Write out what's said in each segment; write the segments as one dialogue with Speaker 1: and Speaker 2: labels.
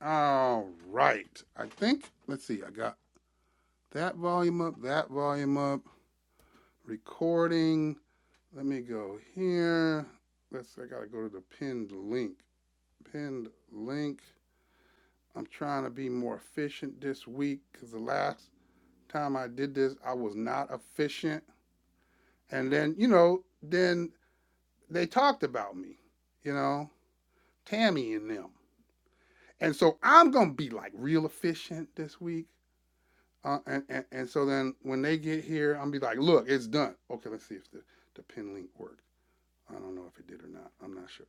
Speaker 1: All right. I think, let's see, I got that volume up, that volume up, recording. Let me go here. Let's, I got to go to the pinned link. Pinned link. I'm trying to be more efficient this week because the last time I did this, I was not efficient. And then, you know, then they talked about me, you know, Tammy and them. And so I'm going to be like real efficient this week. Uh, and, and and so then when they get here, I'm be like, look, it's done. Okay, let's see if the the pin link worked. I don't know if it did or not. I'm not sure.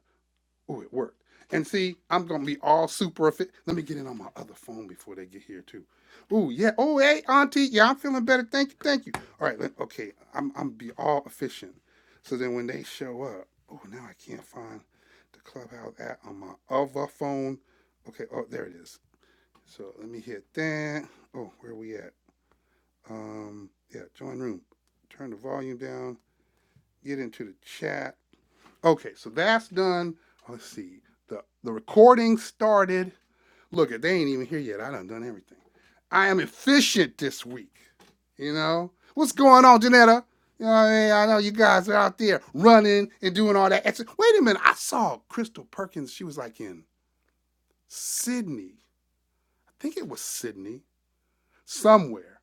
Speaker 1: Oh, it worked. And see, I'm gonna be all super fit. Let me get in on my other phone before they get here too. Ooh, yeah. Oh, hey, Auntie. Yeah, I'm feeling better. Thank you. Thank you. All right. Let, okay. I'm I'm be all efficient. So then when they show up, oh, now I can't find the clubhouse app on my other phone. Okay. Oh, there it is. So let me hit that. Oh, where are we at? Um, yeah, join room. Turn the volume down. Get into the chat. Okay, so that's done. Let's see. The the recording started. Look, they ain't even here yet. I done done everything. I am efficient this week. You know? What's going on, Janetta? You know what I mean? I know you guys are out there running and doing all that. Wait a minute. I saw Crystal Perkins. She was like in Sydney. I think it was Sydney. Somewhere.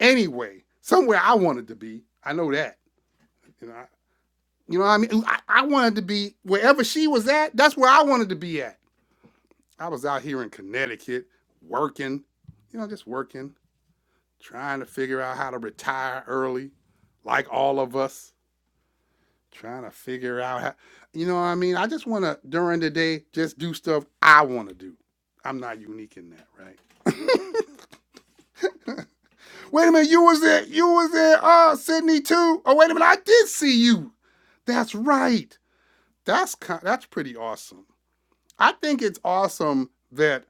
Speaker 1: Anyway, somewhere I wanted to be. I know that. And I, you know what I mean? I, I wanted to be wherever she was at, that's where I wanted to be at. I was out here in Connecticut working, you know, just working, trying to figure out how to retire early, like all of us, trying to figure out how, you know what I mean? I just want to, during the day, just do stuff I want to do. I'm not unique in that, right? Wait a minute, you was there, you was there, uh, Sydney too. Oh, wait a minute, I did see you. That's right. That's kind, that's pretty awesome. I think it's awesome that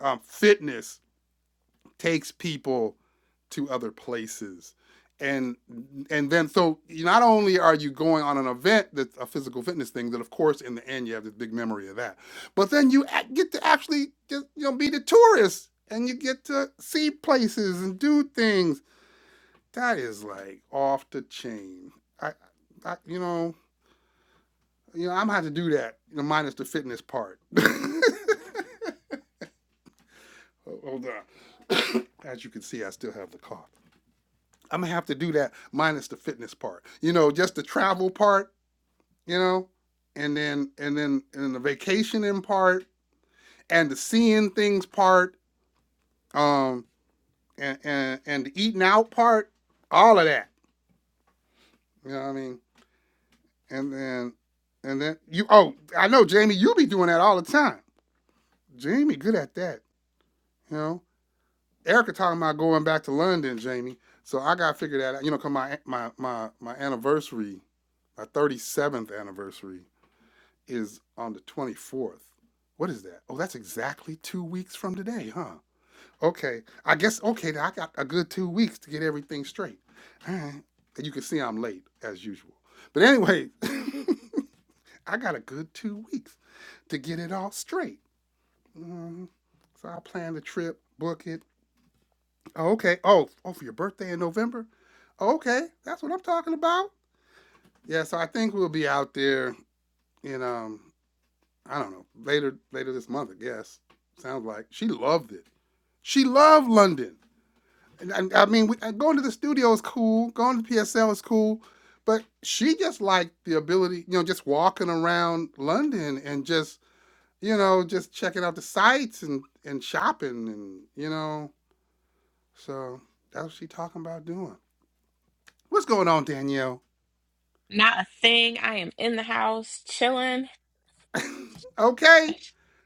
Speaker 1: um, fitness takes people to other places. And and then so not only are you going on an event that's a physical fitness thing that of course in the end you have this big memory of that, but then you get to actually just you know be the tourist and you get to see places and do things. That is like off the chain. I, I you know you know I'm gonna have to do that you know minus the fitness part. Oh, hold on. As you can see, I still have the cough. I'm gonna have to do that minus the fitness part. You know, just the travel part. You know, and then and then and then the vacationing part and the seeing things part. Um, and and and the eating out part. All of that. You know what I mean? And then and then you. Oh, I know, Jamie. You be doing that all the time. Jamie, good at that. You know. Erica talking about going back to London, Jamie. So I gotta figure that out. You know, cause my my my my anniversary, my thirty seventh anniversary is on the twenty fourth. What is that? Oh, that's exactly two weeks from today, huh? Okay, I guess okay. I got a good two weeks to get everything straight. All right, and you can see I'm late as usual. But anyway, I got a good two weeks to get it all straight. Mhm. So I plan the trip, book it, Oh, okay. Oh, oh, for your birthday in November? Oh, okay, that's what I'm talking about. Yeah, so I think we'll be out there in um, I don't know, later later this month, I guess. Sounds like she loved it. She loved London. And, and I mean, we, and going to the studio is cool. Going to PSL is cool, but she just liked the ability, you know, just walking around London and just, you know, just checking out the sights and and shopping and you know. So that's what she talking about doing. What's going on, Danielle?
Speaker 2: Not a thing. I am in the house chilling.
Speaker 1: Okay?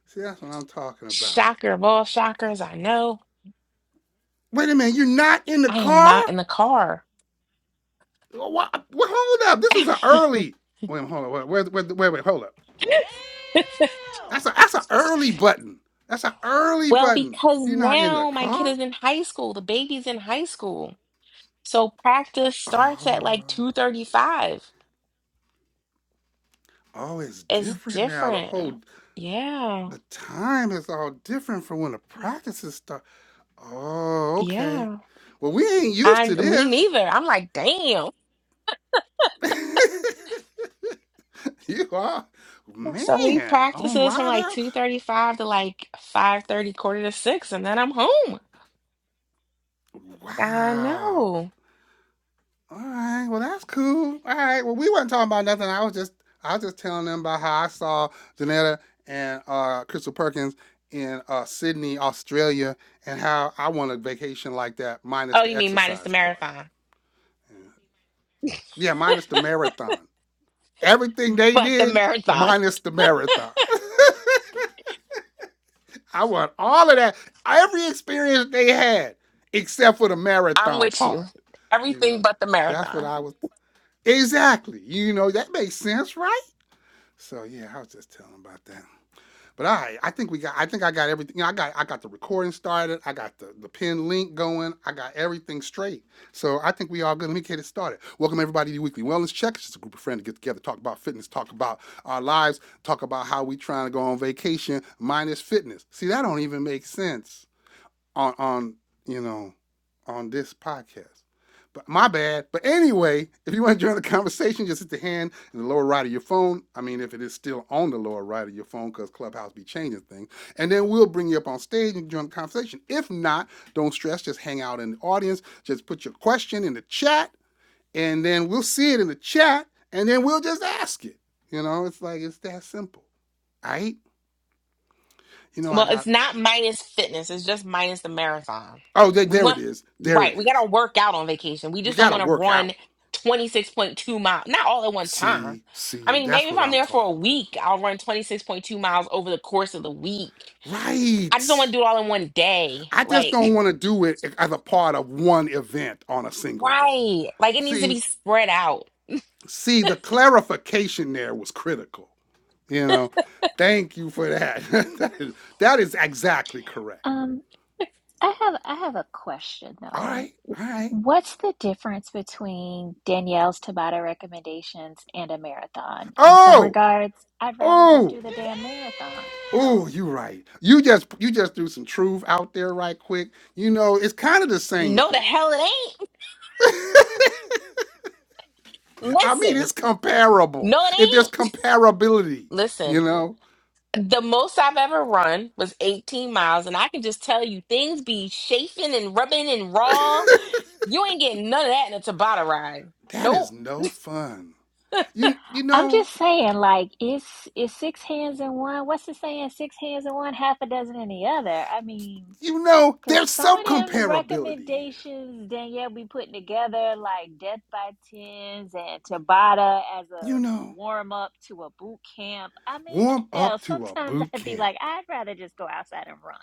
Speaker 1: See, that's what I'm talking about.
Speaker 2: Shocker of all shockers, I know
Speaker 1: Wait a minute, you're not in the
Speaker 2: I am
Speaker 1: car?
Speaker 2: not in the car.
Speaker 1: What? Well, hold up. This is an early. Wait, hold on. Wait, wait, wait, wait, wait hold up. Damn. That's a that's an early button. That's an early
Speaker 2: well,
Speaker 1: button.
Speaker 2: because
Speaker 1: You're not in the
Speaker 2: now my kid
Speaker 1: car.
Speaker 2: is in high school. The baby's in high school. So practice starts at
Speaker 1: Oh,
Speaker 2: like 2:35.
Speaker 1: oh, it's
Speaker 2: It's
Speaker 1: different now. The
Speaker 2: different.
Speaker 1: whole
Speaker 2: Yeah.
Speaker 1: the time is all different from when the practices start. Oh, okay.
Speaker 2: Yeah.
Speaker 1: Well, we ain't used
Speaker 2: I
Speaker 1: to
Speaker 2: me
Speaker 1: this.
Speaker 2: neither. I'm like, damn.
Speaker 1: You are?
Speaker 2: So he
Speaker 1: Man, on
Speaker 2: practices from
Speaker 1: live
Speaker 2: like
Speaker 1: out?
Speaker 2: 2:35 to like 5:30, quarter to 6, and then I'm home. I
Speaker 1: Wow.
Speaker 2: know.
Speaker 1: All right. Well, that's cool. All right. Well, we weren't talking about nothing. I was just I was just telling them about how I saw Janetta and uh, Crystal Perkins in uh, Sydney, Australia, and how I want a vacation like that, minus
Speaker 2: Oh,
Speaker 1: the
Speaker 2: you mean minus the
Speaker 1: exercise part.
Speaker 2: marathon.
Speaker 1: Yeah, minus the marathon. Everything they
Speaker 2: But the
Speaker 1: did,
Speaker 2: marathon.
Speaker 1: minus the marathon. I want all of that, every experience they had, except for the
Speaker 2: I'm
Speaker 1: marathon
Speaker 2: with you.
Speaker 1: part. You
Speaker 2: Everything
Speaker 1: know,
Speaker 2: but the
Speaker 1: that's what
Speaker 2: marathon.
Speaker 1: I was. Exactly. You know, that makes sense, right? So yeah, I was just telling about that. But I, I think we got. I think I got everything. You know, I got. I got the recording started. I got the the pin link going. I got everything straight. So I think we all good. Let me get it started. Welcome everybody to the Weekly Wellness Check. It's just a group of friends to get together, talk about fitness, talk about our lives, talk about how we trying to go on vacation minus fitness. See, that don't even make sense on on you know on this podcast. But my bad. But anyway, if you want to join the conversation, just hit the hand in the lower right of your phone. I mean, if it is still on the lower right of your phone, because Clubhouse be changing things. And then we'll bring you up on stage and join the conversation. If not, don't stress. Just hang out in the audience. Just put your question in the chat, and then we'll see it in the chat, and then we'll just ask it. You know, it's like it's that simple. All right? You know, I
Speaker 2: Well, it's
Speaker 1: got.
Speaker 2: not minus fitness, it's just minus the marathon.
Speaker 1: Oh, there,
Speaker 2: We
Speaker 1: there it
Speaker 2: want,
Speaker 1: is. There
Speaker 2: right,
Speaker 1: it
Speaker 2: we got to
Speaker 1: is.
Speaker 2: work out on vacation. We
Speaker 1: We
Speaker 2: just don't
Speaker 1: gotta
Speaker 2: want to
Speaker 1: work out.
Speaker 2: run 26.2 miles, not all at one time.
Speaker 1: See,
Speaker 2: I
Speaker 1: see,
Speaker 2: mean, maybe
Speaker 1: that's
Speaker 2: if
Speaker 1: what
Speaker 2: I'm
Speaker 1: I'm
Speaker 2: there for a
Speaker 1: talking about.
Speaker 2: week, I'll run 26.2 miles over the course of the week. I just don't want
Speaker 1: Right.
Speaker 2: to do it all in one day.
Speaker 1: I just
Speaker 2: Like,
Speaker 1: don't want to do it as a part of one event on a single day.
Speaker 2: right, like it needs to
Speaker 1: See,
Speaker 2: be spread out.
Speaker 1: see, the clarification there was critical. You know, thank you for that. that, is, that is exactly correct.
Speaker 3: Um, I have I have a question
Speaker 1: All
Speaker 3: though.
Speaker 1: right, all right.
Speaker 3: What's the difference between Danielle's Tabata recommendations and a marathon? In some
Speaker 1: Oh,
Speaker 3: regards, I'd rather just
Speaker 1: oh.
Speaker 3: do the damn marathon.
Speaker 1: Oh, you are right. You just you just threw some truth out there right quick. You know, it's kind of the same
Speaker 2: No, the
Speaker 1: thing.
Speaker 2: hell it ain't.
Speaker 1: I mean,
Speaker 2: Listen,
Speaker 1: it's comparable.
Speaker 2: no,
Speaker 1: If
Speaker 2: it
Speaker 1: there's
Speaker 2: ain't.
Speaker 1: comparability, you
Speaker 2: Listen.
Speaker 1: know,
Speaker 2: The most I've ever run was 18 miles, and I can just tell you things be chafing and rubbing and raw. You ain't getting none of that in a Tabata ride.
Speaker 1: that is
Speaker 2: Nope.
Speaker 1: no fun. You you
Speaker 3: I'm
Speaker 1: know,
Speaker 3: just saying, like, is is six hands in one. What's the saying? Six hands in one, half a dozen in the other. I mean,
Speaker 1: you know,
Speaker 3: Cause
Speaker 1: there's
Speaker 3: some
Speaker 1: some
Speaker 3: of them
Speaker 1: comparability here.
Speaker 3: recommendations Danielle be putting together, like Death by Tens and Tabata as
Speaker 1: You
Speaker 3: a
Speaker 1: know,
Speaker 3: warm up to a boot camp. I mean,
Speaker 1: warm
Speaker 3: hell,
Speaker 1: up to a
Speaker 3: sometimes
Speaker 1: boot
Speaker 3: I'd be
Speaker 1: camp.
Speaker 3: like, I'd rather just go outside and run.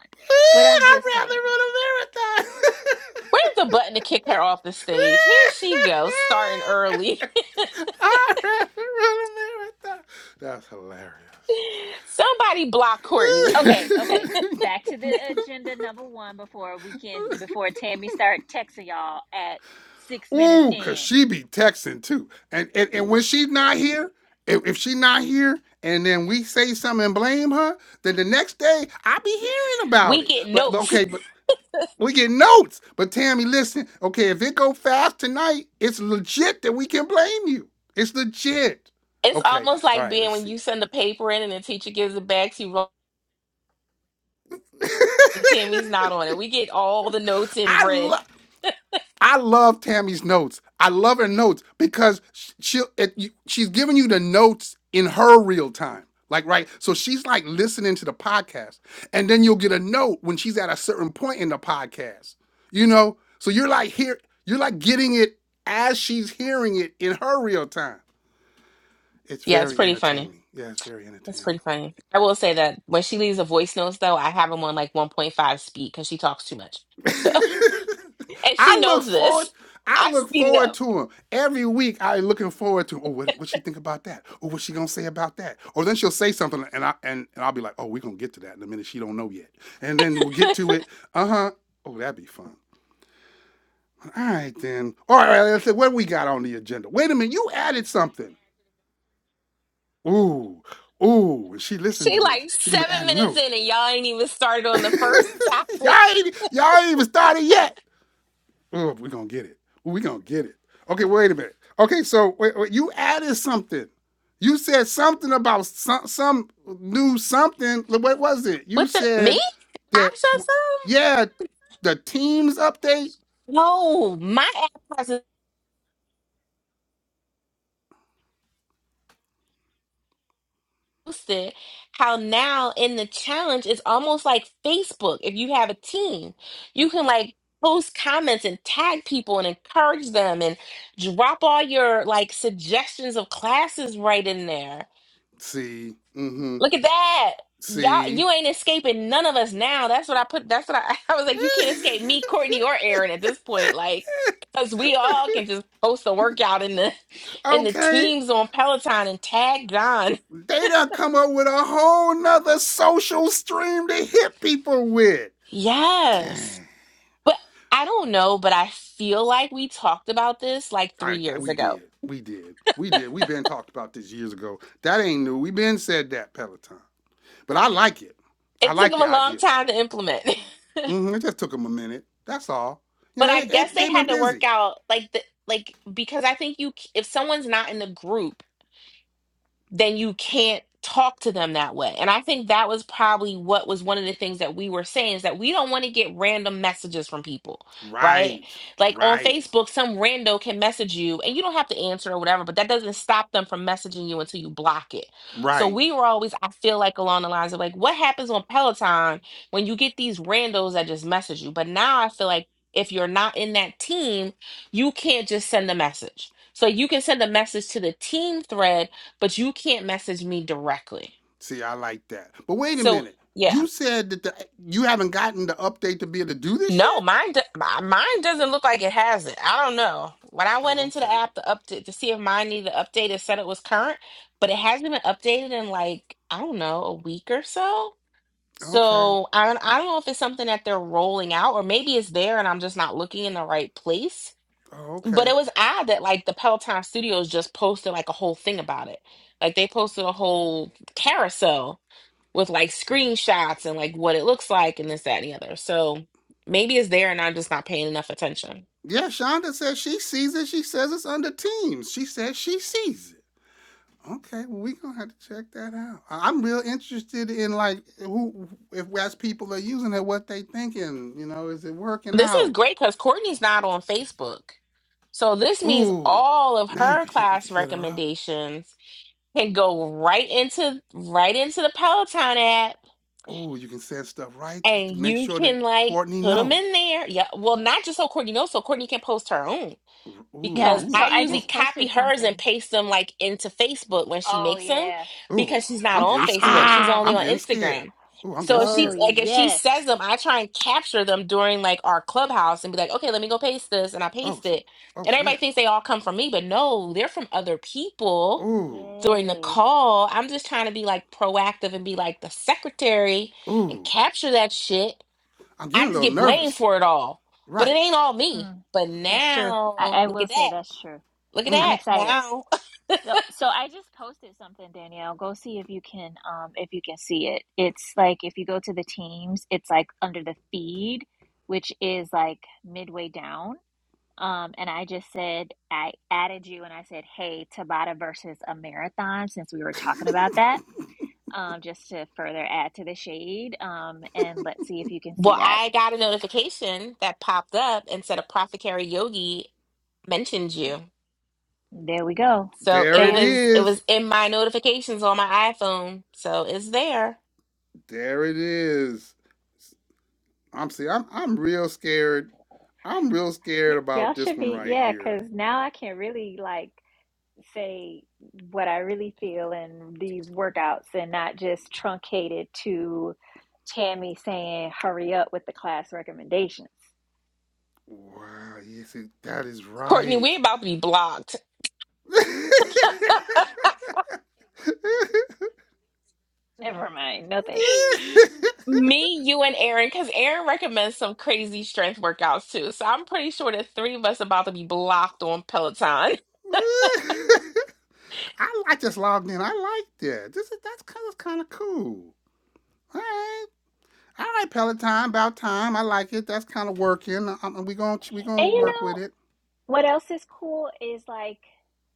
Speaker 3: But
Speaker 1: Ooh,
Speaker 3: I'm
Speaker 1: I'd
Speaker 3: just
Speaker 1: rather
Speaker 3: saying.
Speaker 1: run a marathon.
Speaker 2: Where's the button to kick her off the stage? Here she goes, starting early.
Speaker 1: I'd rather run a marathon. That's hilarious.
Speaker 2: Somebody block Courtney.
Speaker 3: Okay, okay. Back to the agenda number one before we can before Tammy start texting y'all at six minutes
Speaker 1: Ooh, cause
Speaker 3: in.
Speaker 1: she be texting too. And and, and when she's not here, if, if she's not here, and then we say something and blame her, then the next day I be hearing about
Speaker 2: We
Speaker 1: it.
Speaker 2: get
Speaker 1: But, but
Speaker 2: notes.
Speaker 1: okay, but we get notes. But Tammy, listen, okay, if it go fast tonight, it's legit that we can blame you. It's legit.
Speaker 2: It's
Speaker 1: Okay,
Speaker 2: almost
Speaker 1: all
Speaker 2: like
Speaker 1: right,
Speaker 2: being
Speaker 1: let's
Speaker 2: when
Speaker 1: see.
Speaker 2: you send the paper in and the teacher gives it back to you. wrong- Timmy's not on it. We get all the notes in
Speaker 1: I
Speaker 2: red.
Speaker 1: love. I love Tammy's notes. I love her notes because she it, you- she's giving you the notes in her real time. Like right, so she's like listening to the podcast, and then you'll get a note when she's at a certain point in the podcast. You know, so you're like here, you're like getting it as she's hearing it in her real time. It's
Speaker 2: Yeah, it's
Speaker 1: very
Speaker 2: pretty funny.
Speaker 1: entertaining. Yeah, it's very
Speaker 2: That's
Speaker 1: entertaining.
Speaker 2: pretty funny. I will say that when she leaves the voice notes, though, I have them on like 1.5 speed because she talks too much. So, and she
Speaker 1: I look
Speaker 2: knows
Speaker 1: forward.
Speaker 2: this.
Speaker 1: I
Speaker 2: I
Speaker 1: look
Speaker 2: speed it
Speaker 1: forward
Speaker 2: up.
Speaker 1: to him every week. I looking forward to. Oh, what what she think about that? Or what she gonna say about that? Or then she'll say something, and I and, and I'll be like, oh, we gonna get to that in a minute. She don't know yet, and then we'll get to it. Uh huh. Oh, that'd be fun. All right then. All right. Let's see what we got on the agenda. Wait a minute. You added something. Ooh, ooh. When she listened
Speaker 2: she
Speaker 1: to this,
Speaker 2: like
Speaker 1: she gonna be
Speaker 2: seven
Speaker 1: adding
Speaker 2: minutes
Speaker 1: notes.
Speaker 2: in and y'all ain't even started on
Speaker 1: y'all
Speaker 2: the first topic.
Speaker 1: ain't y'all ain't even started yet. Oh, we're gonna get it. We're gonna get it. Okay, wait a minute. Okay, so wait, wait, you added something. You said something about some, some new something. What was it? You
Speaker 2: What's it? Me?
Speaker 1: said
Speaker 2: I
Speaker 1: that,
Speaker 2: said something?
Speaker 1: yeah, the teams update.
Speaker 2: No, my app has posted how now in the challenge it's almost like Facebook. If you have a team, you can like post comments and tag people and encourage them and drop all your like suggestions of classes right in there.
Speaker 1: See, mm-hmm.
Speaker 2: Look at that. Y'all,
Speaker 1: See.
Speaker 2: you ain't escaping none of us now. That's what I put. That's what I, I was like. You can't escape me, Courtney, or Aaron at this point. Like, cause we all can just post a workout in the in the
Speaker 1: okay.
Speaker 2: teams on Peloton and tag John.
Speaker 1: They done come up with a whole nother social stream to hit people with.
Speaker 2: Yes.
Speaker 1: Dang.
Speaker 2: But I don't know, but I feel like we talked about this like three
Speaker 1: I, I
Speaker 2: years
Speaker 1: we
Speaker 2: ago.
Speaker 1: did. We did. We did. We been talked about this years ago. That ain't new. We been said that Peloton. But I like it. I
Speaker 2: It took
Speaker 1: like
Speaker 2: them
Speaker 1: the
Speaker 2: a long
Speaker 1: idea.
Speaker 2: time to implement.
Speaker 1: hmm It just took them a minute. That's all. You
Speaker 2: but
Speaker 1: know,
Speaker 2: I
Speaker 1: they, they,
Speaker 2: guess they
Speaker 1: they been
Speaker 2: had to work
Speaker 1: busy.
Speaker 2: out like the like because I think you c- if someone's not in the group. then you can't talk to them that way. And I think that was probably what was one of the things that we were saying is that we don't want to get random messages from people, right?
Speaker 1: Right.
Speaker 2: Like on
Speaker 1: Right.
Speaker 2: Facebook, some rando can message you and you don't have to answer or whatever, but that doesn't stop them from messaging you until you block it. So
Speaker 1: Right.
Speaker 2: we were always, I feel like along the lines of like, what happens on Peloton when you get these randos that just message you? But now I feel like if you're not in that team, you can't just send a message. So you can send a message to the team thread but you can't message me directly.
Speaker 1: See, I like that. But wait a
Speaker 2: So
Speaker 1: minute.
Speaker 2: yeah,
Speaker 1: You said that the, you haven't gotten the update to be able to do this
Speaker 2: no,
Speaker 1: yet?
Speaker 2: mine do- my- mine doesn't look like it has it. I don't know. When I went
Speaker 1: Oh,
Speaker 2: into the
Speaker 1: okay.
Speaker 2: app to update to see if mine needed to update, it said it was current, but it hasn't been updated in like I don't know a week or so.
Speaker 1: Okay.
Speaker 2: So I don't, I don't know if it's something that they're rolling out or maybe it's there and I'm just not looking in the right place.
Speaker 1: Oh,
Speaker 2: But it
Speaker 1: okay.
Speaker 2: was odd that like the Peloton Studios just posted like a whole thing about it. Like they posted a whole carousel with like screenshots and like what it looks like and this, that, and the other. So maybe it's there and I'm just not paying enough attention.
Speaker 1: Yeah, Shonda says she sees it. She says it's under teams. She says she sees it. Okay, well, we gonna have to check that out. I- I'm real interested in like who, if as people are using it, what they thinking. You know, is it working
Speaker 2: This is
Speaker 1: out?
Speaker 2: great because Courtney's not on Facebook. So this means
Speaker 1: Ooh,
Speaker 2: all of
Speaker 1: now you
Speaker 2: her
Speaker 1: can hit. We
Speaker 2: class
Speaker 1: can hit her up.
Speaker 2: recommendations can go right into right into the Peloton app
Speaker 1: Ooh, you can send stuff right
Speaker 2: and
Speaker 1: to make
Speaker 2: you
Speaker 1: sure that
Speaker 2: can like
Speaker 1: Courtney
Speaker 2: put them
Speaker 1: know.
Speaker 2: in there. Yeah. Well, not just so Courtney knows, so Courtney can post her own.
Speaker 1: Ooh,
Speaker 3: Yeah.
Speaker 2: because
Speaker 3: So
Speaker 2: I
Speaker 1: ooh,
Speaker 3: I
Speaker 2: usually
Speaker 3: just
Speaker 1: oh,
Speaker 2: copy
Speaker 3: posted
Speaker 2: hers and
Speaker 3: something.
Speaker 2: paste them like into Facebook when she
Speaker 3: Oh
Speaker 2: makes them
Speaker 3: yeah.
Speaker 1: ooh.
Speaker 2: because she's not
Speaker 1: I'm
Speaker 2: on
Speaker 1: getting
Speaker 2: Facebook.
Speaker 1: scared.
Speaker 2: She's only
Speaker 1: I'm
Speaker 2: on
Speaker 1: getting scared.
Speaker 2: Instagram.
Speaker 1: Ooh, I'm getting
Speaker 2: So if
Speaker 3: oh
Speaker 2: she
Speaker 1: scared.
Speaker 2: like if she
Speaker 3: yes.
Speaker 2: says them, I try and capture them during like our clubhouse and be like, okay, let me go paste this, and I
Speaker 1: Oh,
Speaker 2: paste
Speaker 1: s-
Speaker 2: it.
Speaker 1: oh
Speaker 2: And everybody
Speaker 1: snap.
Speaker 2: thinks they all come from me, but no, they're from other people
Speaker 1: Ooh,
Speaker 2: during the
Speaker 3: Yay.
Speaker 2: call. I'm just trying to be like proactive and be like the secretary and
Speaker 1: ooh.
Speaker 2: capture that shit.
Speaker 1: I'm
Speaker 2: I
Speaker 1: getting a
Speaker 2: just
Speaker 1: little
Speaker 2: get blamed
Speaker 1: nervous.
Speaker 2: for it all. But it
Speaker 1: Right.
Speaker 2: ain't all me.
Speaker 3: Mm,
Speaker 2: But
Speaker 3: that's true. I,
Speaker 2: now
Speaker 3: I
Speaker 2: look
Speaker 3: will
Speaker 2: at
Speaker 3: say
Speaker 2: that.
Speaker 3: that's true.
Speaker 2: Look at
Speaker 3: I'm
Speaker 1: Mm.
Speaker 2: that
Speaker 3: excited.
Speaker 2: now.
Speaker 3: So so I just posted something, Danielle. Go see if you can um if you can see it. It's like if you go to the teams, it's like under the feed, which is like midway down. Um, and I just said I added you and I said, Hey, Tabata versus a marathon, since we were talking about that. Um, just to further add to the shade. Um, and let's see if you can
Speaker 2: Well,
Speaker 3: see that.
Speaker 2: I got a notification that popped up and said a Prophet Carrie Yogi mentioned you.
Speaker 3: There we go.
Speaker 2: So
Speaker 1: There
Speaker 2: it
Speaker 1: it
Speaker 3: Bam.
Speaker 2: was it
Speaker 1: is.
Speaker 2: was in my notifications on my iPhone. So it's there.
Speaker 1: There it is. I'm see. I'm I'm real scared. I'm real scared
Speaker 3: Y- y'all
Speaker 1: about this
Speaker 3: should
Speaker 1: one
Speaker 3: be,
Speaker 1: right
Speaker 3: yeah,
Speaker 1: here.
Speaker 3: because now I can really like say what I really feel in these workouts and not just truncated to Tammy saying, hurry up with the class recommendations.
Speaker 1: Wow. Yes, it- that is
Speaker 2: Courtney, we
Speaker 1: right.
Speaker 2: about to be blocked.
Speaker 3: Never mind, no thanks.
Speaker 2: Me, you, and Aaron, because Aaron recommends some crazy strength workouts too. So I'm pretty sure the three of us about to be blocked on Peloton.
Speaker 1: I like this logged in. I like that. This is that's kind of kind of cool. All right. All right, Peloton. About time. I like it. That's kind of working. Um we gonna we gonna
Speaker 3: And you
Speaker 1: work
Speaker 3: know,
Speaker 1: with it.
Speaker 3: What else is cool is like,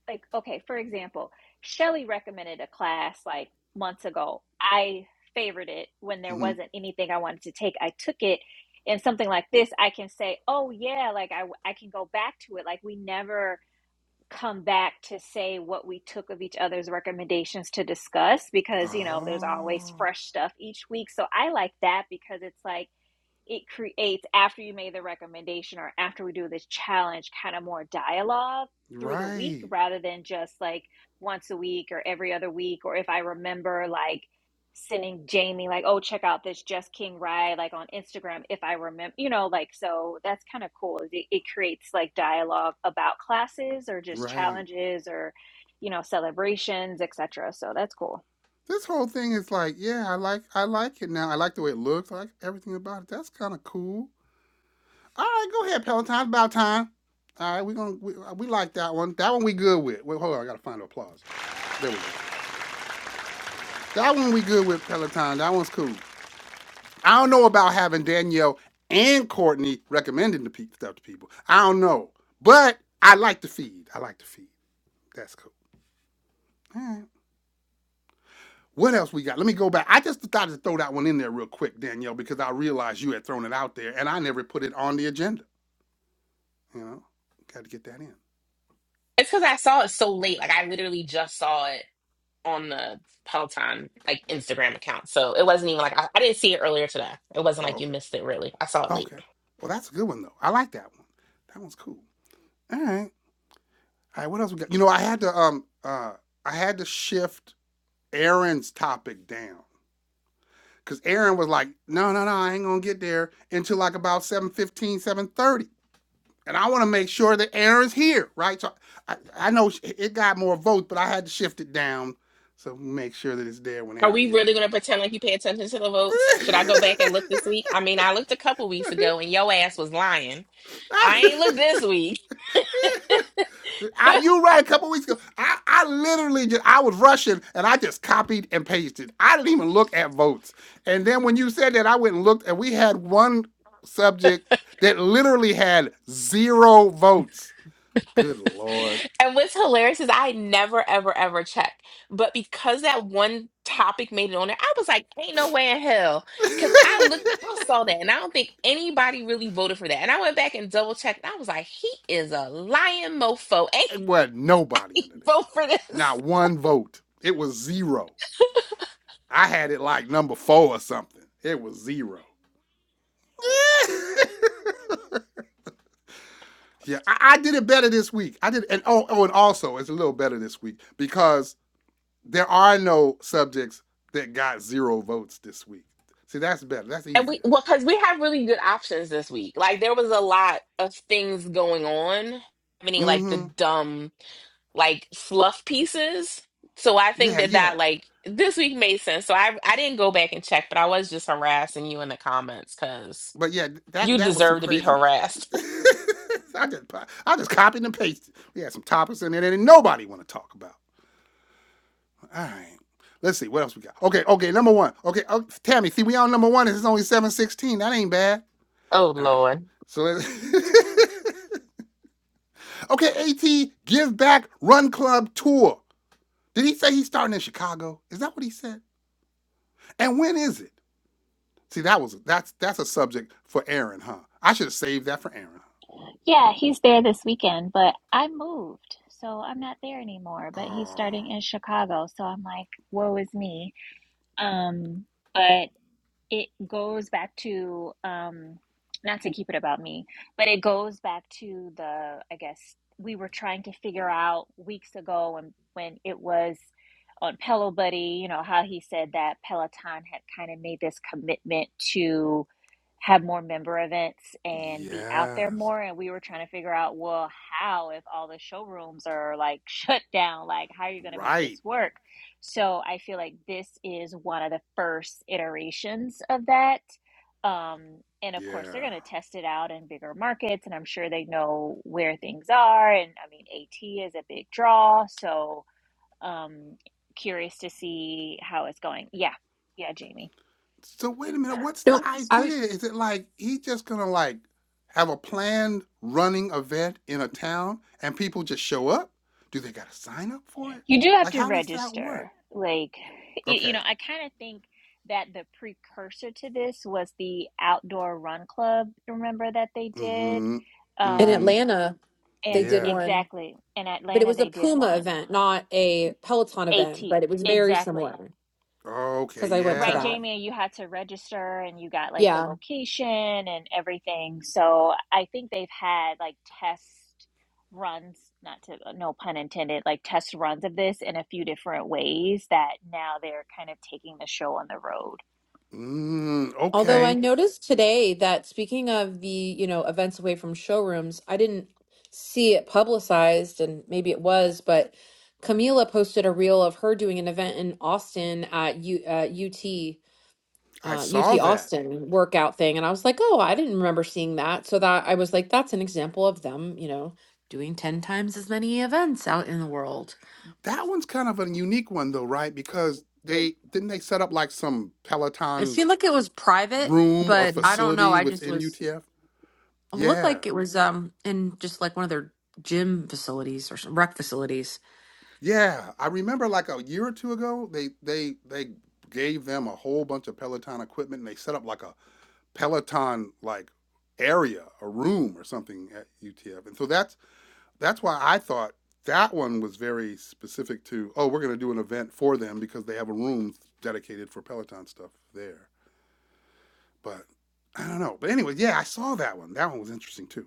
Speaker 3: like okay, for example, Shelly recommended a class like months ago. I favored it when there
Speaker 1: hmm
Speaker 3: wasn't anything I wanted to take. I took it, and something like this, I can say, "Oh yeah," like I I can go back to it. Like we never come back to say what we took of each other's recommendations to discuss because you know there's always
Speaker 1: Oh,
Speaker 3: fresh stuff each week. So I like that because it's like it creates after you made the recommendation or after we do this challenge kind of more dialogue through the week
Speaker 1: right.
Speaker 3: rather than just like once a week or every other week or if i remember like sending jamie like oh check out this just king ride like on instagram if i remember you know like so that's kind of cool it, it creates like dialogue about classes or just
Speaker 1: Right.
Speaker 3: challenges or you know celebrations etc so that's cool
Speaker 1: This whole thing is like, yeah, I like I like it now. I like the way it looks. I like everything about it. That's kind of cool. All right, go ahead, Peloton. About time. All right, we gonna we, uh, we like that one. That one we good with. Wait, hold on, I gotta find the applause. There we go. That one we good with Peloton. That one's cool. I don't know about having Danielle and Courtney recommending the pe- stuff to people. I don't know, but I like the feed. I like the feed. That's cool. All right. What else we got? Let me go back. I just thought to throw that one in there real quick, Danielle, because I realized you had thrown it out there and I never put it on the agenda. You know, got to get that in.
Speaker 2: It's because I saw it so late. Like I literally just saw it. on the Peloton like Instagram account. So it wasn't even like I, I didn't see it earlier today. It wasn't
Speaker 1: Oh,
Speaker 2: like you
Speaker 1: okay.
Speaker 2: missed it really. I saw it late.
Speaker 1: Okay. Well, that's a good one, though. I like that one. That one's cool. All right. All right. What else we got? You know, I had to, um, uh, I had to shift Aaron's topic down because Aaron was like, no, no, no, I ain't going to get there until like about seven fifteen, seven thirty. and I want to make sure that Aaron's here, right? So I, I know it got more votes, but I had to shift it down so make sure that it's there when
Speaker 2: Are
Speaker 1: Aaron
Speaker 2: we
Speaker 1: get here.
Speaker 2: really gonna pretend like you pay attention to the votes? Should I go back and look this week? I mean, I looked a couple weeks ago and your ass was lying. I ain't looked this week.
Speaker 1: I, you right a couple weeks ago. I, I literally just I was rushing and I just copied and pasted. I didn't even look at votes. And then when you said that, I went and looked, and we had one subject that literally had zero votes. Good lord.
Speaker 2: And what's hilarious is I never, ever, ever check. But because that one topic made it on there, I was like, ain't no way in hell. Because I looked, I
Speaker 1: it
Speaker 2: saw that, and I don't think anybody really voted for that. And I went back and double checked, and I was like, he is a lying mofo. Ain't
Speaker 1: wasn't nobody under there.
Speaker 2: vote for this.
Speaker 1: Not one vote. It was zero. I had it like number four or something. It was zero. yeah, I, I did it better this week. I did, and oh, oh, and also it's a little better this week because there are no subjects that got zero votes this week. See, that's better. That's
Speaker 2: And we,
Speaker 1: easier.
Speaker 2: well, because we have really good options this week. Like, there was a lot of things going on. I mean, like the
Speaker 1: Mm-hmm.
Speaker 2: dumb like fluff pieces. So I think
Speaker 1: Yeah,
Speaker 2: that
Speaker 1: yeah.
Speaker 2: that like this week made sense. So I I didn't go back and check, but I was just harassing you in the comments because
Speaker 1: But yeah, that
Speaker 2: you
Speaker 1: that was some
Speaker 2: deserve to be
Speaker 1: craziness.
Speaker 2: harassed.
Speaker 1: I just I just copied and pasted. We had some topics in there that nobody want to talk about. All right. Let's see what else we got. Okay, okay, number one. Okay, oh, Tammy, see, we on number one. and It's only seven sixteen. That ain't bad.
Speaker 2: Oh
Speaker 1: All right.
Speaker 2: Lord,
Speaker 1: So let's. okay, At Give Back Run Club tour. Did he say he's starting in Chicago? Is that what he said? And when is it? See, that was that's that's a subject for Aaron, huh? I should have saved that for Aaron.
Speaker 3: Yeah, he's there this weekend, but I moved, so I'm not there anymore. But he's
Speaker 1: Oh,
Speaker 3: starting in Chicago, so I'm like, woe is me. Um, but it goes back to um not to keep it about me but it goes back to the i guess we were trying to figure out weeks ago when when it was on pillow buddy you know how he said that peloton had kind of made this commitment to have more member events and be out there
Speaker 1: yes,
Speaker 3: more and we were trying to figure out well how if all the showrooms are like shut down like how are you going to make
Speaker 1: right.
Speaker 3: this work so I feel like this is one of the first iterations of that. Um, and of course, they're going
Speaker 1: Yeah.
Speaker 3: to test it out in bigger markets, and I'm sure they know where things are. And I mean, AT is a big draw, so um, curious to see how it's going. Yeah, yeah, Jamie,
Speaker 1: So wait a minute, what's
Speaker 4: No,
Speaker 1: the
Speaker 4: I
Speaker 1: idea?
Speaker 4: was
Speaker 1: Is it like he just gonna like have a planned running event in a town and people just show up? Do they gotta sign up for it?
Speaker 3: you do have
Speaker 1: Like
Speaker 3: to
Speaker 1: how does that work?
Speaker 3: register. Like, you, you know,
Speaker 1: Okay.
Speaker 3: I kind of think that the precursor to this was the outdoor run club. Remember that they did?
Speaker 1: Mm-hmm.
Speaker 4: in
Speaker 1: Mm-hmm.
Speaker 3: Um,
Speaker 4: Atlanta. They
Speaker 3: And
Speaker 4: did
Speaker 1: Yeah.
Speaker 4: one,
Speaker 3: exactly. In
Speaker 4: but it
Speaker 3: Atlanta,
Speaker 4: was a
Speaker 3: they did
Speaker 4: Puma
Speaker 3: one.
Speaker 4: event, not a Peloton
Speaker 3: AT.
Speaker 4: event, but it was very
Speaker 3: Exactly.
Speaker 4: similar
Speaker 1: Okay,
Speaker 4: because I went to
Speaker 3: Right,
Speaker 1: yeah.
Speaker 4: that.
Speaker 3: Jamie, you had to register and you got like the
Speaker 4: Yeah.
Speaker 3: location and everything. So I think they've had like test runs, not to, uh, no pun intended, like test runs of this in a few different ways that now they're kind of taking the show on the road.
Speaker 1: Mm,
Speaker 4: Although I
Speaker 1: okay.
Speaker 4: noticed today that speaking of the, you know, events away from showrooms, I didn't see it publicized and maybe it was, but Camila posted a reel of her doing an event in Austin at U, uh, UT
Speaker 1: I
Speaker 4: uh, UT
Speaker 1: saw that.
Speaker 4: Austin workout thing. And I was like, oh, I didn't remember seeing that. So that I was like, that's an example of them, you know, doing 10 times as many events out in the world.
Speaker 1: That one's kind of a unique one though, right? Because they didn't they set up like some
Speaker 4: It
Speaker 1: Peloton
Speaker 4: seemed like it was private,
Speaker 1: room or
Speaker 4: but I don't know.
Speaker 1: facility
Speaker 4: I just
Speaker 1: within
Speaker 4: was,
Speaker 1: UTF?
Speaker 4: it looked
Speaker 1: Yeah.
Speaker 4: like it was um in just like one of their gym facilities or some rec facilities.
Speaker 1: Yeah, I remember like a year or two ago, they they they gave them a whole bunch of Peloton equipment and they set up like a Peloton like area, a room or something at UTF. And so that's that's why I thought that one was very specific to, oh, we're going to do an event for them because they have a room dedicated for Peloton stuff there. But I don't know. But anyway, yeah, I saw that one. That one was interesting too.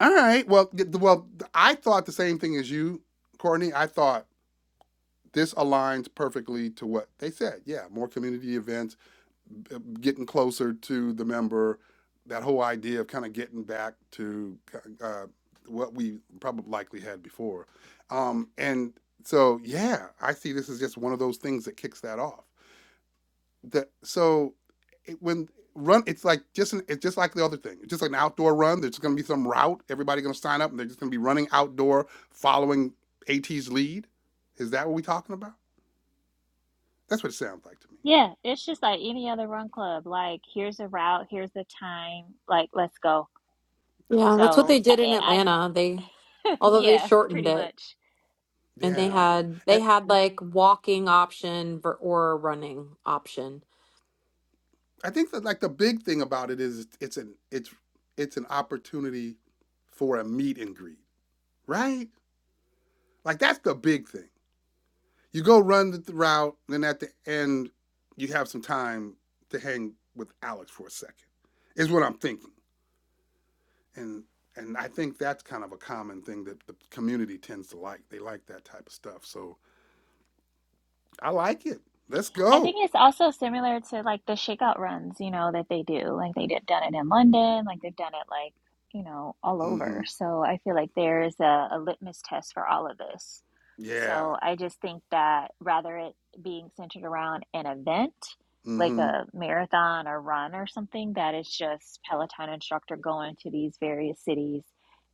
Speaker 1: All right. Well, th- well, I thought the same thing as you, Courtney. I thought this aligns perfectly to what they said. Yeah, more community events, getting closer to the member, that whole idea of kind of getting back to uh, what we probably likely had before. Um, and so, yeah, I see this as just one of those things that kicks that off. That so it, when run, it's like just an, it's just like the other thing. It's just like an outdoor run. There's going to be some route. Everybody's going to sign up, and they're just going to be running outdoor, following AT's lead. Is that what we're talking about? That's what it sounds like to me.
Speaker 3: Yeah, it's just like any other run club. Like, here's the route, here's the time. Like, let's go.
Speaker 4: Yeah,
Speaker 1: I
Speaker 4: that's what
Speaker 3: So
Speaker 4: they
Speaker 1: like
Speaker 3: I,
Speaker 4: did
Speaker 1: it.
Speaker 4: in
Speaker 3: I- I'm,
Speaker 4: Atlanta. They, although they
Speaker 3: yeah,
Speaker 4: shortened
Speaker 3: pretty
Speaker 4: it
Speaker 3: much.
Speaker 4: and they
Speaker 1: Yeah,
Speaker 3: Yeah.
Speaker 4: had, they
Speaker 1: and
Speaker 4: had like walking option ver- or running option.
Speaker 1: I think that like the big thing about it is it's an it's it's an opportunity for a meet and greet, right? Like that's the big thing. You go run the route, then at the end you have some time to hang with Alex for a second. Is what I'm thinking, and and I think that's kind of a common thing that the community tends to like. They like that type of stuff, so I like it. Let's
Speaker 3: I think
Speaker 1: go.
Speaker 3: it's also similar to like the shakeout runs, you know, that they do. Like they did done it in London, like they've done it like, you know, all over.
Speaker 1: Mm-hmm.
Speaker 3: So I feel like there's a, a litmus test for all of this.
Speaker 1: Yeah.
Speaker 3: So I just think that rather it being centered around an event, like
Speaker 1: Mm-hmm.
Speaker 3: a marathon or run or something, that it's just Peloton instructor going to these various cities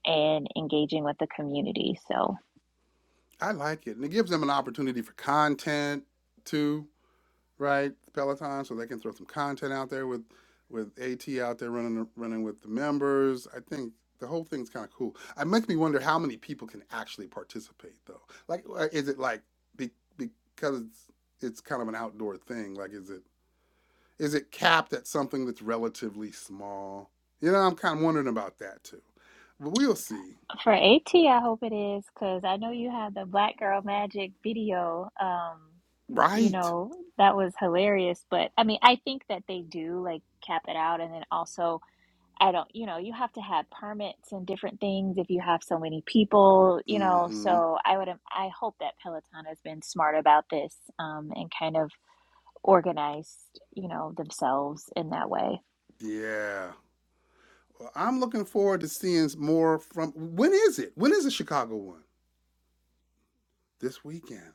Speaker 3: and engaging with the community. So
Speaker 1: I like it. And it gives them an opportunity for content too, right? Peloton, so they can throw some content out there with with AT out there running running with the members. I think the whole thing's kind of cool. It makes me wonder how many people can actually participate though. Like, uh, is it like be, because it's, it's kind of an outdoor thing? Like, is it is it capped at something that's relatively small? You know, I'm kind of wondering about that too. But we'll see.
Speaker 3: For AT, I hope it is, because I know you had the Black Girl Magic video. Um, you
Speaker 1: Right.
Speaker 3: know, that was hilarious. But I mean, I think that they do like cap it out. And then also, I don't, you know, you have to have permits and different things if you have so many people, you know.
Speaker 1: Mm-hmm.
Speaker 3: So I would, I hope that Peloton has been smart about this, um, and kind of organized, you know, themselves in that way.
Speaker 1: Yeah. Well, I'm looking forward to seeing more from. When is it? When is the Chicago one? This weekend.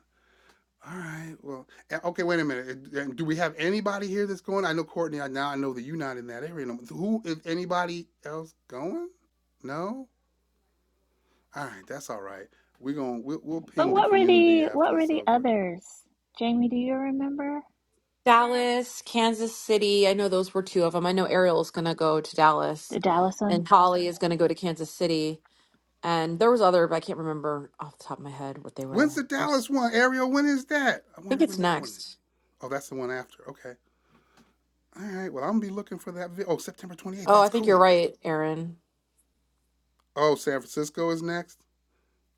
Speaker 1: All right. Well, eh, okay. Wait a minute. Eh, eh, Do we have anybody here that's going? I know Courtney. Now I know that you're not in that area. no Who? Is anybody else going? No. All right. That's all right. We're gonna we'll, we'll
Speaker 3: But
Speaker 1: ping the
Speaker 3: what were
Speaker 1: community
Speaker 3: the, what
Speaker 1: after
Speaker 3: were
Speaker 1: it's
Speaker 3: the
Speaker 1: over.
Speaker 3: others? Jamie, do you remember?
Speaker 4: Dallas, Kansas City. I know those were two of them. I know Ariel is going to go to Dallas,
Speaker 3: The Dallas one?
Speaker 4: and Holly is going to go to Kansas City. And there was other, but I can't remember off the top of my head what they
Speaker 1: When's
Speaker 4: were.
Speaker 1: the
Speaker 4: I, was,
Speaker 1: Dallas one, Ariel? When is that? I
Speaker 4: I think
Speaker 1: wonder
Speaker 4: it's
Speaker 1: when that one. Is.
Speaker 4: next.
Speaker 1: Oh, that's the one after. Okay. All right. Well, I'm gonna be looking for that. Vi- oh, September 28th.
Speaker 4: Oh, I
Speaker 1: That's
Speaker 4: think you're
Speaker 1: cool.
Speaker 4: right, Aaron.
Speaker 1: Oh, San Francisco is next.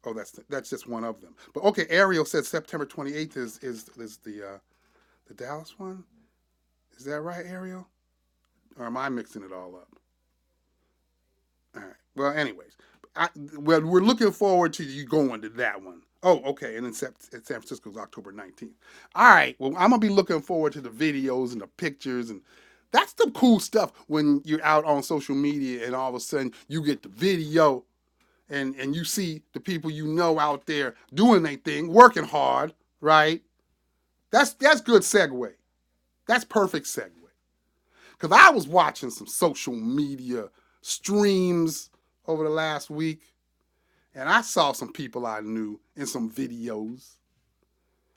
Speaker 1: Oh, that's that's just one of them. But okay, Ariel said September 28th is is is the uh, the Dallas one. Is that right, Ariel? Or am I mixing it all up? All right. Well, anyways, I, well we're looking forward to you going to that one. Oh, okay. And then Sep- San Francisco's October 19th. All right. Well, I'm gonna be looking forward to the videos and the pictures and that's the cool stuff when you're out on social media and all of a sudden you get the video and and you see the people you know out there doing their thing, working hard, right? That's that's good segue. That's perfect segue. Cause I was watching some social media streams over the last week, and I saw some people I knew in some videos.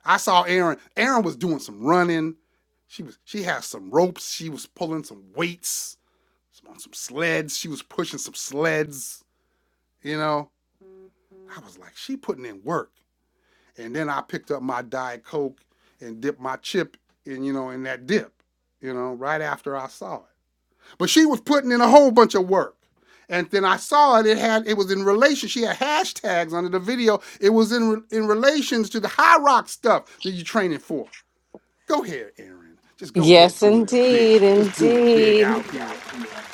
Speaker 1: I saw Erin. Erin was doing some running. She was she had some ropes. She was pulling some weights on some sleds. She was pushing some sleds. You know, I was like, she putting in work. And then I picked up my Diet Coke and dipped my chip in, you know, in that dip, you know, right after I saw it. But she was putting in a whole bunch of work. And then I saw it. It had it was in relation. She had hashtags under the video. It was in in relations to the high rock stuff that you're training for. Go ahead, Aaron. Just go ahead
Speaker 5: Yes,
Speaker 1: doing it big.
Speaker 5: indeed,
Speaker 1: Just doing it big
Speaker 5: indeed.
Speaker 1: out here.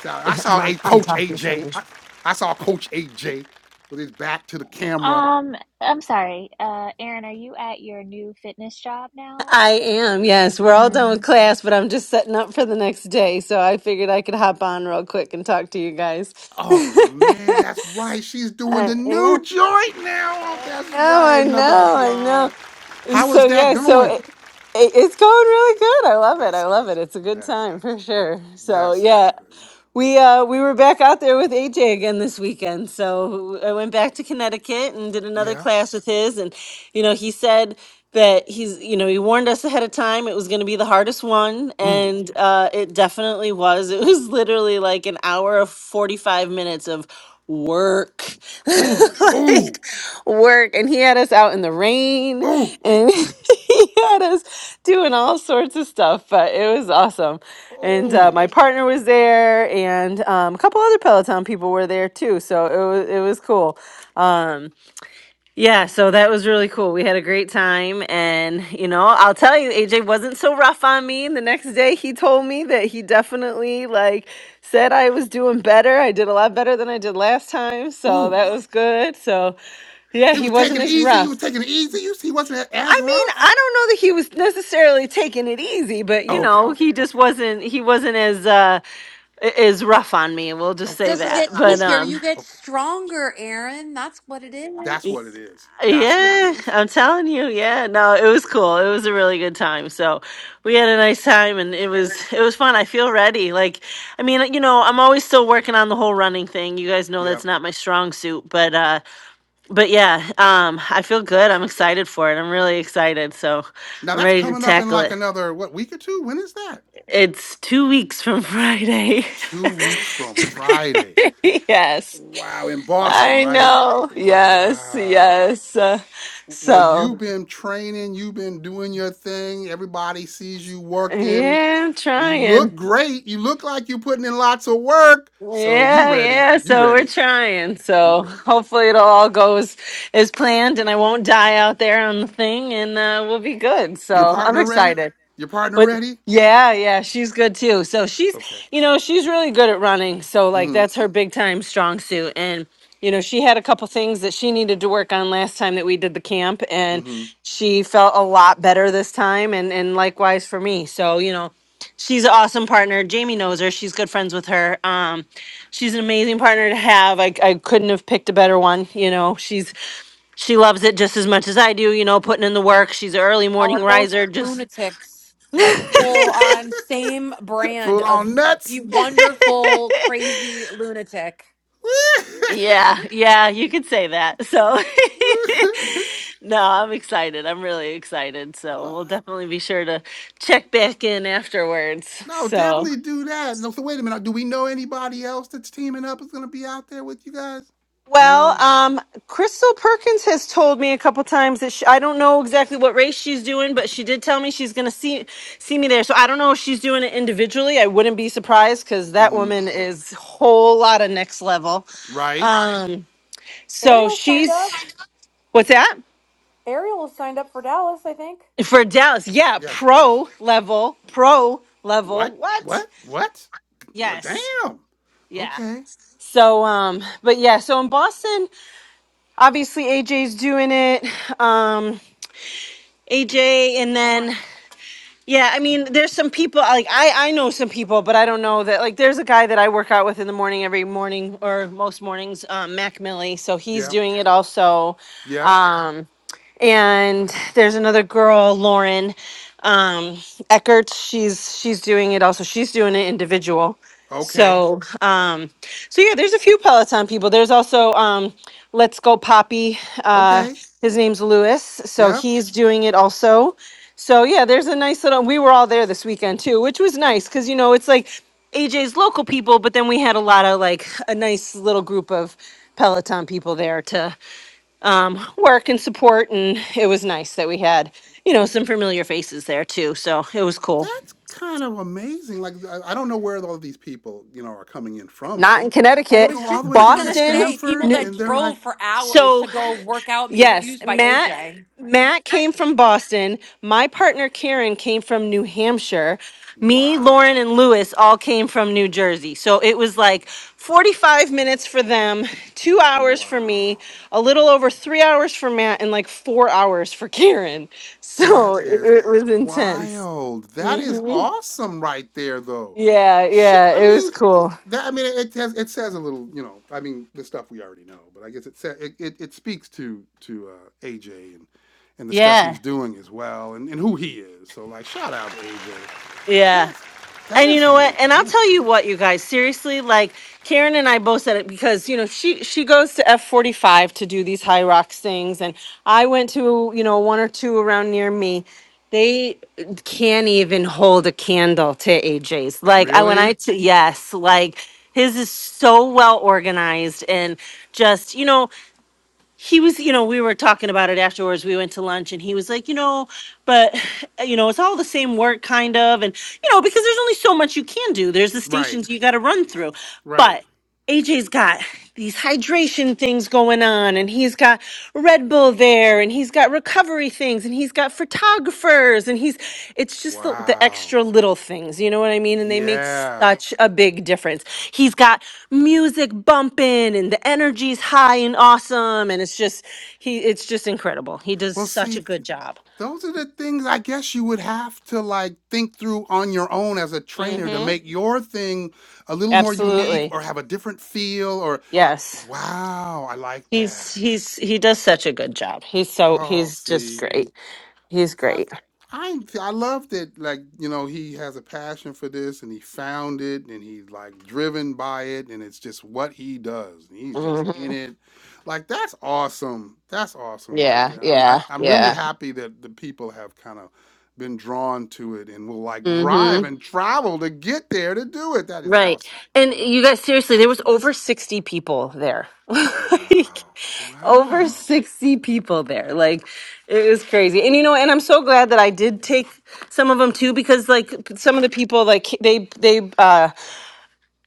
Speaker 1: So I
Speaker 5: I'm,
Speaker 1: saw a
Speaker 5: on, I'm
Speaker 1: coach
Speaker 5: talking to
Speaker 1: AJ.
Speaker 5: someone.
Speaker 1: I I saw Coach AJ with his back to the camera
Speaker 3: Um, I'm sorry. Uh, Aaron, are you at your new fitness job now?
Speaker 5: I am, yes. We're all done with
Speaker 3: Mm.
Speaker 5: class, but I'm just setting up for the next day. So I figured I could hop on real quick and talk to you guys.
Speaker 1: Oh man, that's
Speaker 5: I
Speaker 1: right. She's doing the new
Speaker 5: am.
Speaker 1: joint now. Oh,
Speaker 5: I
Speaker 1: that's
Speaker 5: know,
Speaker 1: right.
Speaker 5: I
Speaker 1: Another
Speaker 5: know, I know.
Speaker 1: applaud. How
Speaker 5: So
Speaker 1: is that
Speaker 5: yeah, so
Speaker 1: going?
Speaker 5: it, it, it's going really good. I love it.
Speaker 1: That's
Speaker 5: I love
Speaker 1: good.
Speaker 5: it. It's a good
Speaker 1: That's
Speaker 5: time
Speaker 1: good.
Speaker 5: for sure. So
Speaker 1: That's
Speaker 5: yeah,
Speaker 1: good.
Speaker 5: we uh we were back out there with AJ again this weekend. So I went back to Connecticut and did another
Speaker 1: Yeah.
Speaker 5: class with his and you know, he said that he's you know, he warned us ahead of time it was going to be the hardest one
Speaker 1: Ooh.
Speaker 5: and uh it definitely was. It was literally like an hour of 45 minutes of work
Speaker 1: Ooh.
Speaker 5: like
Speaker 1: Ooh.
Speaker 5: work and he had us out in the rain
Speaker 1: Ooh.
Speaker 5: and he had us doing all sorts of stuff but it was awesome and uh,
Speaker 1: Ooh.
Speaker 5: my partner was there and um, a couple other peloton people were there too so it was it was cool Um, yeah, so that was really cool. We had a great time. And, you know, I'll tell you, AJ wasn't so rough on me. The next day, he told me that he definitely, like, said I was doing better. I did a lot better than I did last time. So
Speaker 1: Ooh.
Speaker 5: that was good. So, yeah,
Speaker 1: He
Speaker 5: he
Speaker 1: was
Speaker 5: wasn't
Speaker 1: taking it
Speaker 5: as
Speaker 1: easy. He
Speaker 5: rough.
Speaker 1: was taking it easy. You see, he wasn't as
Speaker 5: I mean,
Speaker 1: rough.
Speaker 5: I don't know that he was necessarily taking it easy, but, you
Speaker 1: Okay.
Speaker 5: know,
Speaker 1: Okay.
Speaker 5: he just
Speaker 1: Okay.
Speaker 5: wasn't, he wasn't as, uh, i- is rough on me. and We'll just say
Speaker 1: Okay.
Speaker 4: Doesn't
Speaker 5: that.
Speaker 4: get
Speaker 5: But
Speaker 4: easier.
Speaker 1: Okay.
Speaker 5: um,
Speaker 4: You get
Speaker 1: Okay.
Speaker 4: stronger, Aaron. That's what it
Speaker 1: That's what it
Speaker 4: is.
Speaker 1: is. That's what it
Speaker 5: Yeah,
Speaker 1: is.
Speaker 5: I'm telling you. Yeah, no, it was cool. It was a really good time. So we had a nice time, and it was it
Speaker 4: Y'all
Speaker 5: was fun. I feel ready. Like, I mean, you know, I'm always still working on the whole running thing. You guys know that's
Speaker 1: Yep.
Speaker 5: not my strong suit, but uh, but yeah, um, I feel good. I'm excited for it. I'm really excited. So
Speaker 1: Now
Speaker 5: I'm
Speaker 1: that's
Speaker 5: ready to
Speaker 1: coming up in
Speaker 5: tackle
Speaker 1: like
Speaker 5: it.
Speaker 1: another what week or two? When is that?
Speaker 5: It's two weeks from Friday.
Speaker 1: Two weeks from Friday.
Speaker 5: yes,
Speaker 1: Wow, in Boston,
Speaker 5: I
Speaker 1: right?
Speaker 5: know. Yes,
Speaker 1: Wow.
Speaker 5: yes. Uh,
Speaker 1: Well,
Speaker 5: so.
Speaker 1: you've been training, you've been doing your thing. Everybody sees you working.
Speaker 5: Yeah, I'm
Speaker 1: You look
Speaker 5: trying.
Speaker 1: great. You look like you're putting in lots of work. So you
Speaker 5: Yeah,
Speaker 1: ready?
Speaker 5: yeah.
Speaker 1: You
Speaker 5: So we're
Speaker 1: ready?
Speaker 5: trying.
Speaker 1: You
Speaker 5: So
Speaker 1: ready?
Speaker 5: hopefully it'll all go as, as planned and I won't die out there on the thing and uh, we'll be good.
Speaker 1: Your
Speaker 5: So I'm
Speaker 1: partner ready?
Speaker 5: excited.
Speaker 1: Your partner
Speaker 5: But
Speaker 1: ready?
Speaker 5: yeah, yeah, she's good too. So she's,
Speaker 1: Okay.
Speaker 5: you know, she's really good at running. So like that's
Speaker 1: Mm-hmm.
Speaker 5: her big time strong suit. And you know, she had a couple things that she needed to work on last time that we did the camp and
Speaker 1: Mm-hmm.
Speaker 5: she felt a lot better this time and and likewise for me. So, you know, she's an awesome partner. Jamie knows her. She's good friends with her. Um, she's an amazing partner to have. I, I couldn't have picked a better one. You know, she's she loves it just as much as I do. You know, putting in the work. She's an early morning
Speaker 4: are both
Speaker 5: riser. Just
Speaker 4: lunatics, like full on same brand
Speaker 1: Full on
Speaker 4: of be
Speaker 1: nuts.
Speaker 4: wonderful, crazy lunatic.
Speaker 5: Yeah, yeah, you could say that. So, no, I'm excited. I'm really excited. So,
Speaker 1: What?
Speaker 5: we'll definitely be sure to check back in afterwards.
Speaker 1: No,
Speaker 5: So,
Speaker 1: definitely do that. No, so wait a minute. Do we know anybody else that's teaming up is going to be out there with you guys?
Speaker 5: Well,
Speaker 1: No.
Speaker 5: um, Crystal Perkins has told me a couple times that she, I don't know exactly what race she's doing, but she did tell me she's going to see see me there. So I don't know if she's doing it individually. I wouldn't be surprised because that
Speaker 1: Mm-hmm.
Speaker 5: woman is whole lot of next level.
Speaker 1: Right.
Speaker 5: Um, so
Speaker 4: Ariel signed
Speaker 5: she's
Speaker 4: up.
Speaker 5: what's that?
Speaker 4: Ariel signed up for Dallas, I think.
Speaker 5: For Dallas, yeah,
Speaker 1: Yeah. for Dallas.
Speaker 5: pro level, pro level.
Speaker 1: What?
Speaker 5: What?
Speaker 1: What? What? Well,
Speaker 5: Yes.
Speaker 1: damn.
Speaker 5: Yeah.
Speaker 1: Okay.
Speaker 5: So um but yeah, so in Boston, obviously AJ's doing it. Um AJ and then yeah, I mean there's some people like I I know some people, but I don't know that like there's a guy that I work out with in the morning every morning or most mornings, um Mac Millie, so he's
Speaker 1: Yep.
Speaker 5: doing it also.
Speaker 1: Yep.
Speaker 5: Um and there's another girl, Lauren um, Eckert. She's she's doing it also. She's doing it individual.
Speaker 1: Okay.
Speaker 5: So um, so yeah, there's a few Peloton people. There's also um, Let's Go Poppy. Uh,
Speaker 1: Okay.
Speaker 5: his name's Lewis, so
Speaker 1: Yep.
Speaker 5: he's doing it also. So yeah, there's a nice little. We were all there this weekend too, which was nice because you know it's like AJ's local people, but then we had a lot of like a nice little group of Peloton people there to um, work and support. And it was nice that we had, you know, some familiar faces there too. So it was cool.
Speaker 1: That's kind of amazing. Like I I don't know where all these people, you know, are coming in from, but
Speaker 5: Not
Speaker 1: they
Speaker 5: in
Speaker 4: I
Speaker 1: they
Speaker 5: Connecticut,
Speaker 4: was
Speaker 1: go all
Speaker 4: just
Speaker 1: the way down to
Speaker 4: gonna
Speaker 5: Boston.
Speaker 4: say
Speaker 1: Stamford,
Speaker 4: people
Speaker 5: New-
Speaker 4: that
Speaker 1: and they're like,
Speaker 4: drove for hours to
Speaker 5: so
Speaker 4: go work out and be
Speaker 5: yes,
Speaker 4: abused by
Speaker 5: Matt.
Speaker 4: AJ.
Speaker 5: Matt came from Boston. My partner Karen came from New Hampshire. Me, Lauren,
Speaker 1: wow,
Speaker 5: and Lewis all came from New Jersey. So it was like 45 minutes for them, two hours for me,
Speaker 1: wow.
Speaker 5: a little over three hours for Matt, and like four hours for Karen.
Speaker 1: That
Speaker 5: So it,
Speaker 1: is
Speaker 5: it was intense.
Speaker 1: wild. That is
Speaker 5: hmm
Speaker 1: awesome right there though.
Speaker 5: Yeah,
Speaker 1: Shit,
Speaker 5: yeah,
Speaker 1: I
Speaker 5: it was
Speaker 1: mean
Speaker 5: cool.
Speaker 1: that I mean it has it says a little, you know, I mean the stuff we already know, but I guess it sa it, it, it speaks to to uh, AJ and and the stuff
Speaker 5: Yeah.
Speaker 1: he's doing as well and, and who he is. So like shout out to AJ.
Speaker 5: Yeah.
Speaker 1: That's that
Speaker 5: And you
Speaker 1: is
Speaker 5: know what?
Speaker 1: really
Speaker 5: And I'll
Speaker 1: cool.
Speaker 5: tell you what, you guys, seriously, like Karen and I both said it because, you know, she she goes to F45 to do these high rocks things and I went to, you know, one or two around near me. They can't even hold a candle to AJ's. Like I when
Speaker 1: Really?
Speaker 5: I t- yes, like his is so well organized and just, you know, he was, you know, we were talking about it afterwards. We went to lunch and he was like, you know, but, you know, it's all the same work, kind of. And, you know, because there's only so much you can do, there's the
Speaker 1: Right.
Speaker 5: stations you got to run through.
Speaker 1: Right.
Speaker 5: But AJ's got these hydration things going on, and he's got Red Bull there, and he's got recovery things, and he's got photographers, and he's it's just the, the extra
Speaker 1: Wow.
Speaker 5: little things, you know what I mean? And they make
Speaker 1: Yeah.
Speaker 5: such a big difference. He's got music bumping, and the energy's high and awesome, and it's just he it's just incredible. He does
Speaker 1: Well,
Speaker 5: such
Speaker 1: see
Speaker 5: a good job.
Speaker 1: those are the things I guess you would have to like think through on your own as a trainer to
Speaker 5: Mm-hmm.
Speaker 1: make your thing a little more unique
Speaker 5: Absolutely.
Speaker 1: or have a different feel or
Speaker 5: Yes.
Speaker 1: wow, I like
Speaker 5: He's
Speaker 1: that.
Speaker 5: he's he does such a good job. He's so
Speaker 1: Oh,
Speaker 5: he's just
Speaker 1: see.
Speaker 5: great. He's
Speaker 1: I
Speaker 5: great.
Speaker 1: I I love that like you know he has a passion for this and he found it and he's like driven by it and it's just what he does and he's just
Speaker 5: hmm
Speaker 1: in it like that's awesome that's awesome right
Speaker 5: Yeah,
Speaker 1: there I'm I,
Speaker 5: yeah,
Speaker 1: I'm really
Speaker 5: yeah.
Speaker 1: happy that the people have kind of been drawn to it and will like
Speaker 5: hmm
Speaker 1: drive and travel to get there to do it that is
Speaker 5: Right.
Speaker 1: awesome
Speaker 5: And you guys, seriously, there
Speaker 1: that's
Speaker 5: was over
Speaker 1: awesome
Speaker 5: 60 people there. like,
Speaker 1: wow
Speaker 5: over
Speaker 1: wow
Speaker 5: 60 people there. Like, it was crazy. And, you know, and I'm so glad that I did take some of them too, because, like, some of the people, like, they, they, uh,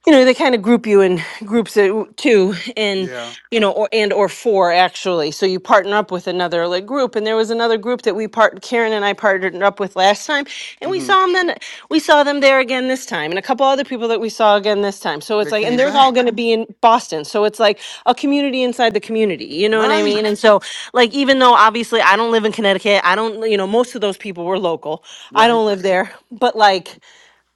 Speaker 5: you know they kind of group you in groups of two and
Speaker 1: yeah
Speaker 5: you know or and or four actually so you partner up with another like group and there was another group that we part karen and i partnered up with last time and we
Speaker 1: mhm
Speaker 5: saw them then we saw them there again this time and a couple other people that we saw again this time so
Speaker 1: they
Speaker 5: it's like and
Speaker 1: came
Speaker 5: they're all
Speaker 1: back
Speaker 5: going to be in boston so it's like a community inside the community you know what i mean and
Speaker 1: right
Speaker 5: so like even though obviously i don't live in connecticut i don't you know most of those people were local i
Speaker 1: right
Speaker 5: don't live there but like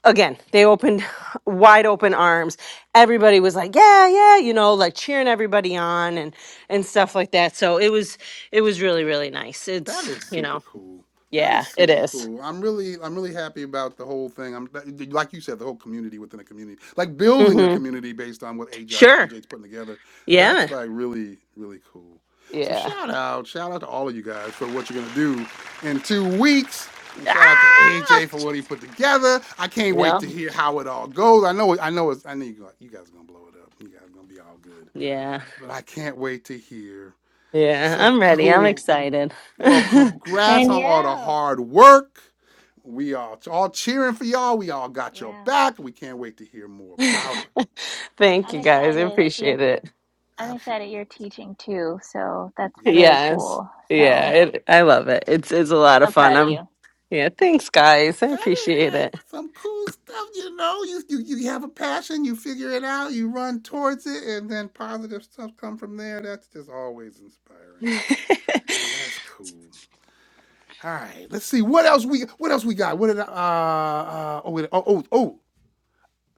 Speaker 5: again, they opened wide open arms. Everybody was like, "Yeah, yeah," you know, like cheering everybody on and and stuff like that. So it was it was really really nice.
Speaker 1: That
Speaker 5: It's
Speaker 1: is
Speaker 5: you
Speaker 1: super
Speaker 5: know,
Speaker 1: cool. That
Speaker 5: yeah,
Speaker 1: is
Speaker 5: it
Speaker 1: super
Speaker 5: is.
Speaker 1: cool. I'm really, I'm really happy about the whole thing. I'm like you said, the whole community within a community, like building a
Speaker 5: Mm-hmm.
Speaker 1: community based on what AJ
Speaker 5: Sure.
Speaker 1: AJ's putting together.
Speaker 5: Yeah.
Speaker 1: That's like really, really cool. So
Speaker 5: Yeah.
Speaker 1: shout out, shout out to all of you guys for what you're gonna do in two weeks, and shout out to
Speaker 5: Ah!
Speaker 1: AJ for what he put together. I can't
Speaker 5: Yeah.
Speaker 1: wait to hear how it all goes. I know, I know, it's, I know you guys, you guys are gonna blow it up. You guys are gonna be all good,
Speaker 5: Yeah.
Speaker 1: but I can't wait to hear.
Speaker 5: Yeah.
Speaker 1: So
Speaker 5: I'm ready. I'm
Speaker 1: cool.
Speaker 5: excited.
Speaker 1: Well, congrats on all the
Speaker 3: Danielle.
Speaker 1: hard work. We are all cheering for y'all. We all got your
Speaker 3: Yeah.
Speaker 1: back. We can't wait to hear more about it.
Speaker 5: Thank
Speaker 3: I'm
Speaker 5: you guys. I
Speaker 3: excited. You're
Speaker 5: appreciate it.
Speaker 3: I'm excited
Speaker 1: Absolutely.
Speaker 3: you're teaching too, so that's
Speaker 1: Yeah.
Speaker 3: really
Speaker 5: Yes.
Speaker 3: cool.
Speaker 5: Yeah.
Speaker 1: Th-
Speaker 3: So
Speaker 5: It, I love it. It's it's a lot of
Speaker 3: so
Speaker 5: fun.
Speaker 3: proud of
Speaker 5: I'm.
Speaker 3: you.
Speaker 5: Yeah. Thanks, guys. I
Speaker 1: that is
Speaker 5: appreciate it.
Speaker 1: like some cool stuff, you know. You, you you have a passion, you figure it out, you run towards it, and then positive stuff come from there. That's just always inspiring. So that's cool. All right, let's see what else we what else we got. What did I, uh, uh oh, wait, oh oh oh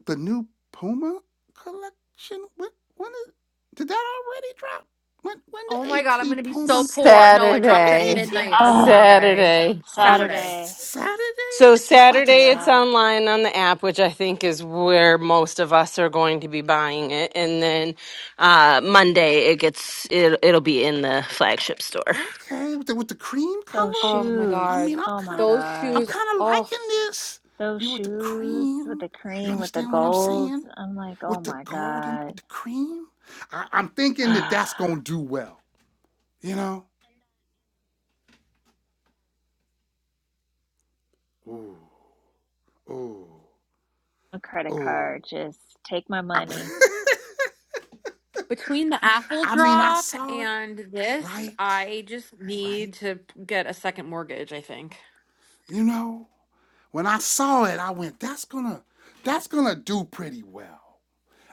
Speaker 1: the new Puma collection? When, when is, did that already drop? When when
Speaker 4: Oh
Speaker 1: the
Speaker 4: my god, I'm
Speaker 1: AT
Speaker 4: gonna be so
Speaker 1: Puma?
Speaker 4: poor. No, it
Speaker 1: When
Speaker 4: drops
Speaker 1: the
Speaker 4: at
Speaker 5: Saturday.
Speaker 1: AT
Speaker 4: midnight on
Speaker 3: Oh,
Speaker 1: Puma?
Speaker 4: Sunday,
Speaker 5: Saturday.
Speaker 1: Wait, s-
Speaker 4: Saturday.
Speaker 3: Saturday.
Speaker 1: Saturday?
Speaker 5: So
Speaker 1: It's about to
Speaker 5: Saturday it's
Speaker 1: drop.
Speaker 3: Yeah.
Speaker 5: online on the app, which I think is where most of us are going to be buying it, and then uh, Monday it gets it, it'll be in the flagship store.
Speaker 1: Okay, with the, with the cream
Speaker 3: Those
Speaker 1: color.
Speaker 4: Oh my
Speaker 1: I
Speaker 3: shoes.
Speaker 1: mean,
Speaker 4: god,
Speaker 1: I'm
Speaker 3: Oh my
Speaker 1: kind of
Speaker 4: those
Speaker 1: I'm
Speaker 3: God.
Speaker 4: shoes.
Speaker 1: kind of
Speaker 4: Oh,
Speaker 1: liking this.
Speaker 3: Those
Speaker 1: You know, with the
Speaker 3: shoes with
Speaker 1: cream.
Speaker 3: the
Speaker 1: You
Speaker 3: cream, with the
Speaker 1: understand what I'm
Speaker 3: gold.
Speaker 1: saying?
Speaker 3: I'm like, oh
Speaker 1: With the
Speaker 3: my
Speaker 1: golden,
Speaker 3: God.
Speaker 1: with the cream. I, I'm thinking that that's gonna do well. You know. Ooh, ooh,
Speaker 3: A credit
Speaker 1: ooh.
Speaker 3: card. Just take my money.
Speaker 1: I-
Speaker 4: between the Apple
Speaker 1: I mean, I
Speaker 4: drop
Speaker 1: saw it,
Speaker 4: and this,
Speaker 1: right?
Speaker 4: I just need
Speaker 1: Right?
Speaker 4: to get a second mortgage. I think.
Speaker 1: You know, when I saw it, I went, that's gonna that's gonna do pretty well.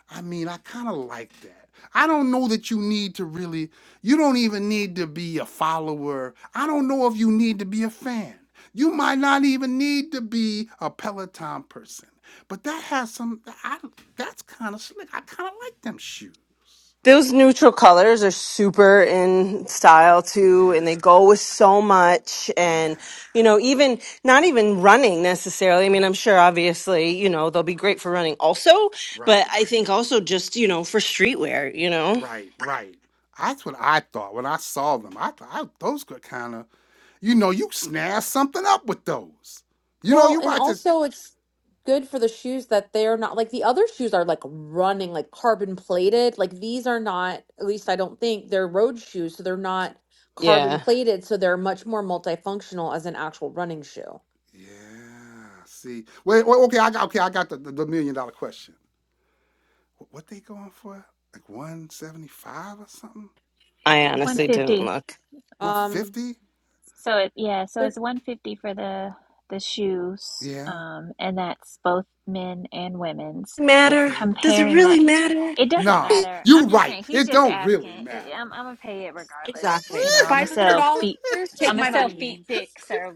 Speaker 1: I mean, I kind of like that. I don't know that you need to really you don't even need to be a follower. I don't know if you need to be a fan. You might not even need to be a Peloton person. But that has some I, that's kind of slick. I kind of like them shoes.
Speaker 5: Those neutral colors are super in style
Speaker 1: Yeah.
Speaker 5: too, and they go with so much.
Speaker 1: Yeah.
Speaker 5: And you know, even not even running necessarily. I mean, I'm sure obviously you know they'll be great for running also, but
Speaker 1: Right.
Speaker 5: I think also just you know for streetwear, you know.
Speaker 1: Right, right. That's what I thought when I saw them. I thought I, those could kind of, you know, you snare something up with those. You know,
Speaker 4: Well,
Speaker 1: you
Speaker 4: and
Speaker 1: might just,
Speaker 4: also it's good for the shoes that they're not like the other shoes are like running, like carbon plated. Like these are not, at least I don't think they're road shoes, so they're not carbon
Speaker 5: Yeah,
Speaker 4: plated, so they're much more multifunctional as an actual running shoe.
Speaker 1: yeah. See, wait, wait okay, I got, okay, I got the, the, the million dollar question. What they going for? Like one seventy five or something?
Speaker 5: I
Speaker 1: Is
Speaker 5: honestly
Speaker 1: that
Speaker 5: didn't
Speaker 3: 150.
Speaker 5: look.
Speaker 1: one
Speaker 4: Um,
Speaker 1: fifty?
Speaker 3: So it yeah, so
Speaker 4: they're
Speaker 3: it's 150 for the the shoes,
Speaker 1: Yeah.
Speaker 3: um, and that's both men and women's.
Speaker 5: Matter?
Speaker 1: Okay.
Speaker 5: Does it
Speaker 3: Comparing
Speaker 5: really
Speaker 3: that,
Speaker 5: matter?
Speaker 3: it doesn't
Speaker 1: No,
Speaker 3: matter.
Speaker 1: you
Speaker 3: I'm just
Speaker 1: right.
Speaker 3: saying he's
Speaker 1: It
Speaker 3: just
Speaker 1: don't
Speaker 3: asking.
Speaker 1: really
Speaker 3: It,
Speaker 1: matter.
Speaker 3: I'm I'm gonna pay it regardless. You know, I'm gonna
Speaker 4: Five hundred
Speaker 3: sell
Speaker 4: dollars.
Speaker 3: feet.
Speaker 4: Take
Speaker 3: I'm gonna
Speaker 4: my
Speaker 3: sell feet
Speaker 4: money.
Speaker 3: picks or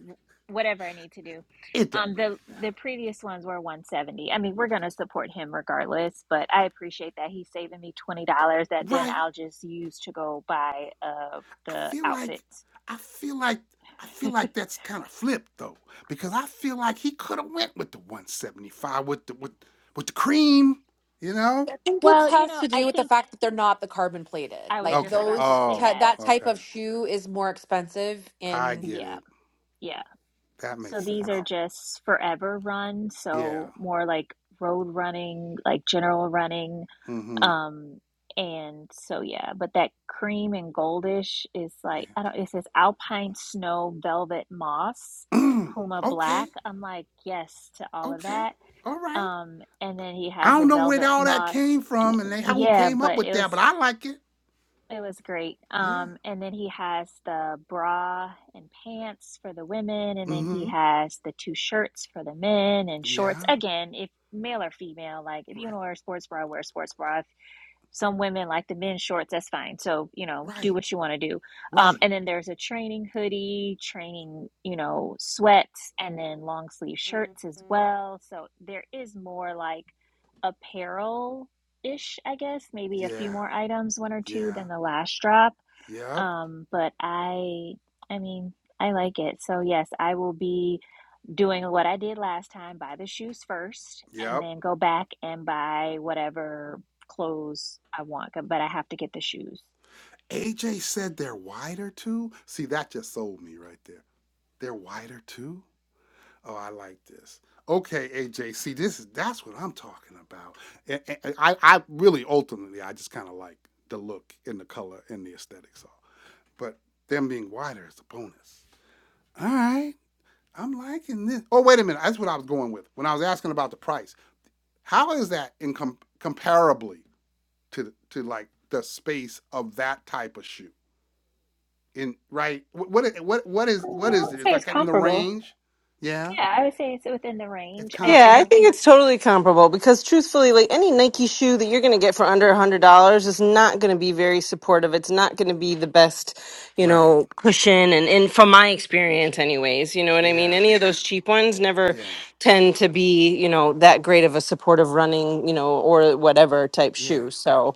Speaker 3: whatever I need to do.
Speaker 1: it don't
Speaker 3: Um,
Speaker 1: really
Speaker 3: the the
Speaker 1: matter,
Speaker 3: previous ones were 170. I mean, we're gonna support him regardless, but I appreciate that he's saving me twenty dollars that then
Speaker 1: right?
Speaker 3: I'll just use to go buy uh
Speaker 1: I
Speaker 3: the
Speaker 1: feel like
Speaker 3: outfits.
Speaker 1: I feel like I feel like that's kind of flipped though, because I feel like he could have went with the 175 with the with with the cream, you know?
Speaker 4: I think it
Speaker 3: Well, you
Speaker 4: has
Speaker 3: know,
Speaker 4: to
Speaker 3: I
Speaker 4: do with the
Speaker 3: think
Speaker 4: fact that they're not the carbon plated.
Speaker 3: I was
Speaker 4: Like
Speaker 3: just
Speaker 1: Okay.
Speaker 3: about to
Speaker 4: those,
Speaker 3: say
Speaker 4: t
Speaker 1: Oh,
Speaker 3: that.
Speaker 4: that type
Speaker 1: okay.
Speaker 4: of shoe is more expensive
Speaker 1: I
Speaker 4: in.
Speaker 1: get
Speaker 3: Yeah,
Speaker 1: it.
Speaker 3: yeah.
Speaker 1: That makes
Speaker 3: So these are
Speaker 1: sense.
Speaker 3: just forever run,
Speaker 1: Yeah.
Speaker 3: so more like road running, like general running.
Speaker 1: Mm-hmm.
Speaker 3: Um, and so yeah, but that cream and goldish is like I don't, it says Alpine Snow Velvet Moss,
Speaker 1: Yeah.
Speaker 3: Puma
Speaker 1: okay.
Speaker 3: Black. I'm like, yes to all of
Speaker 1: Okay.
Speaker 3: that.
Speaker 1: All right.
Speaker 3: Um, and then he
Speaker 1: I
Speaker 3: has the
Speaker 1: don't know where
Speaker 3: velvet
Speaker 1: all that
Speaker 3: moss.
Speaker 1: came from and they who
Speaker 3: Yeah,
Speaker 1: came up
Speaker 3: but
Speaker 1: with
Speaker 3: it
Speaker 1: that,
Speaker 3: was
Speaker 1: but I like it.
Speaker 3: It was great.
Speaker 1: Yeah.
Speaker 3: Um, and then he has the bra and pants for the women, and then he
Speaker 1: Mm-hmm.
Speaker 3: has the two shirts for the men and shorts.
Speaker 1: Yeah.
Speaker 3: Again, if male or female, like if you
Speaker 1: Right.
Speaker 3: want to wear a sports bra, wear a sports bra. If some women like the men's shorts, that's fine. So, you know, do
Speaker 1: Right.
Speaker 3: what you want to do. Um,
Speaker 1: Right.
Speaker 3: and then there's a training hoodie, training, you know, sweats, and then long sleeve shirts as well. So there is more like apparel ish, I guess, maybe a few
Speaker 1: Yeah.
Speaker 3: more items, one or two
Speaker 1: Yeah.
Speaker 3: than the last drop.
Speaker 1: Yep.
Speaker 3: Um, but I, I mean, I like it. So yes, I will be doing what I did last time, buy the shoes first, and
Speaker 1: Yep.
Speaker 3: then go back and buy whatever clothes I want, but I have to get the shoes.
Speaker 1: AJ said they're wider too. See, that just sold me right there. They're wider too. Oh, I like this. Okay, AJ. See, this is that's what I'm talking about. And, and I, I really ultimately, I just kind of like the look and the color and the aesthetics. All, but them being wider is a bonus. All right, I'm liking this. Oh, wait a minute. That's what I was going with when I was asking about the price. How is that in com- comparably to to like the space of that type of shoe? in right what what what is
Speaker 3: Mm,
Speaker 1: what
Speaker 3: I
Speaker 1: is
Speaker 3: would
Speaker 1: it? It's
Speaker 3: say it's
Speaker 1: like in the
Speaker 3: comparable.
Speaker 1: range. Yeah,
Speaker 3: Yeah, I would say it's within the
Speaker 1: it's
Speaker 3: range. I
Speaker 5: Yeah,
Speaker 3: think,
Speaker 5: I
Speaker 1: comparable.
Speaker 5: think it's totally comparable because truthfully, like any Nike shoe that you're going to get for under a $100 is not going to be very supportive. It's not going to be the best, you
Speaker 1: Right.
Speaker 5: know, cushion. And, and from my experience, anyways, you know what I mean?
Speaker 1: Yeah.
Speaker 5: Any of those cheap ones never
Speaker 1: Yeah.
Speaker 5: tend to be, you know, that great of a supportive running, you know, or whatever type
Speaker 1: Yeah.
Speaker 5: shoe. So,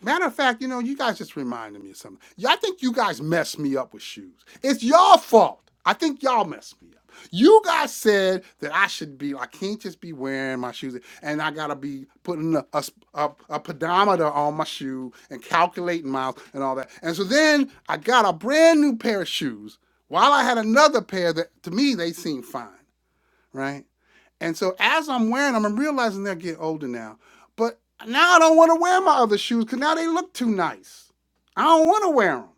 Speaker 1: Matter of fact, you know, you guys just reminded me of something. Y'all think you guys messed me up with shoes. It's your fault. I think y'all messed me up. You guys said that I should be, I can't just be wearing my shoes and I gotta be putting a, a, a- a pedometer on my shoe and calculating miles and all that. And so then I got a brand new pair of shoes while I had another pair that to me they seemed fine, right? And so as I'm wearing them, I'm realizing they're getting older now. But now I don't want to wear my other shoes because now they look too nice. I don't want to wear them.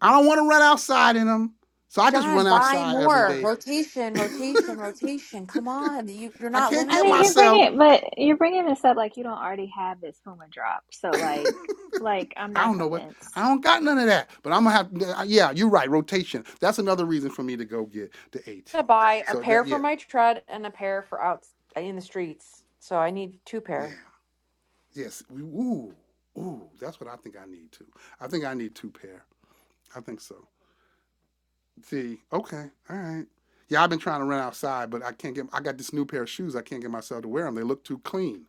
Speaker 1: I don't want to run outside in them. So I just
Speaker 4: John,
Speaker 1: run
Speaker 4: buy
Speaker 1: outside every
Speaker 4: more.
Speaker 1: day.
Speaker 4: Rotation, rotation, rotation. Come on. You you're
Speaker 1: I
Speaker 4: not
Speaker 1: can't
Speaker 3: I
Speaker 1: get
Speaker 3: mean,
Speaker 4: limited.
Speaker 3: you're
Speaker 4: I'm
Speaker 1: myself.
Speaker 3: bringing, but you're bringing this up like you don't already have this Puma drop. So, like, like I'm
Speaker 1: I
Speaker 3: not
Speaker 1: don't know what. I
Speaker 3: convinced.
Speaker 1: don't got none of that. But I'm gonna have. Yeah, you're right. Rotation. That's another reason for me to go get the
Speaker 4: gonna
Speaker 1: ATs.
Speaker 4: buy a
Speaker 1: So
Speaker 4: pair
Speaker 1: that.
Speaker 4: for
Speaker 1: Yeah.
Speaker 4: my tread and a pair for out in the streets. So I need two
Speaker 1: Yeah.
Speaker 4: pair.
Speaker 1: Yes. Ooh. Ooh. That's what I think I need too. I think I need two pair. I think so. See, okay, all right. Yeah, I've been trying to run outside, but I can't get. I got this new pair of shoes. I can't get myself to wear them. They look too clean.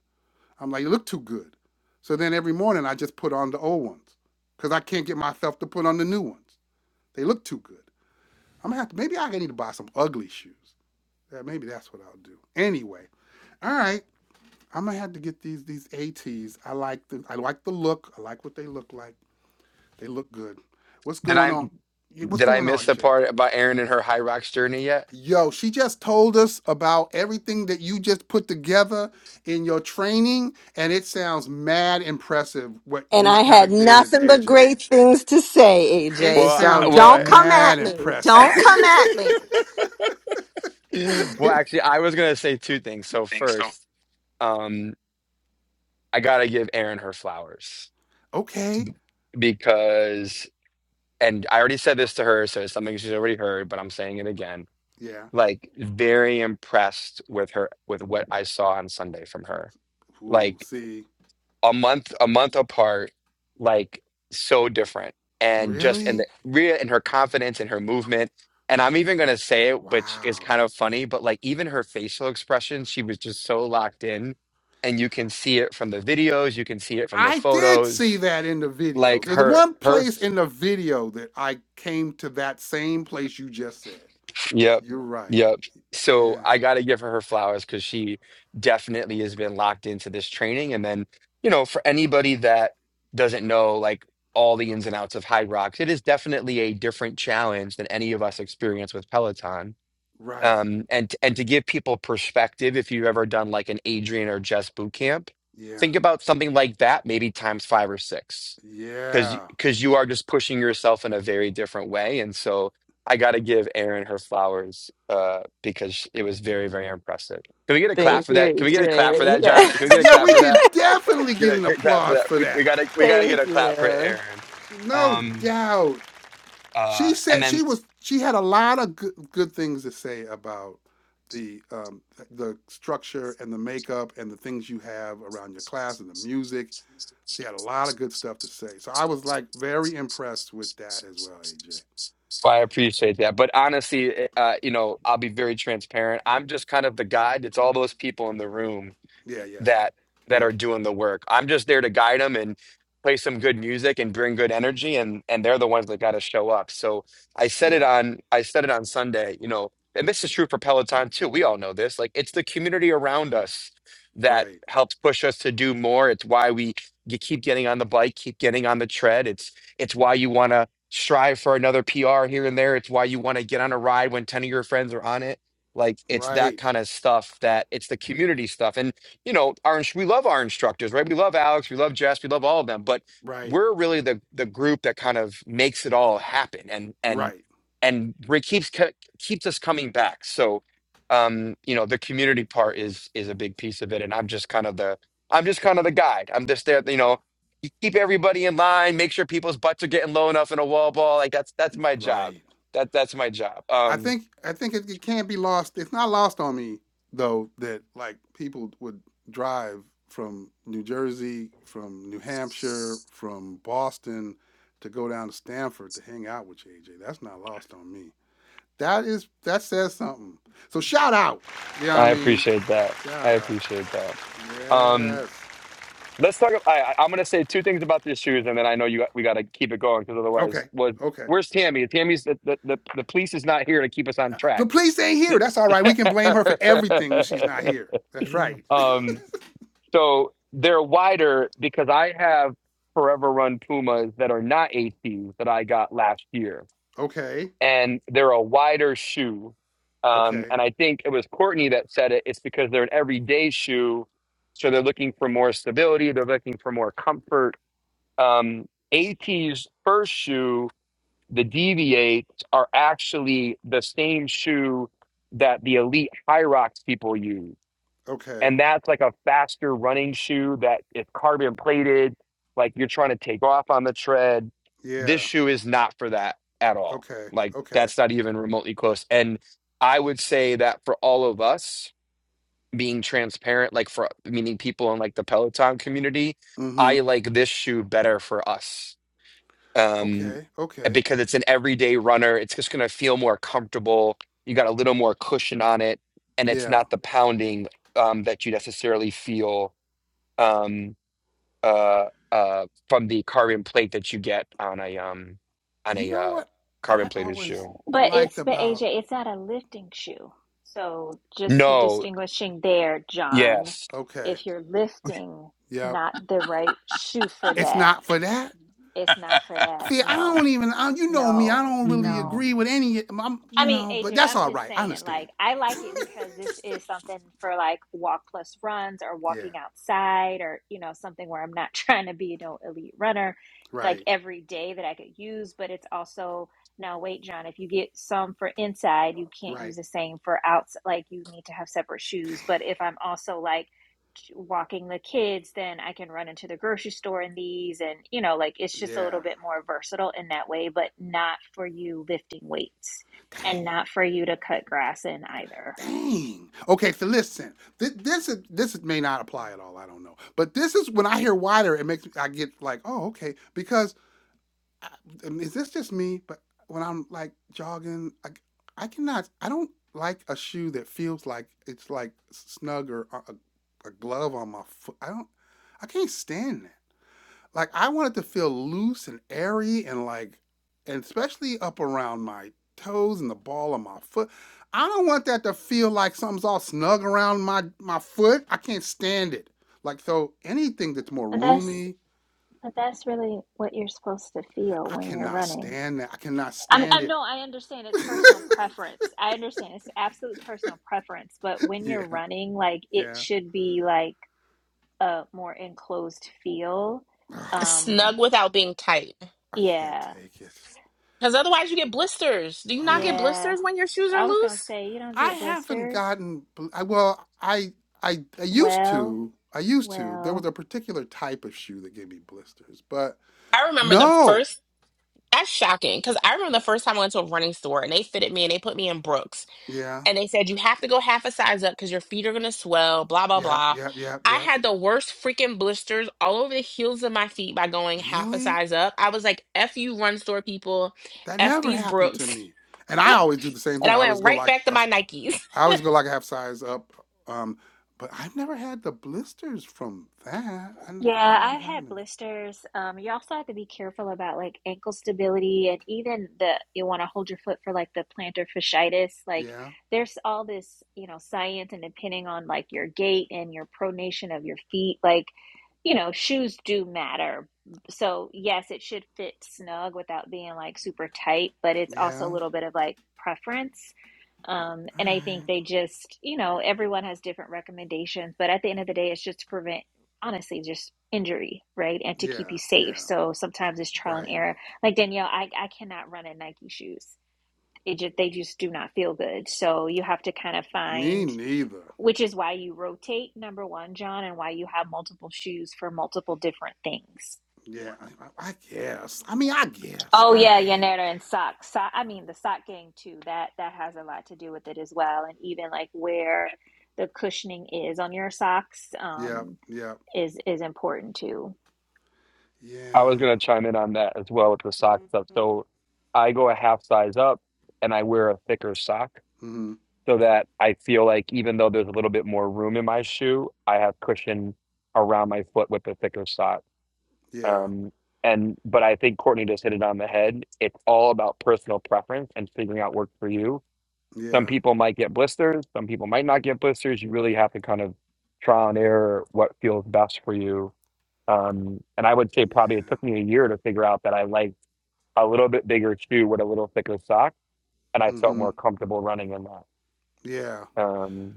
Speaker 1: I'm like, you look too good. So then every morning I just put on the old ones because I can't get myself to put on the new ones. They look too good. I'm gonna have to. Maybe I need to buy some ugly shoes. Yeah, maybe that's what I'll do. Anyway, all right. I'm gonna have to get these these ATs. I like the I like the look. I like what they look like. They look good. What's
Speaker 6: Did
Speaker 1: going
Speaker 6: I
Speaker 1: on? Yeah, What's
Speaker 6: did I
Speaker 1: going on,
Speaker 6: miss the
Speaker 1: AJ?
Speaker 6: part about Erin and her high rocks journey yet?
Speaker 1: Yo, she just told us about everything that you just put together in your training, and it sounds mad impressive what
Speaker 5: And
Speaker 1: you
Speaker 5: I
Speaker 1: kind
Speaker 5: had
Speaker 1: of did,
Speaker 5: nothing but
Speaker 1: AJ.
Speaker 5: great things to say,
Speaker 1: It
Speaker 5: AJ.
Speaker 6: Well,
Speaker 5: So
Speaker 1: sounded
Speaker 5: don't
Speaker 6: well,
Speaker 5: come at
Speaker 1: mad
Speaker 5: me.
Speaker 1: impressive.
Speaker 5: Don't come at me.
Speaker 6: well. Actually, I was gonna say two things. So first, um, I gotta give Erin her flowers
Speaker 1: okay.
Speaker 6: because, and I already said this to her, so it's something she's already heard, but I'm saying it again.
Speaker 1: Yeah.
Speaker 6: Like, very impressed with her with what I saw on Sunday from her.
Speaker 1: Ooh,
Speaker 6: Like.
Speaker 1: see.
Speaker 6: a month a month apart like so different and just and
Speaker 1: Really?
Speaker 6: the Rhea and her confidence and her movement and I'm even gonna say it which is
Speaker 1: Wow.
Speaker 6: kind of funny but like even her facial expression she was just so locked in and you can see it from the videos you can see it from the
Speaker 1: I did see
Speaker 6: photos
Speaker 1: that in the video.
Speaker 6: like
Speaker 1: There's
Speaker 6: her
Speaker 1: one
Speaker 6: her
Speaker 1: place in the video that I came to that same place you just said.
Speaker 6: Yep.
Speaker 1: You're right.
Speaker 6: Yep. So
Speaker 1: Yeah.
Speaker 6: I got to give her her flowers because she definitely has been locked into this training. And then, you know, for anybody that doesn't know like all the ins and outs of High Rocks, it is definitely a different challenge than any of us experience with Peloton.
Speaker 1: Right.
Speaker 6: Um, and and to give people perspective, if you've ever done like an Adrian or Jess boot camp,
Speaker 1: Yeah.
Speaker 6: think about something like that, maybe times five or six because
Speaker 1: Yeah.
Speaker 6: because you are just pushing yourself in a very different way and so i got to give erin her flowers uh because it was very very impressive can we get a clap
Speaker 5: Thank
Speaker 6: for that can
Speaker 5: you,
Speaker 6: we get a clap for that john
Speaker 5: AJ.
Speaker 6: can we get a
Speaker 1: Yeah,
Speaker 6: clap
Speaker 1: we
Speaker 6: for
Speaker 1: can
Speaker 6: that
Speaker 1: definitely
Speaker 6: get
Speaker 1: get
Speaker 6: a
Speaker 1: an
Speaker 6: get a clap for
Speaker 1: applause
Speaker 6: that
Speaker 1: for
Speaker 6: we,
Speaker 1: that.
Speaker 6: we gotta we gotta get
Speaker 5: Thank
Speaker 6: a clap for
Speaker 5: you.
Speaker 6: erin
Speaker 1: No
Speaker 6: um
Speaker 1: doubt.
Speaker 6: uh
Speaker 1: She
Speaker 6: and
Speaker 1: said
Speaker 6: then
Speaker 1: she was she had a lot of good, good things to say about the um, the structure and the makeup and the things you have around your class and the music. She had a lot of good stuff to say. So I was like very impressed with that as well, AJ.
Speaker 6: so i appreciate that but honestly eh, uh you know i'll be very transparent i'm just kind of the guide it's all those people in the room
Speaker 1: Yeah, yeah.
Speaker 6: that that are
Speaker 1: Yep.
Speaker 6: doing the work. I'm just there to guide them and play some good music and bring good energy and and they're the ones that got to show up. So I said it
Speaker 1: Yep.
Speaker 6: on I said it on Sunday, you know, and this is true for Peloton too. We all know this. Like it's the community around us that
Speaker 1: Right.
Speaker 6: helps push us to do more. It's why we you keep getting on the bike, keep getting on the tread. It's it's why you want to strive for another PR here and there. It's why you want to get on a ride when 10 of your friends are on it. Like it's that
Speaker 1: Right.
Speaker 6: kind of stuff that it's the community stuff. and you know, our we love our instructors, right? We love Alex, we love Jess, we love all of them, but
Speaker 1: Right.
Speaker 6: we're really the the group that kind of makes it all happen, and and
Speaker 1: Right.
Speaker 6: and re- keeps ke- keeps us coming back. So, um, you know, the community part is is a big piece of it, and I'm just kind of the I'm just kind of the guide. I'm just there, you know. You keep everybody in line, make sure people's butts are getting low enough in a wall ball. Like that's that's my job.
Speaker 1: Right.
Speaker 6: That that's my job.
Speaker 1: I
Speaker 6: Um,
Speaker 1: think I think it, it can't be lost. It's not lost on me though that like people would drive from New Jersey, from New Hampshire, from Boston to go down to Stanford to hang out with JJ. That's not lost on me. That is that says something. So shout out. You know
Speaker 6: I
Speaker 1: what I mean?
Speaker 6: appreciate that.
Speaker 1: Shout
Speaker 6: I
Speaker 1: out.
Speaker 6: appreciate that.
Speaker 1: Yes.
Speaker 6: Let's talk. I, I- I'm going to say two things about these shoes, and then I know you. We got to keep it going because otherwise,
Speaker 1: Okay.
Speaker 6: what?
Speaker 1: Okay.
Speaker 6: Where's Tammy? Tammy's the, the the the police is not here to keep us on
Speaker 1: The
Speaker 6: track.
Speaker 1: police ain't here. That's all right. We can blame her for everything when she's not here. That's right.
Speaker 6: um. So they're wider because I have Forever Run Pumas that are not ATs that I got last year,
Speaker 1: Okay.
Speaker 6: and they're a wider shoe. Um,
Speaker 1: Okay.
Speaker 6: and I think it was Courtney that said it. It's because they're an everyday shoe, so they're looking for more stability. They're looking for more comfort um, AT's first shoe, the Deviates, are actually the same shoe that the elite Hyrox people use.
Speaker 1: Okay.
Speaker 6: And that's like a faster running shoe that it's carbon plated, like you're trying to take off on the tread. This
Speaker 1: Yeah.
Speaker 6: shoe is not for that at all.
Speaker 1: Okay.
Speaker 6: Like
Speaker 1: Okay.
Speaker 6: that's not even remotely close. And I would say that for all of us being transparent, like for meaning people in like the Peloton community,
Speaker 1: Mm-hmm.
Speaker 6: I like this shoe better for us um,
Speaker 1: Okay.
Speaker 6: eh,
Speaker 1: Okay.
Speaker 6: because it's an everyday runner. It's just going to feel more comfortable. You got a little more cushion on it, and it's
Speaker 1: Yeah.
Speaker 6: not the pounding um, that you necessarily feel um, uh, uh, from the carbon plate that you get on a um, on
Speaker 1: You
Speaker 6: a
Speaker 1: know
Speaker 6: uh,
Speaker 1: what
Speaker 6: carbon
Speaker 1: I
Speaker 6: plated
Speaker 1: always
Speaker 6: shoe.
Speaker 3: But
Speaker 1: liked
Speaker 3: it's but AJ,
Speaker 1: about
Speaker 3: it's not a lifting shoe. So just
Speaker 6: No,
Speaker 3: distinguishing there, John,
Speaker 6: yes,
Speaker 1: okay.
Speaker 3: if you're lifting
Speaker 1: Yep.
Speaker 3: not the right shoe for
Speaker 1: It's
Speaker 3: that,
Speaker 1: not for that.
Speaker 3: it's not for that.
Speaker 1: See, I
Speaker 3: No,
Speaker 1: don't even I, you know me, I
Speaker 3: no,
Speaker 1: don't really
Speaker 3: no.
Speaker 1: agree with any I'm,
Speaker 3: I
Speaker 1: you
Speaker 3: mean,
Speaker 1: know, but
Speaker 3: AJ,
Speaker 1: that's
Speaker 3: I'm
Speaker 1: all
Speaker 3: just
Speaker 1: right. I
Speaker 3: saying,
Speaker 1: understand.
Speaker 3: like, I like it because this is something for like walk plus runs or
Speaker 1: Yeah.
Speaker 3: walking outside or, you know, something where I'm not trying to be no elite runner, It's like
Speaker 1: Right.
Speaker 3: every day that I could use. But it's also, now wait, John, if you get some for inside, you can't
Speaker 1: Right.
Speaker 3: use the same for outside. Like, you need to have separate shoes. But if I'm also like j- walking the kids, then I can run into the grocery store in these. And, you know, like, it's just a little
Speaker 1: Yeah.
Speaker 3: bit more versatile in that way, but not for you lifting weights
Speaker 1: Dang.
Speaker 3: and not for you to cut grass in either.
Speaker 1: Dang. Okay, so listen. This this, is, this is- may not apply at all, I don't know. But this is when I hear wider, it makes I get like, "Oh, okay." Because I, and is this just me? But when I'm like jogging, I, I cannot. I don't like a shoe that feels like it's like snug or a, a a glove on my foot. I don't. I can't stand that. Like I want it to feel loose and airy and like, and especially up around my toes and the ball of my foot. I don't want that to feel like something's all snug around my my foot. I can't stand it. Like so, anything that's more
Speaker 3: But that's
Speaker 1: roomy,
Speaker 3: but that's really what you're supposed to feel
Speaker 1: I
Speaker 3: when you're
Speaker 1: cannot
Speaker 3: running.
Speaker 1: stand that. I cannot
Speaker 3: I'm,
Speaker 1: stand
Speaker 3: I'm
Speaker 1: it.
Speaker 3: no, I understand it's personal preference. I understand it's absolute personal preference, but when you're
Speaker 1: yeah,
Speaker 3: running, like it
Speaker 1: yeah.
Speaker 3: should be like a more enclosed feel.
Speaker 1: Ugh,
Speaker 3: Um,
Speaker 2: snug without being tight,
Speaker 1: I can't
Speaker 3: yeah,
Speaker 1: take it.
Speaker 2: because otherwise you get blisters. Do you not get
Speaker 1: Ugh.
Speaker 3: yeah.
Speaker 2: blisters when your shoes are
Speaker 3: I was gonna
Speaker 2: loose?
Speaker 3: say you don't
Speaker 1: I
Speaker 3: get
Speaker 1: haven't
Speaker 3: blisters.
Speaker 1: gotten. I, well, I, I, I used
Speaker 3: Well,
Speaker 1: to. I used to. There
Speaker 3: well.
Speaker 1: was a particular type of shoe that gave me blisters, but
Speaker 2: I remember the
Speaker 1: no.
Speaker 2: first. That's shocking because I remember the first time I went to a running store and they fitted me and they put me in Brooks.
Speaker 1: Yeah,
Speaker 2: and they said you have to go half a size up because your feet are gonna swell, blah blah
Speaker 1: yeah,
Speaker 2: blah.
Speaker 1: yeah, yeah,
Speaker 2: I
Speaker 1: yeah.
Speaker 2: had the worst freaking blisters all over the heels of my feet by going half a
Speaker 1: Really?
Speaker 2: size up. I was like, F you run store people,
Speaker 1: That
Speaker 2: F
Speaker 1: never
Speaker 2: these
Speaker 1: happened to
Speaker 2: Brooks.
Speaker 1: me. And I always do the same
Speaker 2: And
Speaker 1: thing.
Speaker 2: I
Speaker 1: I always
Speaker 2: went
Speaker 1: go
Speaker 2: right
Speaker 1: like
Speaker 2: back to
Speaker 1: a
Speaker 2: my
Speaker 1: s-
Speaker 2: Nikes.
Speaker 1: I always go like a half size up. Um, but I've never had the blisters from that. I, n-
Speaker 3: Yeah,
Speaker 1: that never
Speaker 3: I've had
Speaker 1: happened to me.
Speaker 3: blisters. Um, you also have to be careful about like ankle stability and even the you want to hold your foot for like the plantar fasciitis. Like
Speaker 1: Yeah,
Speaker 3: there's all this, you know, science and depending on like your gait and your pronation of your feet, like, you know, shoes do matter. So yes, it should fit snug without being like super tight, but it's also a
Speaker 1: yeah.
Speaker 3: little bit of like preference. Um,
Speaker 1: All
Speaker 3: and I
Speaker 1: right.
Speaker 3: think they just, you know, everyone has different recommendations, but at the end of the day, it's just to prevent honestly just injury, right? And to
Speaker 1: Yeah,
Speaker 3: keep you safe.
Speaker 1: yeah,
Speaker 3: So sometimes it's trial and
Speaker 1: right.
Speaker 3: error. Like Danielle, I, I cannot run in Nike shoes. It just they just do not feel good. So you have to kind of
Speaker 1: Me
Speaker 3: find
Speaker 1: neither.
Speaker 3: which is why you rotate, number one, John, and why you have multiple shoes for multiple different things.
Speaker 1: Yeah, I, I I guess. I mean, I guess.
Speaker 3: Oh
Speaker 1: All
Speaker 3: yeah,
Speaker 1: right.
Speaker 3: Yanera and socks. So, I mean the sock game too. That that has a lot to do with it as well. And even like where the cushioning is on your socks
Speaker 1: Yep,
Speaker 3: um,
Speaker 1: yep,
Speaker 3: is is important too.
Speaker 6: I
Speaker 1: yeah.
Speaker 6: was going to chime in on that as well with the sock stuff. So I go a half size up, and I wear a thicker sock
Speaker 1: hmm
Speaker 6: so that I feel like even though there's a little bit more room in my shoe, I have cushion around my foot with a thicker sock.
Speaker 1: Yeah,
Speaker 6: Um, and but I think Courtney just hit it on the head. It's all about personal preference and figuring out what works for you. Some
Speaker 1: yeah,
Speaker 6: people might get blisters, some people might not get blisters. You really have to kind of trial and error what feels best for you. Um, and I would say
Speaker 1: yeah.
Speaker 6: probably it took me a year to figure out that I liked a little bit bigger shoe with a little thicker sock, and I felt
Speaker 1: hmm
Speaker 6: more comfortable running in
Speaker 1: Yeah.
Speaker 6: that. Um,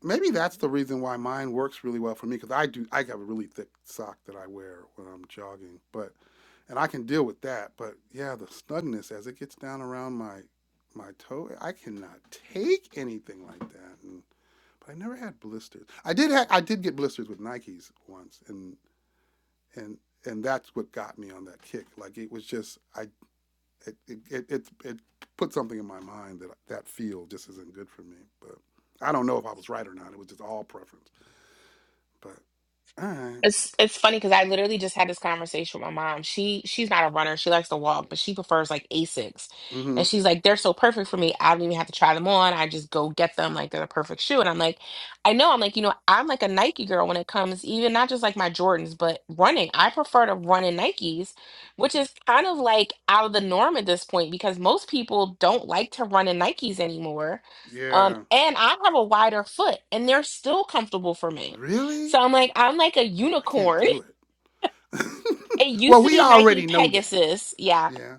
Speaker 1: Maybe that's the reason why mine works really well for me because I do. I have a really thick sock that I wear when I'm jogging, but and I can deal with that. But yeah, the snugness as it gets down around my my toe, I cannot take anything like that. And but I never had blisters. I did ha- I did get blisters with Nikes once, and and and that's what got me on that kick. Like it was just I it it it, it, it put something in my mind that that feel just isn't good for me. But I don't know if I was right or not. It was just all preference. But all right,
Speaker 2: It's it's funny because I literally just had this conversation with my mom. She she's not a runner. She likes to walk, but she prefers like Asics.
Speaker 1: mm-hmm,
Speaker 2: And she's like, they're so perfect for me. I don't even have to try them on. I just go get them like they're the perfect shoe. And I'm like, I know. I'm like, you know, I'm like a Nike girl when it comes even not just like my Jordans, but running. I prefer to run in Nikes, which is kind of like out of the norm at this point because most people don't like to run in Nikes anymore. Um,
Speaker 1: yeah,
Speaker 2: and I have a wider foot and they're still comfortable for me.
Speaker 1: really,
Speaker 2: So I'm like, I'm like a
Speaker 1: I can't
Speaker 2: unicorn.
Speaker 1: do it.
Speaker 2: It used
Speaker 1: well,
Speaker 2: to
Speaker 1: we
Speaker 2: be Nike
Speaker 1: already know that.
Speaker 2: Pegasus. Yeah.
Speaker 1: Yeah.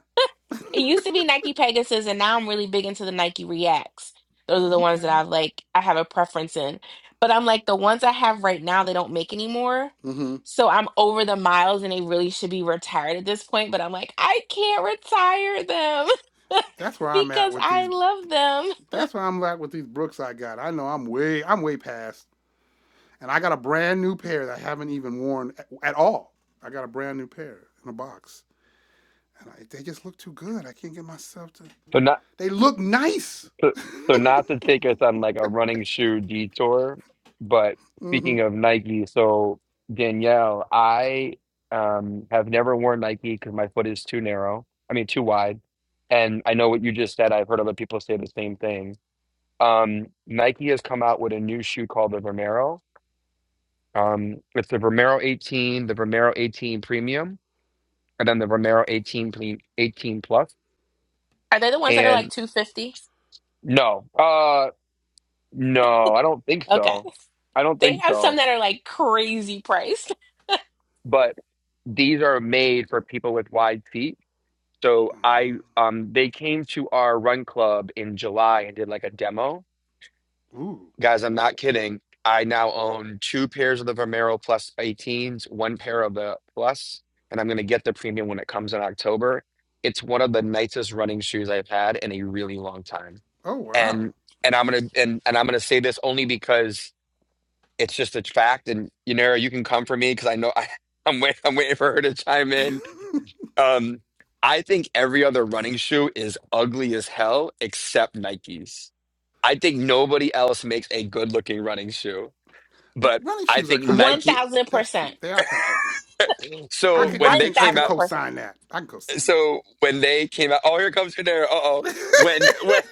Speaker 2: It used to be Nike Pegasus, and now I'm really big into the Nike Reacts. Those are the ones that
Speaker 1: Okay.
Speaker 2: I've like I have a preference in. But I'm like the ones I have right now they don't make anymore.
Speaker 1: Mm-hmm.
Speaker 2: So I'm over the miles and they really should be retired at this point, but I'm like, I can't retire them
Speaker 1: That's where I'm at
Speaker 2: because
Speaker 1: with
Speaker 2: I
Speaker 1: these.
Speaker 2: love them.
Speaker 1: That's where I'm at with these Brooks I got. I know I'm way I'm way past And I got a brand new pair that I haven't even worn at, at all. I got a brand new pair in a box. And I, they just look too good. I can't get myself to.
Speaker 6: so not
Speaker 1: They look nice.
Speaker 6: So, so not to take us on like a running shoe detour, but
Speaker 1: hmm
Speaker 6: speaking of Nike, so Danielle, I um have never worn Nike because my foot is too narrow. I mean, too wide. And I know what you just said. I've heard other people say the same thing. Um, Nike has come out with a new shoe called the Vomero. Um, it's the Vomero 18, the Vomero 18 Premium, and then the Vomero 18 Ple- 18 Plus.
Speaker 2: Are they the ones that are like
Speaker 6: And
Speaker 2: 250?
Speaker 6: no. uh, No, I don't think
Speaker 2: Okay.
Speaker 6: so. I don't
Speaker 2: They
Speaker 6: think
Speaker 2: have some
Speaker 6: so.
Speaker 2: that are like crazy priced.
Speaker 6: But these are made for people with wide feet. So I um they came to our run club in July and did like a demo.
Speaker 1: Ooh.
Speaker 6: Guys, I'm not kidding. I now own two pairs of the Vomero Plus 18s, one pair of the Plus, and I'm gonna get the premium when it comes in October. It's one of the nicest running shoes I've had in a really long time.
Speaker 1: Oh
Speaker 6: And
Speaker 1: wow.
Speaker 6: and I'm gonna and and I'm gonna say this only because it's just a fact. And Yanira, you can come for me because I know I, I'm waiting. I'm waiting for her to chime in. Um, I think every other running shoe is ugly as hell except Nikes. I think nobody else makes a good looking running shoe, but
Speaker 1: Running
Speaker 6: I
Speaker 1: shoes are
Speaker 6: think
Speaker 1: kind of ugly.
Speaker 6: Nike.
Speaker 1: That's
Speaker 2: 1000%.
Speaker 1: true. They are kind of ugly. I
Speaker 6: So
Speaker 1: can I
Speaker 6: when
Speaker 2: One
Speaker 6: they
Speaker 1: can I
Speaker 6: came
Speaker 1: can
Speaker 6: out.
Speaker 2: thousand percent.
Speaker 1: co-sign that. I can co-sign
Speaker 6: so when they came out, oh, here comes Panera. Uh oh.
Speaker 1: that.
Speaker 6: When when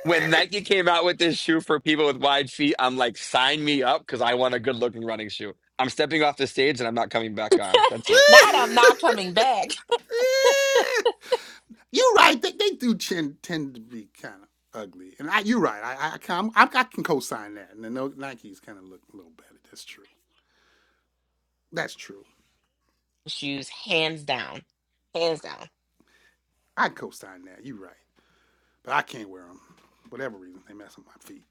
Speaker 6: when Nike came out with this shoe for people with wide feet, I'm like, sign me up because I want a good looking running shoe. I'm stepping off the stage and I'm not coming back on. That's it.
Speaker 2: Not I'm not coming back.
Speaker 1: You're right. They, they do tend, tend to be kind of ugly, and I, you're right. I, I, can i I can co-sign that, and the no, Nikes kind of look a little better. That's true. That's true.
Speaker 2: Shoes, hands down. Hands down.
Speaker 1: I can co-sign that. You're right, but I can't wear them. Whatever reason, they mess with my feet.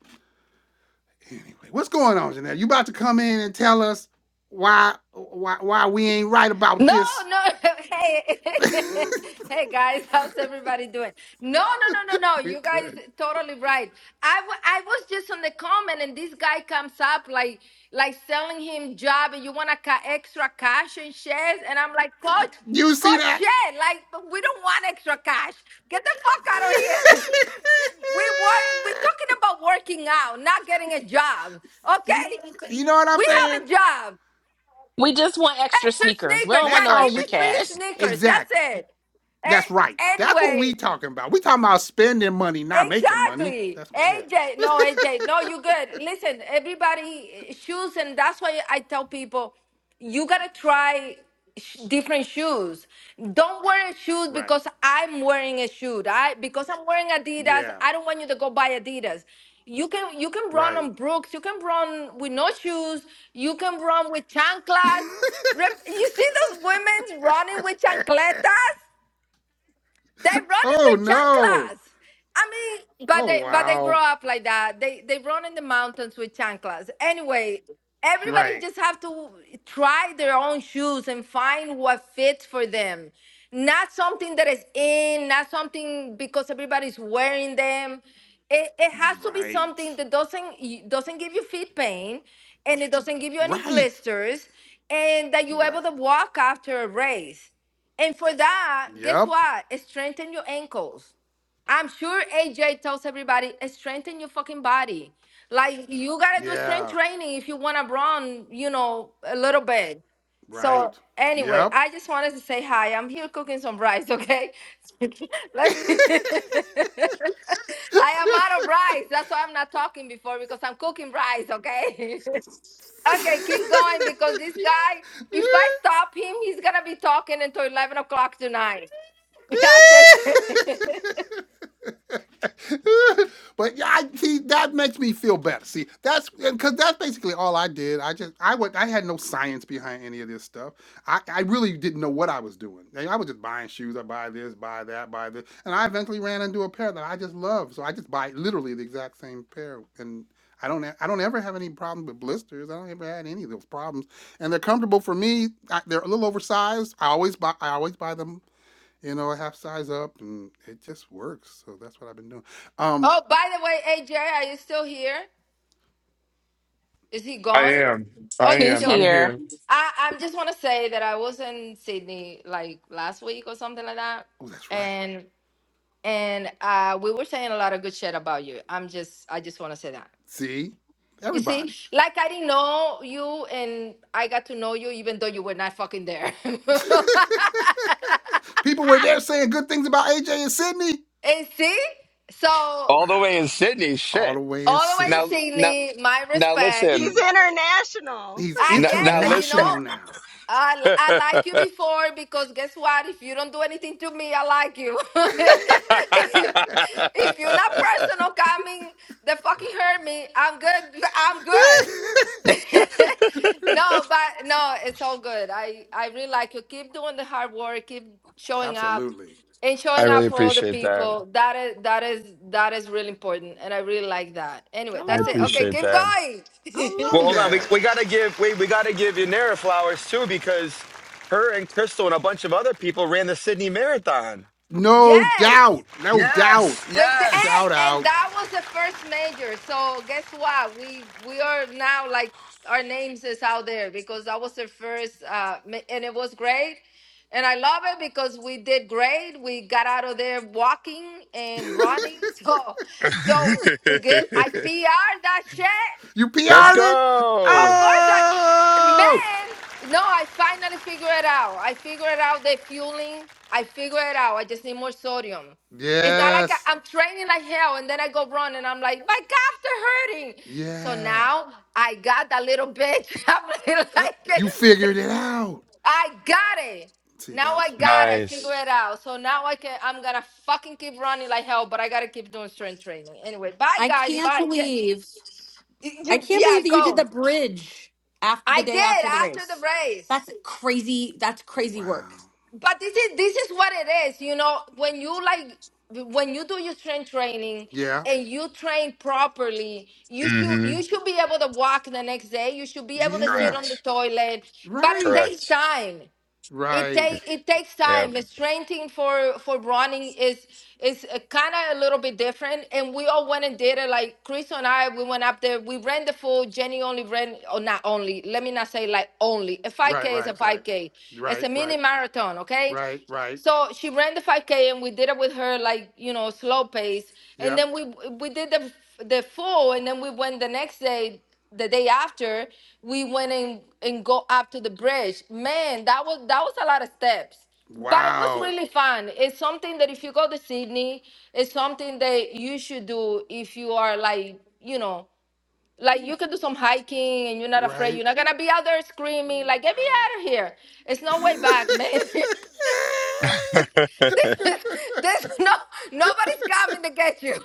Speaker 1: Anyway, what's going on, Janelle? You about to come in and tell us why why why we ain't right about
Speaker 7: No,
Speaker 1: this?
Speaker 7: no. Hey, hey, guys, how's everybody doing? No, no, no, no, no.
Speaker 1: we
Speaker 7: You guys
Speaker 1: could.
Speaker 7: totally right. I, w- I was just on the comment, and this guy comes up like like selling him job, and you want to ca- extra cash and shares, and I'm like, coach,
Speaker 1: You see
Speaker 7: coach,
Speaker 1: that?
Speaker 7: share. Like we don't want extra cash. Get the fuck out of here. We work, we're talking about working out, not getting a job. Okay?
Speaker 1: you know what I'm
Speaker 7: We
Speaker 1: saying?
Speaker 7: have a job.
Speaker 2: We just want extra
Speaker 7: Extra
Speaker 2: sneakers. We
Speaker 7: sneakers.
Speaker 2: don't want
Speaker 1: That's
Speaker 7: Yeah,
Speaker 2: no
Speaker 1: all
Speaker 7: give
Speaker 2: extra
Speaker 1: we
Speaker 7: me free
Speaker 2: cash.
Speaker 7: sneakers. That's
Speaker 1: exactly.
Speaker 7: it. And
Speaker 1: That's right. That's what
Speaker 7: anyway,
Speaker 1: we talking about. We talking about spending money, not making money.
Speaker 7: Exactly.
Speaker 1: That's what, yeah.
Speaker 7: AJ, no, AJ, no, you good. Listen, everybody eh, shoes, and that's why I tell people you gotta try sh- different shoes. Don't wear a shoe
Speaker 1: Right.
Speaker 7: because I'm wearing a shoe. I because I'm wearing Adidas.
Speaker 1: Yeah.
Speaker 7: I don't want you to go buy Adidas. You can you can run
Speaker 1: Right.
Speaker 7: on Brooks. You can run with no shoes. You can run with chanclas. Rep- You see those women running with chancletas? They're running
Speaker 1: Oh
Speaker 7: with
Speaker 1: no.
Speaker 7: chanclas. I mean, but
Speaker 1: Oh
Speaker 7: they but they
Speaker 1: wow.
Speaker 7: grow up like that. They they run in the mountains with chanclas. Anyway, everybody
Speaker 1: Right.
Speaker 7: just have to try their own shoes and find what fits for them. Not something that is in, not something because everybody's wearing them. It, it has to be
Speaker 1: Right.
Speaker 7: something that doesn't y- doesn't give you feet pain and it doesn't give you any
Speaker 1: Right.
Speaker 7: blisters and that you're able
Speaker 1: Right.
Speaker 7: to walk after a race. And for that, guess
Speaker 1: Yep.
Speaker 7: what? Strengthen your ankles. I'm sure AJ tells everybody, strengthen your fucking body. Like you gotta do strength
Speaker 1: Yeah.
Speaker 7: training if you wanna run, you know, a little bit. So
Speaker 1: Right.
Speaker 7: anyway,
Speaker 1: Yep.
Speaker 7: I just wanted to say hi. I'm here cooking some rice, okay? Let me- I am out of rice. That's why I'm not talking before because I'm cooking rice, okay? okay, keep going because this guy, if I stop him, he's gonna be talking until eleven o'clock tonight. Yeah, that's it.
Speaker 1: but yeah, I see that makes me feel better. See, that's because that's basically all I did. I just I was I had no science behind any of this stuff. I, I really didn't know what I was doing. I, I was just buying shoes. I buy this, buy that, buy this, and I eventually ran into a pair that I just love. So I just buy literally the exact same pair, and I don't I don't ever have any problems with blisters. I don't ever had any of those problems, and they're comfortable for me. I, they're a little oversized. I always buy I always buy them you know, I half size up and it just works. So that's what I've been doing. Um,
Speaker 7: Oh, by the way, AJ, are you still here? Is he
Speaker 6: I
Speaker 7: gone?
Speaker 6: am. I
Speaker 7: Oh, you
Speaker 2: He's
Speaker 6: am.
Speaker 7: still
Speaker 6: I'm
Speaker 7: here?
Speaker 2: here.
Speaker 6: here.
Speaker 7: I I just want to say that I was in Sydney like last week or something like that,
Speaker 1: oh, that's right.
Speaker 7: and and uh, we were saying a lot of good shit about you. I'm just I just want to say that.
Speaker 1: See?
Speaker 7: You see,
Speaker 1: Everybody.
Speaker 7: like I didn't know you, and I got to know you even though you were not fucking there. and
Speaker 1: People were there saying good things about AJ and Sydney.
Speaker 7: see, so
Speaker 1: Wow.
Speaker 6: All the way in Sydney.
Speaker 1: All
Speaker 6: Shit.
Speaker 1: the way in
Speaker 7: all the way to
Speaker 1: Sydney.
Speaker 6: Now now
Speaker 7: Sydney, my
Speaker 6: now
Speaker 7: respect.
Speaker 6: listen.
Speaker 1: He's
Speaker 7: I
Speaker 6: Now,
Speaker 7: yes,
Speaker 6: now
Speaker 7: and you
Speaker 6: listen.
Speaker 1: international
Speaker 7: know.
Speaker 1: now.
Speaker 7: I, li- I like you before because guess what? If you don't do anything to me, I like you. if you're not personal coming, the fucking hurt me. I'm good. I'm good. no, but no, it's all good. I I really like you. Keep doing the hard work. Keep showing up
Speaker 1: Absolutely.
Speaker 7: and
Speaker 6: I
Speaker 7: showing
Speaker 6: really
Speaker 7: up for other
Speaker 6: appreciate that.
Speaker 7: people. That is that is that is really important, and I really like that. Anyway,
Speaker 1: I
Speaker 6: I
Speaker 7: that's it.
Speaker 1: love
Speaker 7: Okay,
Speaker 1: it.
Speaker 6: appreciate
Speaker 7: keep
Speaker 6: that.
Speaker 1: I
Speaker 6: Well,
Speaker 1: love
Speaker 7: going.
Speaker 6: hold on. We,
Speaker 1: that.
Speaker 6: we gotta give wait, we gotta give Yanira flowers too, because her and Crystal and a bunch of other people ran the Sydney Marathon.
Speaker 1: No
Speaker 7: yes.
Speaker 1: doubt. No doubt.
Speaker 6: Yes,
Speaker 7: With the,
Speaker 6: yes.
Speaker 1: Shout
Speaker 7: hey, and
Speaker 1: out.
Speaker 7: that was the first major. So guess what? We we are now like our names is out there because that was the first, uh, ma- and it was great, and I love it because we did great. We got out of there walking and running, so so we good. I P R that shit,
Speaker 1: You PR'd
Speaker 6: Let's
Speaker 1: it?
Speaker 7: of
Speaker 6: go.
Speaker 7: course, I,
Speaker 1: Oh!
Speaker 7: man. No, I finally figure it out. I figured out the fueling. I figure it out. I just need more sodium. It's not like I,
Speaker 1: Yes.
Speaker 7: I'm training like hell and then I go run and I'm like, my calves are hurting. So
Speaker 1: Yeah.
Speaker 7: now I got that little bitch. I'm like,
Speaker 1: Uh, You
Speaker 7: like,
Speaker 1: figured it out.
Speaker 7: I got it.
Speaker 1: See,
Speaker 7: Now I
Speaker 1: that's what I'm
Speaker 7: got it. I
Speaker 1: talking
Speaker 7: figure
Speaker 6: Nice.
Speaker 7: it out. So now I can. I'm gonna fucking keep running like hell, but I gotta keep doing strength training. Anyway, bye
Speaker 4: I
Speaker 7: guys.
Speaker 4: can't
Speaker 7: Bye. Get,
Speaker 4: believe
Speaker 7: y-
Speaker 4: I
Speaker 7: y-
Speaker 4: can't
Speaker 7: yeah,
Speaker 4: believe that you did
Speaker 7: go.
Speaker 4: the bridge after the
Speaker 7: I
Speaker 4: day
Speaker 7: did
Speaker 4: after the
Speaker 7: after the
Speaker 4: race.
Speaker 7: race.
Speaker 4: That's crazy. That's crazy
Speaker 1: about. Wow.
Speaker 4: work.
Speaker 7: But this is this is what it is, you know, when you like when you do your strength training
Speaker 1: Yeah.
Speaker 7: and you train properly, you should
Speaker 6: hmm
Speaker 7: you should be able to walk the next day. You should be able to sit
Speaker 1: Yeah.
Speaker 7: on the
Speaker 6: Correct.
Speaker 7: toilet. But it
Speaker 1: Right.
Speaker 7: takes
Speaker 6: Correct.
Speaker 7: time it
Speaker 1: Right.
Speaker 7: take it takes
Speaker 6: Yeah.
Speaker 7: time. The Strengthening for for running is is kind of a little bit different, and we all went and did it. Like Chris and I, we went up there. We ran the full. Jenny only ran, or not only. Let me not say like only. A five
Speaker 1: Right,
Speaker 7: k is a
Speaker 1: right,
Speaker 7: five
Speaker 1: right.
Speaker 7: k. It's
Speaker 1: Right,
Speaker 7: a mini
Speaker 1: right,
Speaker 7: marathon, okay?
Speaker 1: right, right.
Speaker 7: So she ran the 5K and we did it with her like, you know, slow pace. And
Speaker 1: Yep.
Speaker 7: then we we did the the full and then we went the next day, the day after, we went and and go up to the bridge. Man, that was that was a lot of steps. But it was
Speaker 1: Wow.
Speaker 7: really fun. It's something that if you go to Sydney, it's something that you should do if you are like, you know, like you can do some hiking and you're not afraid.
Speaker 1: Right.
Speaker 7: You're not gonna be out there screaming like, "Get me out of here!" It's no way back, man. This, this no, nobody's coming to get you.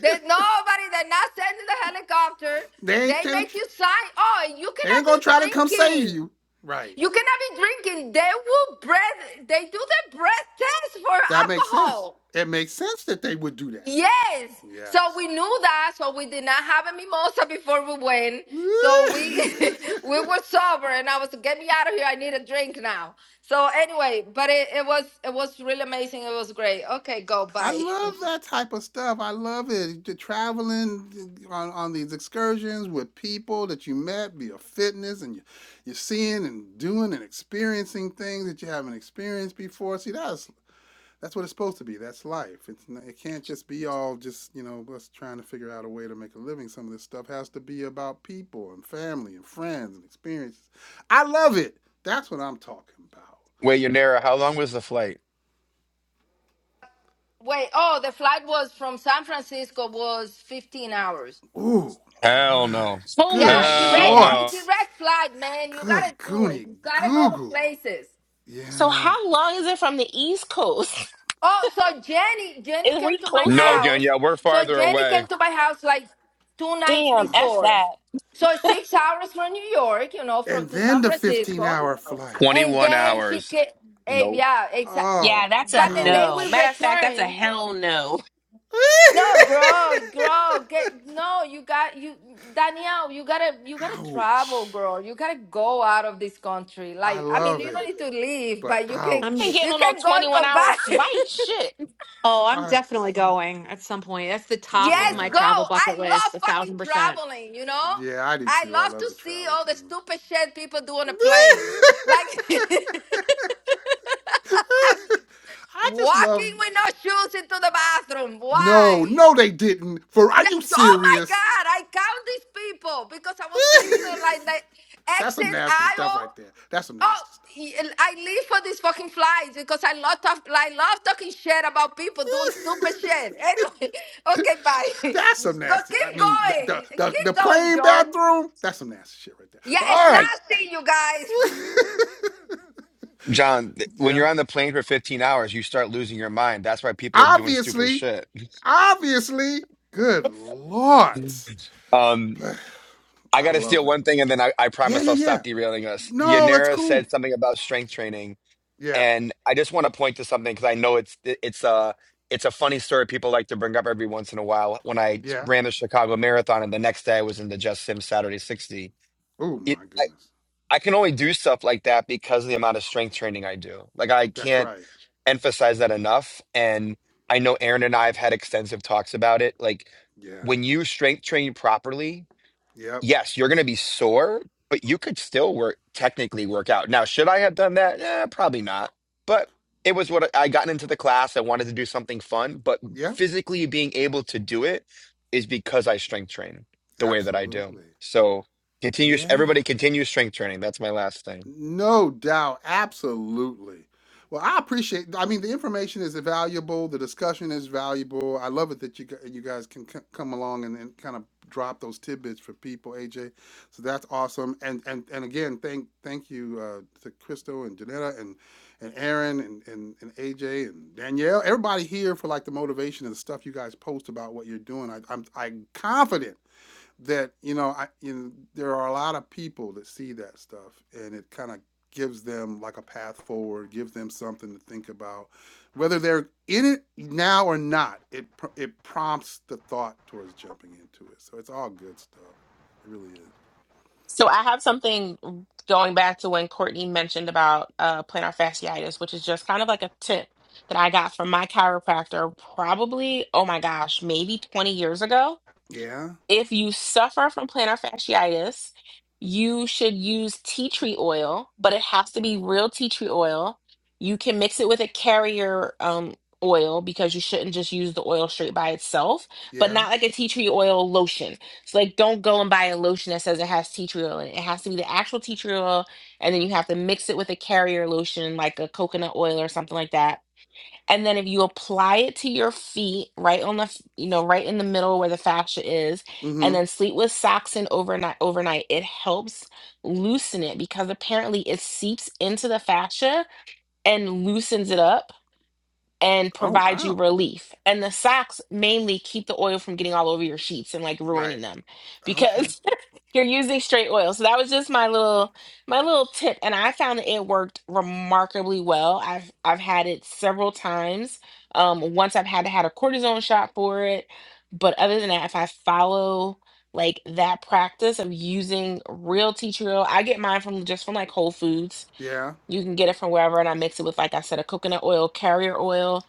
Speaker 7: There's nobody. They're not sending the helicopter.
Speaker 1: they ain't
Speaker 7: They
Speaker 1: gonna
Speaker 7: make you sign. Oh, and you
Speaker 1: they ain't
Speaker 7: cannot
Speaker 1: gonna
Speaker 7: be
Speaker 1: try to come save
Speaker 7: drinking.
Speaker 1: you. Right.
Speaker 7: You cannot be drinking. They will breath. They do the breath test for
Speaker 1: That makes sense.
Speaker 7: alcohol.
Speaker 1: It makes sense that they would do that.
Speaker 7: Yes. So
Speaker 1: Yes.
Speaker 7: we knew that. So we did not have a mimosa before we went. So we we were sober, and I was get me out of here. I need a drink now. So anyway, but it, it was it was really amazing. It was great. Okay, go
Speaker 1: I
Speaker 7: bye.
Speaker 1: love that type of stuff. I love it. The traveling on, on these excursions with people that you met via fitness and you, you're seeing and doing and experiencing things that you haven't experienced before. See, that's That's what it's supposed to be. That's life. It's not, it can't just be all just you know us trying to figure out a way to make a living. Some of this stuff has to be about people and family and friends and experiences. I love it. That's what I'm talking about.
Speaker 6: wait, Yanira, how long was the flight?
Speaker 7: Wait. Oh, the flight was from San Francisco was fifteen hours.
Speaker 1: Ooh,
Speaker 6: Hell
Speaker 1: my
Speaker 6: no.
Speaker 2: Holy
Speaker 1: good
Speaker 7: Yeah,
Speaker 6: Hell
Speaker 7: direct.
Speaker 2: shit.
Speaker 1: lord,
Speaker 7: Hey,
Speaker 6: no.
Speaker 7: direct flight, man. You gotta
Speaker 1: good
Speaker 7: do it.
Speaker 1: goony
Speaker 7: You gotta
Speaker 1: goo
Speaker 7: go to
Speaker 1: goo.
Speaker 7: places.
Speaker 2: So
Speaker 1: Yeah.
Speaker 2: how long is it from the East Coast?
Speaker 7: Oh, so Jenny, Jenny
Speaker 2: Is we
Speaker 7: came to my
Speaker 2: closer?
Speaker 6: No,
Speaker 7: house.
Speaker 6: Danielle, we're
Speaker 7: So
Speaker 6: farther
Speaker 7: Jenny
Speaker 6: away.
Speaker 7: came to my house like two nights
Speaker 2: Damn,
Speaker 1: Oh.
Speaker 2: F
Speaker 7: before.
Speaker 2: that.
Speaker 7: So it's six hours from New York, you know, from
Speaker 1: And
Speaker 7: to San
Speaker 1: then the 15
Speaker 7: Francisco,
Speaker 1: hour flight.
Speaker 7: and
Speaker 6: 21
Speaker 7: then she
Speaker 6: hours.
Speaker 7: came.
Speaker 6: Nope.
Speaker 7: yeah, exactly.
Speaker 2: Yeah,
Speaker 1: Oh,
Speaker 2: that's a
Speaker 7: But the day we
Speaker 2: no. Matter of
Speaker 1: ouch.
Speaker 2: fact, that's a
Speaker 7: returned,
Speaker 2: hell no.
Speaker 7: no, girl, girl, get no. You got you, Danielle. You gotta, you gotta travel,
Speaker 1: ouch.
Speaker 7: girl. You gotta go out of this country.
Speaker 1: I
Speaker 7: Like, I mean,
Speaker 1: love
Speaker 7: you don't
Speaker 1: it.
Speaker 7: need to leave,
Speaker 1: But
Speaker 7: but you can,
Speaker 2: I ain't getting
Speaker 1: ouch.
Speaker 7: you
Speaker 2: on no
Speaker 7: can go and
Speaker 2: 21
Speaker 7: come
Speaker 2: hour
Speaker 7: back.
Speaker 2: flight. Shit.
Speaker 4: Oh, I'm
Speaker 1: I
Speaker 4: definitely going at some point. That's the top of
Speaker 7: Yes,
Speaker 4: my
Speaker 1: yeah.
Speaker 7: go.
Speaker 4: travel bucket
Speaker 7: I love
Speaker 4: list, a
Speaker 7: fucking
Speaker 4: thousand percent.
Speaker 7: traveling, you know?
Speaker 1: Yeah, I do
Speaker 7: I
Speaker 1: too. I
Speaker 7: love
Speaker 1: love
Speaker 7: to
Speaker 1: the
Speaker 7: see
Speaker 1: travel
Speaker 7: all the
Speaker 1: thing.
Speaker 7: stupid shit people do on a plane. Like I'm
Speaker 1: I just love
Speaker 7: walking with no shoes into the bathroom.
Speaker 1: No,
Speaker 7: Why?
Speaker 1: no they didn't. For are
Speaker 7: Th-
Speaker 1: you
Speaker 7: Oh my
Speaker 1: serious?
Speaker 7: God, I count these people because I was sitting on like the
Speaker 1: That's some
Speaker 7: exit
Speaker 1: nasty stuff
Speaker 7: aisle
Speaker 1: right there. That's some
Speaker 7: Oh,
Speaker 1: nasty stuff.
Speaker 7: I live for these fucking flies because I love talk, I love talking shit about people doing stupid shit. Anyway, okay, bye.
Speaker 1: That's some
Speaker 7: Go,
Speaker 1: nasty. I
Speaker 7: keep
Speaker 1: mean, the the,
Speaker 7: going,
Speaker 1: the, the
Speaker 7: keep going,
Speaker 1: plain
Speaker 7: John.
Speaker 1: bathroom. That's some nasty shit right there.
Speaker 7: Yeah,
Speaker 1: But
Speaker 7: it's
Speaker 1: all right.
Speaker 7: nasty, you guys.
Speaker 6: John, th- when you're
Speaker 1: yeah.
Speaker 6: on the plane for 15 hours, you start losing your mind. That's why people are doing stupid
Speaker 1: Obviously,
Speaker 6: shit.
Speaker 1: Obviously. Good lord.
Speaker 6: Um, I
Speaker 1: I
Speaker 6: got to steal
Speaker 1: love it.
Speaker 6: one thing and then I, I
Speaker 1: Yeah,
Speaker 6: promise
Speaker 1: yeah,
Speaker 6: I'll stop
Speaker 1: yeah.
Speaker 6: derailing us.
Speaker 1: No, that's
Speaker 6: Yanira
Speaker 1: cool.
Speaker 6: said something about strength training.
Speaker 1: Yeah,
Speaker 6: And I just want to point to something because I know it's it- it's a it's a funny story people like to bring up every once in a while. When I
Speaker 1: yeah.
Speaker 6: ran the Chicago Marathon and the next day I was in the Just Sim Saturday 60,
Speaker 1: Oh
Speaker 6: it,
Speaker 1: my
Speaker 6: I,
Speaker 1: goodness.
Speaker 6: I can only do stuff like that because of the amount of strength training I do. Like I
Speaker 1: That's
Speaker 6: can't.
Speaker 1: right.
Speaker 6: emphasize that enough. And I know Aaron and I have had extensive talks about it. Like
Speaker 1: Yeah.
Speaker 6: when you strength train properly,
Speaker 1: Yep.
Speaker 6: yes, you're going to be sore, but you could still work technically work out. Now, should I have done that? Eh, probably not. But it was what I I gotten into the class. I wanted to do something fun, but
Speaker 1: Yep.
Speaker 6: physically being able to do it is because I strength train the way that I do.
Speaker 1: Absolutely.
Speaker 6: So continue.
Speaker 1: Yeah.
Speaker 6: Everybody continue strength training. That's my last thing.
Speaker 1: No doubt, absolutely. Well, I appreciate. I mean, the information is valuable. The discussion is valuable. I love it that you gu- you guys can c- come along and, and kind of drop those tidbits for people, AJ. So that's awesome. And and and again, thank thank you uh, to Crystal and Janetta and and Aaron and, and and AJ and Danielle, everybody here for like the motivation and the stuff you guys post about what you're doing. I, I'm I'm confident that you know, I, you know, there are a lot of people that see that stuff, and it kind of gives them like a path forward, gives them something to think about, whether they're in it now or not. It it prompts the thought towards jumping into it, so it's all good stuff. It really is.
Speaker 2: So I have something going back to when Courtney mentioned about uh, plantar fasciitis, which is just kind of like a tip that I got from my chiropractor probably, oh my gosh, maybe 20 years ago.
Speaker 1: Yeah.
Speaker 2: If you suffer from plantar fasciitis, you should use tea tree oil, but it has to be real tea tree oil. You can mix it with a carrier um, oil because you shouldn't just use the oil straight by itself, but
Speaker 1: Yeah.
Speaker 2: not like a tea tree oil lotion. So, like, don't go and buy a lotion that says it has tea tree oil in it. It has to be the actual tea tree oil, and then you have to mix it with a carrier lotion, like a coconut oil or something like that and then if you apply it to your feet right on the f- you know right in the middle where the fascia is and
Speaker 1: Mm-hmm.
Speaker 2: then sleep with socks in overnight overnight it helps loosen it because apparently it seeps into the fascia and loosens it up and
Speaker 1: Oh
Speaker 2: provide you
Speaker 1: wow.
Speaker 2: relief. And the socks mainly keep the oil from getting all over your sheets and like
Speaker 1: Right.
Speaker 2: ruining them
Speaker 1: Okay.
Speaker 2: because you're using straight oil. So that was just my little my little tip and I found that it worked remarkably well. I've I've had it several times. Um once I've had to had a cortisone shot for it, but other than that if I follow like that practice of using real tea tree oil, I get mine from just from like Whole Foods.
Speaker 1: Yeah.
Speaker 2: You can get it from wherever and I mix it with like I said a coconut oil, carrier oil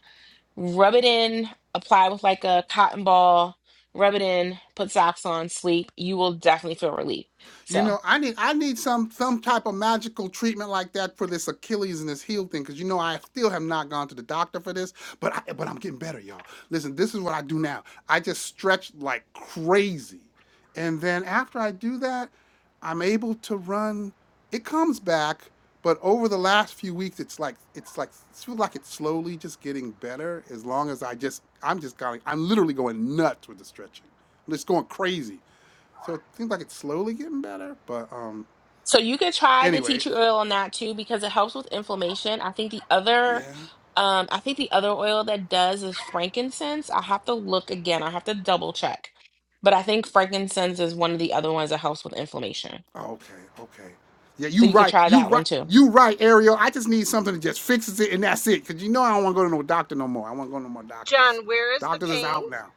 Speaker 2: rub it in, apply with like a cotton ball, rub it in, put socks on, sleep. You will definitely feel relief.
Speaker 1: You
Speaker 2: So,
Speaker 1: know, I need I need some some type of magical treatment like that for this Achilles and this heel thing because you know I still have not gone to the doctor for this, but I, but I'm getting better, y'all. Listen, this is what I do now. I just stretch like crazy, and then after I do that, I'm able to run. It comes back, but over the last few weeks, it's like it's like it feels like it's slowly just getting better. As long as I just I'm just going, I'm literally going nuts with the stretching. I'm just going crazy so it seems like it's slowly getting better, but um
Speaker 2: so you could try the tea
Speaker 1: anyway,
Speaker 2: tree oil on that too because it helps with inflammation. I think the other,
Speaker 1: yeah.
Speaker 2: um, I think the other oil that does is frankincense. I have to look again. I have to double check, but I think frankincense is one of the other ones that helps with inflammation.
Speaker 1: Okay, okay. Yeah,
Speaker 2: So
Speaker 1: you
Speaker 2: you could
Speaker 1: right.
Speaker 2: try
Speaker 1: You
Speaker 2: that one
Speaker 1: right.
Speaker 2: too.
Speaker 1: You right, Ariel. I just need something that just fixes it and that's it. Cause you know I don't want to go to no doctor no more. I want to go to no more doctors.
Speaker 5: John, where is the
Speaker 1: Doctors is
Speaker 5: pain?
Speaker 1: out now.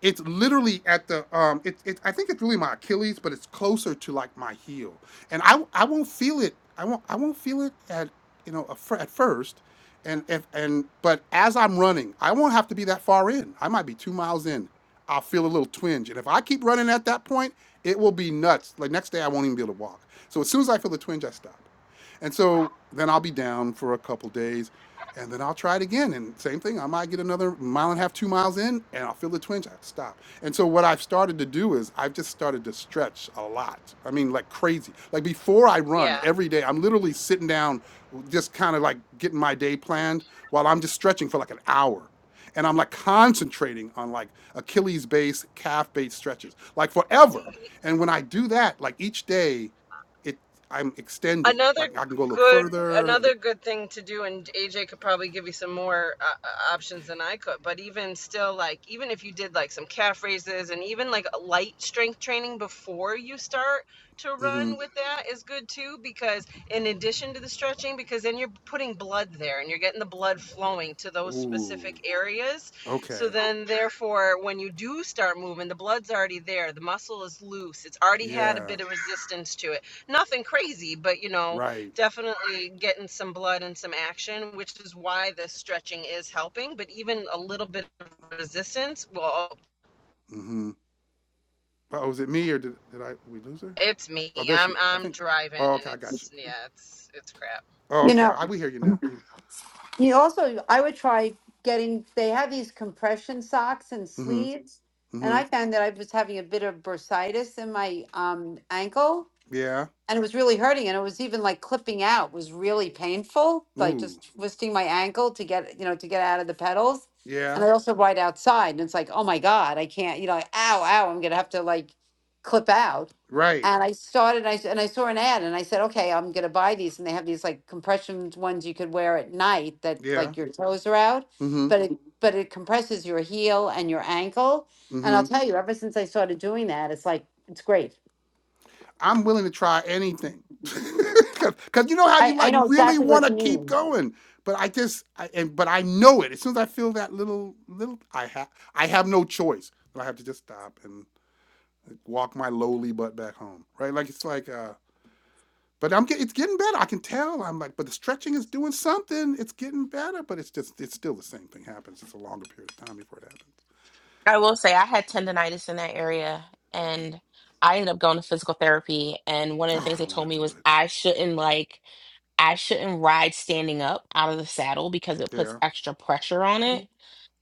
Speaker 1: It's literally at the um. It, it I think it's really my Achilles, but it's closer to like my heel, and I I won't feel it. I won't I won't feel it at you know a fir- at first, and if and but as I'm running, I won't have to be that far in. I might be two miles in. I'll feel a little twinge, and if I keep running at that point, it will be nuts. Like next day, I won't even be able to walk. So as soon as I feel the twinge, I stop. And so then I'll be down for a couple days and then I'll try it again. And same thing, I might get another mile and a half, two miles in, and I'll feel the twinge. I have to stop. And so what I've started to do is I've just started to stretch a lot. I mean, like crazy. Like before I run
Speaker 5: Yeah.
Speaker 1: every day, I'm literally sitting down, just kind of like getting my day planned while I'm just stretching for like an hour. And I'm like concentrating on like Achilles base, calf base stretches, like forever. And when I do that, like each day, it. I'm extending.
Speaker 5: another
Speaker 1: Like I can go a little
Speaker 5: good
Speaker 1: further.
Speaker 5: another
Speaker 1: Like,
Speaker 5: good thing to do and aj could probably give you some more uh, uh, options than i could but even still like even if you did like some calf raises and even like light strength training before you start to
Speaker 1: mm-hmm.
Speaker 5: run with that is good too because in addition to the stretching because then you're putting blood there and you're getting the blood flowing to those
Speaker 1: Ooh.
Speaker 5: specific areas
Speaker 1: Okay.
Speaker 5: so then therefore when you do start moving the blood's already there the muscle is loose it's already had a bit
Speaker 1: Yeah.
Speaker 5: of to it. Nothing crazy, but you know,
Speaker 1: Right.
Speaker 5: definitely getting some blood and some action, which is why the stretching is helping. But even a little bit of resistance, well,
Speaker 1: Mm-hmm. Oh, was it me or did did I we lose her?
Speaker 5: it's me.
Speaker 1: Oh, there
Speaker 5: I'm
Speaker 1: she. I
Speaker 5: I'm
Speaker 1: think.
Speaker 5: driving,
Speaker 1: Oh,
Speaker 5: and
Speaker 1: okay. I got you.
Speaker 5: it's yeah, it's it's crap.
Speaker 1: Oh,
Speaker 8: You
Speaker 1: okay.
Speaker 8: know,
Speaker 1: I we hear you now.
Speaker 8: you also, I would try getting, they have these compression socks and
Speaker 1: Mm-hmm.
Speaker 8: sleeves. And
Speaker 1: Mm-hmm.
Speaker 8: I found that I was having a bit of bursitis in my um, ankle
Speaker 1: Yeah.
Speaker 8: and it was really hurting and it was even like clipping out was really painful like
Speaker 1: Ooh.
Speaker 8: just twisting my ankle to get you know to get out of the pedals and
Speaker 1: Yeah.
Speaker 8: i also ride outside and it's like oh my god i can't you know like, ow ow i'm gonna have to like clip out
Speaker 1: Right.
Speaker 8: and i started I, s- and i saw an ad and i said okay i'm gonna buy these and they have these like compression ones you could wear at night that
Speaker 1: Yeah.
Speaker 8: like your toes are out
Speaker 1: Mm-hmm.
Speaker 8: but it Mhm. but it compresses your heel and your ankle and
Speaker 1: Mm-hmm.
Speaker 8: i'll tell you ever since i started doing that it's like it's great
Speaker 1: I'm willing to try anything. Because you know how
Speaker 8: i
Speaker 1: you
Speaker 8: i
Speaker 1: like
Speaker 8: know
Speaker 1: really
Speaker 8: exactly
Speaker 1: want
Speaker 8: what you
Speaker 1: to keep
Speaker 8: mean
Speaker 1: going, but I just I, and but I know it. As soon as I feel that little little, I have I have no choice. But I have to just stop and like, walk my lowly butt back home. Right? Like it's like uh, but I'm get, it's getting better. I can tell. I'm like, but the stretching is doing something. It's getting better, but it's just it's still the same thing happens. It's a longer period of time before it happens.
Speaker 2: I will say I had tendonitis in that area and I ended up going to physical therapy and one of the
Speaker 1: Oh,
Speaker 2: things
Speaker 1: I
Speaker 2: they
Speaker 1: don't
Speaker 2: told
Speaker 1: want to
Speaker 2: me
Speaker 1: do
Speaker 2: was
Speaker 1: it.
Speaker 2: I shouldn't like I shouldn't ride standing up out of the saddle because it puts
Speaker 1: Yeah.
Speaker 2: extra pressure on it.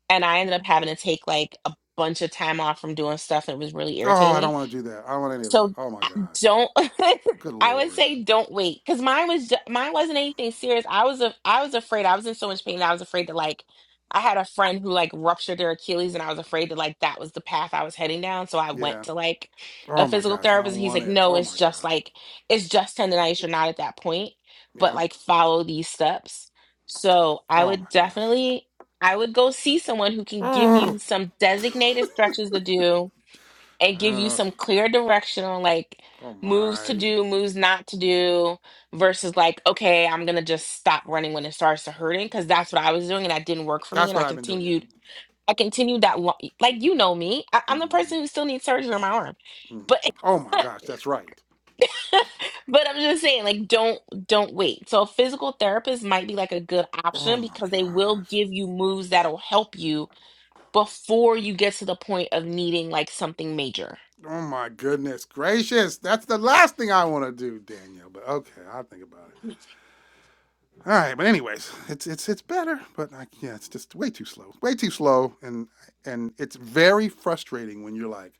Speaker 2: And I ended up having to take like a bunch of time off from doing stuff. and It was really
Speaker 1: Oh, I
Speaker 2: irritating.
Speaker 1: don't want to do that. I don't want any of that.
Speaker 2: So
Speaker 1: Oh my gosh.
Speaker 2: don't
Speaker 1: Good
Speaker 2: I would
Speaker 1: lord.
Speaker 2: say don't wait because mine was ju- mine wasn't anything serious. I was a, I was afraid. I was in so much pain that I was afraid to like. I had a friend who like ruptured their Achilles, and I was afraid that like that was the path I was heading down. So I
Speaker 1: Yeah.
Speaker 2: went to like a
Speaker 1: Oh my
Speaker 2: physical
Speaker 1: gosh, I
Speaker 2: therapist, and
Speaker 1: don't
Speaker 2: he's
Speaker 1: want
Speaker 2: like,
Speaker 1: it.
Speaker 2: "No,
Speaker 1: Oh
Speaker 2: it's
Speaker 1: my
Speaker 2: just
Speaker 1: gosh.
Speaker 2: like it's just tendonitis. You're not at that point, but
Speaker 1: Yeah.
Speaker 2: like follow these steps." So I
Speaker 1: Oh my
Speaker 2: would
Speaker 1: gosh.
Speaker 2: definitely I would go see someone who can give
Speaker 1: Oh.
Speaker 2: you some designated stretches to do and give you
Speaker 1: Ugh.
Speaker 2: some clear direction on like
Speaker 1: oh
Speaker 2: moves to
Speaker 1: my.
Speaker 2: do, moves not to do, versus like, okay, I'm gonna just stop running when it starts to hurting because that's what I was doing and that didn't work for me.
Speaker 1: That's
Speaker 2: And I
Speaker 1: what I've been doing,
Speaker 2: continued,
Speaker 1: yeah.
Speaker 2: I continued that long, like you know me, I- I'm the
Speaker 1: mm
Speaker 2: person who still needs surgery on my arm,
Speaker 1: mm.
Speaker 2: but
Speaker 1: Oh my gosh, that's right.
Speaker 2: but I'm just saying, like, don't don't wait. So a physical therapist might be like a good
Speaker 1: Oh
Speaker 2: option
Speaker 1: my
Speaker 2: because they will
Speaker 1: gosh.
Speaker 2: give you moves that'll help you before you get to the point of needing like something major.
Speaker 1: Oh my goodness gracious. That's the last thing I want to do, Danielle. But okay, I'll think about it. All right, but anyways, it's it's it's better, but I, yeah, it's just way too slow. Way too slow and and it's very frustrating when you're like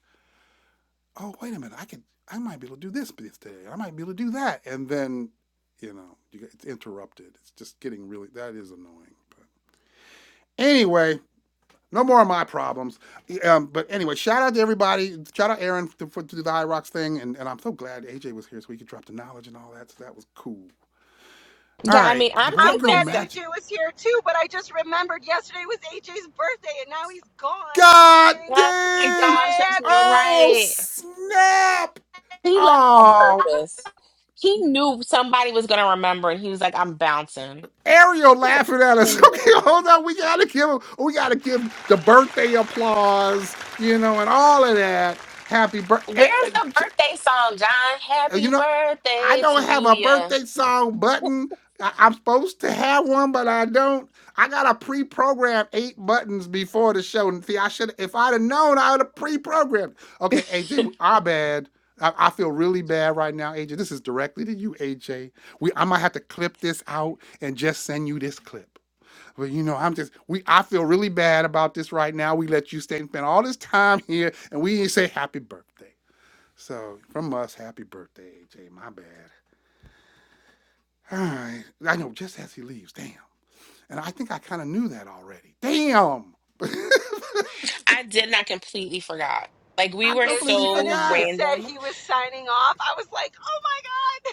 Speaker 1: oh wait a minute, I could, I might be able to do this today. I might be able to do that, and then you know, you get, it's interrupted. It's just getting really that is annoying. But anyway, no more of my problems. yeah, Um, but anyway, shout out to everybody. Shout out Aaron to, for, to do the iRocks thing, and, and I'm so glad AJ was here so we could drop the knowledge and all that. So that was cool. All
Speaker 2: Yeah, I
Speaker 1: right,
Speaker 2: mean,
Speaker 1: the
Speaker 2: I'm
Speaker 5: I'm
Speaker 1: Black Girl
Speaker 5: glad
Speaker 2: convinced that.
Speaker 5: AJ
Speaker 1: Magic.
Speaker 5: was here too, but I just remembered yesterday was AJ's birthday and now he's gone and we
Speaker 1: God
Speaker 5: didn't get
Speaker 2: Oh
Speaker 5: to
Speaker 2: my
Speaker 5: say
Speaker 1: dang!
Speaker 2: gosh, that's
Speaker 5: happy.
Speaker 1: Oh
Speaker 2: right.
Speaker 1: snap!
Speaker 2: He left on
Speaker 1: Oh
Speaker 2: purpose. He knew somebody was going to remember, and he was like, "I'm bouncing."
Speaker 1: Ariel
Speaker 2: He's a
Speaker 1: laughing at
Speaker 2: pain
Speaker 1: us.
Speaker 2: in the
Speaker 1: Okay,
Speaker 2: ass.
Speaker 1: hold on. We gotta give him- we gotta give the birthday applause, you know, and all of that. Happy birthday.
Speaker 2: Where's the birthday song, John? Happy
Speaker 1: You know, I
Speaker 2: birthday to
Speaker 1: don't have a
Speaker 2: you.
Speaker 1: birthday song button. I- I'm supposed to have one, but I don't. I gotta pre-program eight buttons before the show. And see, I should if I'd have known, I would have pre-programmed. Okay, AJ, our bad. I, I feel really bad right now, AJ. This is directly to you, AJ. We I might have to clip this out and just send you this clip. Well, you know, I'm just we. I feel really bad about this right now. We let you stay and spend all this time here, and we didn't say happy birthday. So from us, happy birthday, AJ. My bad. All right, I know. Just as he leaves, damn. And I think I kind of knew that already. Damn, but
Speaker 2: I did not completely forgot. Like we
Speaker 1: I
Speaker 2: were
Speaker 5: As
Speaker 1: completely
Speaker 5: soon
Speaker 2: so
Speaker 5: as he
Speaker 1: forgot.
Speaker 5: said
Speaker 2: random.
Speaker 5: he was signing off, I was like, oh my God.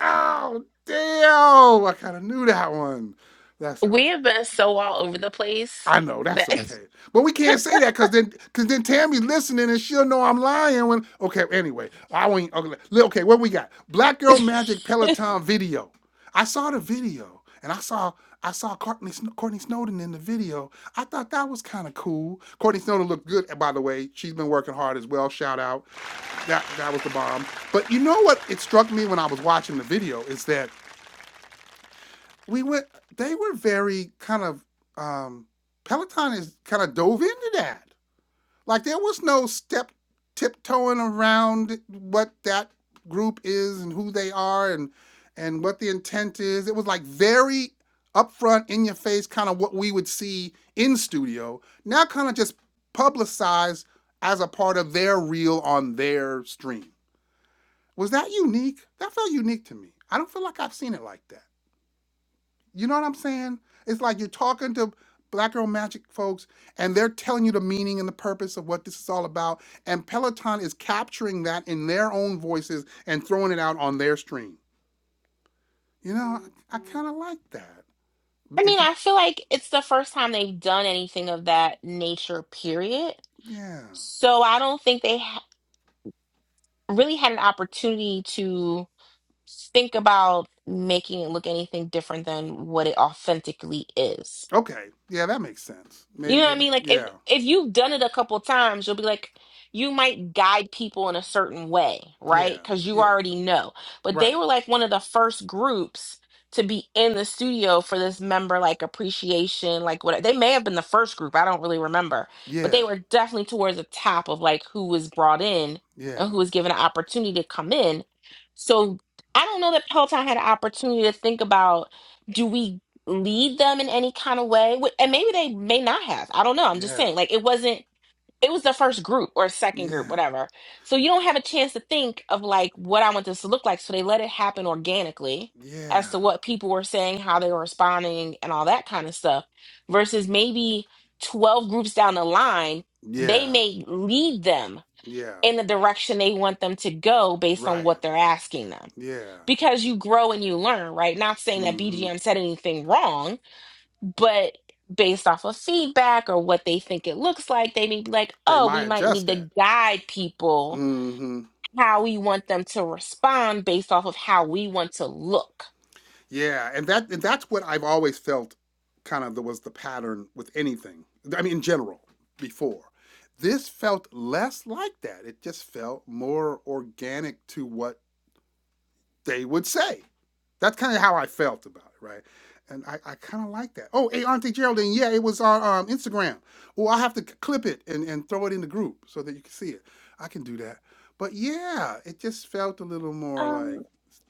Speaker 1: Oh, damn! I kind of knew that one. That's all
Speaker 2: We
Speaker 1: right.
Speaker 2: have been so all over the place
Speaker 1: I know that's
Speaker 2: that.
Speaker 1: okay, but we can't say that because then, because then Tammy listening and she'll know I'm lying. When okay, anyway, I won't. Okay, okay, what we got? Black Girl Magic Peloton video. I saw the video and I saw I saw Courtney, Courtney Snowden in the video. I thought that was kind of cool. Courtney Snowden looked good, by the way. She's been working hard as well. Shout out. That that was the bomb. But you know what? It struck me when I was watching the video is that we went they were very kind of um peloton is kind of dove into that like there was no step tiptoeing around what that group is and who they are and and what the intent is it was like very upfront in your face kind of what we would see in studio now kind of just publicized as a part of their reel on their stream was that unique that felt unique to me i don't feel like i've seen it like that you know what I'm saying? It's like you're talking to Black Girl Magic folks, and they're telling you the meaning and the purpose of what this is all about. And Peloton is capturing that in their own voices and throwing it out on their stream. You know, I, I kind of like that.
Speaker 2: I mean,
Speaker 1: It,
Speaker 2: I
Speaker 1: it-
Speaker 2: feel like it's the first time they've done anything of that nature, period.
Speaker 1: yeah.
Speaker 2: So I don't think they ha- really had an opportunity to think about making it look anything different than what it authentically is.
Speaker 1: Okay. Yeah, that makes sense.
Speaker 2: You
Speaker 1: Maybe.
Speaker 2: know what
Speaker 1: Yeah.
Speaker 2: I mean? Like if
Speaker 1: Yeah.
Speaker 2: if you've done it a couple times, you'll be like you might guide people in a certain way,
Speaker 1: Yeah.
Speaker 2: right? Cuz you
Speaker 1: yeah.
Speaker 2: already know. But they
Speaker 1: Right.
Speaker 2: were like one of the first groups to be in the studio for this member like appreciation, like what they may have been the first group, I don't really remember, but
Speaker 1: Yeah.
Speaker 2: they were definitely towards the top of like who was brought in
Speaker 1: Yeah.
Speaker 2: and who was given an opportunity to come in. So I don't know that Peloton had an opportunity to think about do we? lead them in any kind of way Wh- and maybe they may not have i don't know i'm just
Speaker 1: Yeah.
Speaker 2: saying like it wasn't it was the first group or second group
Speaker 1: Yeah.
Speaker 2: whatever so you don't have a chance to think of like what i want this to look like so they let it happen organically as
Speaker 1: Yeah.
Speaker 2: to what people were saying how they were responding and all that kind of stuff versus maybe 12 groups down the line
Speaker 1: Yeah.
Speaker 2: they may lead them
Speaker 1: Yeah.
Speaker 2: in the direction they want them to go based on
Speaker 1: Right.
Speaker 2: what they're asking them
Speaker 1: Yeah.
Speaker 2: because you grow and you learn right not saying that
Speaker 1: Mm-hmm
Speaker 2: bgm said anything wrong but based off of feedback or what they think it looks like, they may be like,
Speaker 1: they
Speaker 2: oh, we
Speaker 1: might
Speaker 2: might
Speaker 1: adjust
Speaker 2: need
Speaker 1: that.
Speaker 2: to guide people
Speaker 1: hmm
Speaker 2: how we want them to respond based off of how we want to look.
Speaker 1: Yeah, and that and that's what I've always felt kind of the, was the pattern with anything. I mean, in general, before this felt less like that. It just felt more organic to what they would say. That's kind of how I felt about it, right? And I, I kind of like that. Oh, hey, Auntie Geraldine, yeah, it was on um, Instagram. Well, I have to clip it and, and throw it in the group so that you can see it. I can do that. But yeah, it just felt a little more
Speaker 3: Um,
Speaker 1: like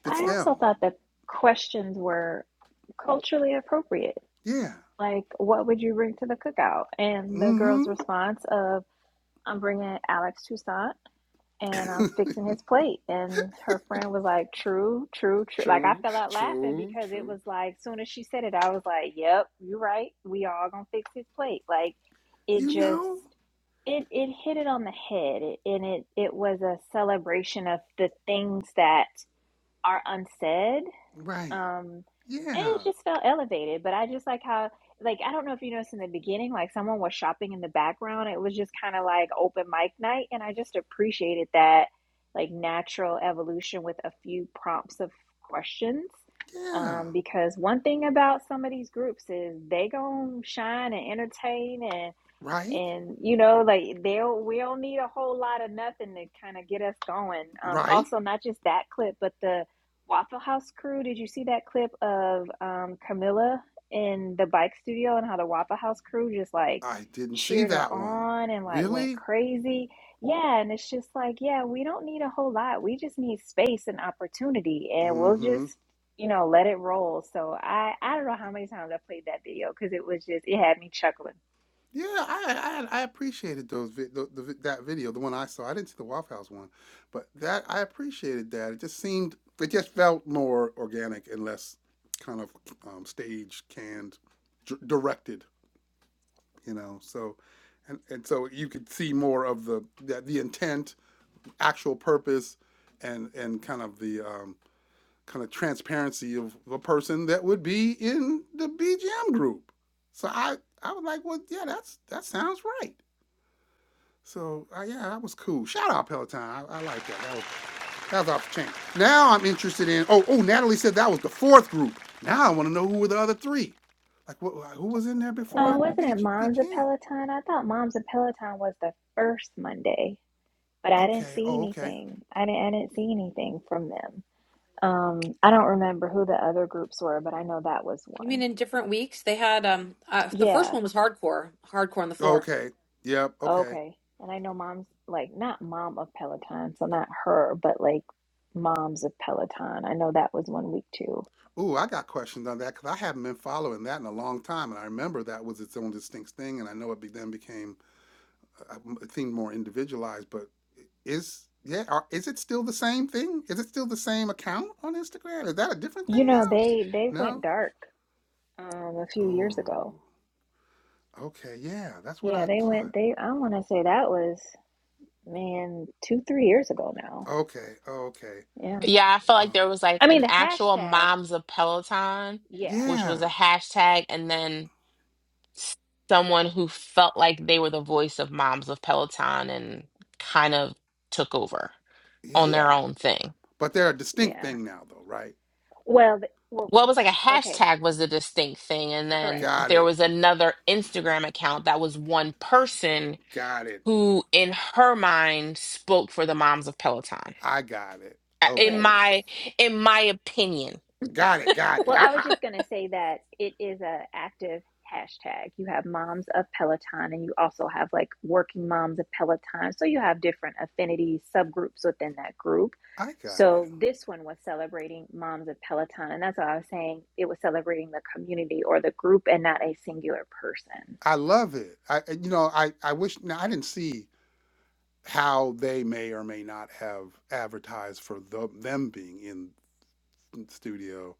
Speaker 1: it's
Speaker 3: I also
Speaker 1: them.
Speaker 3: thought that questions were culturally appropriate.
Speaker 1: Yeah,
Speaker 3: Like, what would you bring to the cookout? And the
Speaker 1: Mm-hmm.
Speaker 3: girl's response of, I'm bringing Alex Toussaint and I'm fixing his plate. And her friend was like, true, true, true. Like, I
Speaker 1: True,
Speaker 3: fell out laughing
Speaker 1: true,
Speaker 3: because it
Speaker 1: true.
Speaker 3: was like, soon as she said it, I was like, yep, you're right. We all gonna fix his plate. Like, it
Speaker 1: You
Speaker 3: just,
Speaker 1: know?
Speaker 3: it it hit it on the head it, and it it was a celebration of the things that are unsaid.
Speaker 1: Right.
Speaker 3: Um, and
Speaker 1: Yeah.
Speaker 3: it just felt elevated. But I just like how, like, I don't know if you noticed in the beginning, like someone was shopping in the background. It was just kind of like open mic night. And I just appreciated that, like, natural evolution with a few prompts of questions.
Speaker 1: Yeah.
Speaker 3: Um, because one thing about some of these groups is they gonna shine and entertain and
Speaker 1: Right?
Speaker 3: and you know like they'll we don't need a whole lot of nothing to kind of get us going um
Speaker 1: Right.
Speaker 3: also not just that clip but the waffle house crew did you see that clip of um camilla in the bike studio and how the waffle house crew just like
Speaker 1: I didn't see
Speaker 3: cheered her
Speaker 1: that one.
Speaker 3: on and like went
Speaker 1: Really?
Speaker 3: crazy yeah and it's just like yeah we don't need a whole lot we just need space and opportunity and we'll
Speaker 1: Mm-hmm.
Speaker 3: just you know let it roll so i i don't know how many times i played that video because it was just it had me chuckling
Speaker 1: Yeah, I I, I appreciated those vid- the, the, vi- that video, the one I saw. I didn't see the Waffle House one, but that I appreciated that. It just seemed it just felt more organic and less kind of um, stage canned, d- directed you know so and, and so you could see more of the the, the intent actual purpose and and kind of the um, kind of transparency of a person that would be in the bgm group so i i was like well yeah that's that sounds right so uh, yeah that was cool shout out peloton i, I like that that was that was off the chain now i'm interested in oh oh natalie said that was the fourth group now i want to know who were the other three like what, who was in there
Speaker 3: Uh,
Speaker 1: before the
Speaker 3: wasn't it Moms of
Speaker 1: bgm
Speaker 3: Peloton? I thought Moms of Peloton was the first Monday, but I didn't
Speaker 1: okay
Speaker 3: see
Speaker 1: oh okay
Speaker 3: anything. I didn't, I didn't see anything from them. Um, I don't remember who the other groups were, but I know that was
Speaker 4: You mean
Speaker 3: one.
Speaker 4: in different weeks? They had um uh, the first
Speaker 3: Yeah,
Speaker 4: one was hardcore, hardcore on the floor.
Speaker 1: Okay. Yep. Okay.
Speaker 3: okay. And I know Moms, like not Mom of Peloton, so not her, but like Moms of Peloton. I know that was one week too.
Speaker 1: Ooh, I got questions on that because I haven't been following that in a long time, and I remember that was its own distinct thing, and I know it be, then became uh, uh, it seemed more individualized. But is yeah, are, is it still the same thing? Is it still the same account on Instagram? Is that a different thing
Speaker 3: You know, they they went
Speaker 1: now?
Speaker 3: dark um a few
Speaker 1: No.
Speaker 3: years ago.
Speaker 1: Ooh. Okay. Yeah, that's what
Speaker 3: Yeah,
Speaker 1: I
Speaker 3: they went
Speaker 1: thought.
Speaker 3: they I want to say that was man, 2 3 years ago now.
Speaker 1: Okay. Okay.
Speaker 3: Yeah.
Speaker 2: Yeah, I felt
Speaker 1: Uh,
Speaker 2: like there was like
Speaker 3: I mean,
Speaker 2: an
Speaker 3: the
Speaker 2: actual
Speaker 3: hashtag,
Speaker 2: Moms of Peloton,
Speaker 3: yeah,
Speaker 2: which was
Speaker 1: yeah.
Speaker 2: a hashtag, and then s- someone who felt like they were the voice of Moms of Peloton and kind of took over on
Speaker 1: Yeah.
Speaker 2: their
Speaker 3: yeah,
Speaker 2: own thing.
Speaker 1: But they're a distinct
Speaker 3: yeah.
Speaker 1: thing now, though, right?
Speaker 3: Well, the, well,
Speaker 2: well, it was like a
Speaker 3: okay,
Speaker 2: hashtag was the distinct thing. And then
Speaker 3: correct.
Speaker 1: Got
Speaker 2: there
Speaker 1: it.
Speaker 2: was another Instagram account that was one person
Speaker 1: Got it.
Speaker 2: who, in her mind, spoke for the moms of Peloton.
Speaker 1: I got it.
Speaker 2: Uh,
Speaker 1: Okay.
Speaker 2: In
Speaker 3: Right.
Speaker 2: my in my opinion.
Speaker 1: Got it. Got it.
Speaker 3: Well,
Speaker 1: I,
Speaker 3: I was
Speaker 1: I,
Speaker 3: just going to say that it is a active hashtag. You have moms of Peloton and you also have like working moms of Peloton. So you have different affinity subgroups within that group.
Speaker 1: I got it.
Speaker 3: So this one was celebrating moms of Peloton and that's what I was saying. It was celebrating the community or the group and not a singular person.
Speaker 1: I love it. I you know, I I wish now I didn't see how they may or may not have advertised for the, them being in the studio,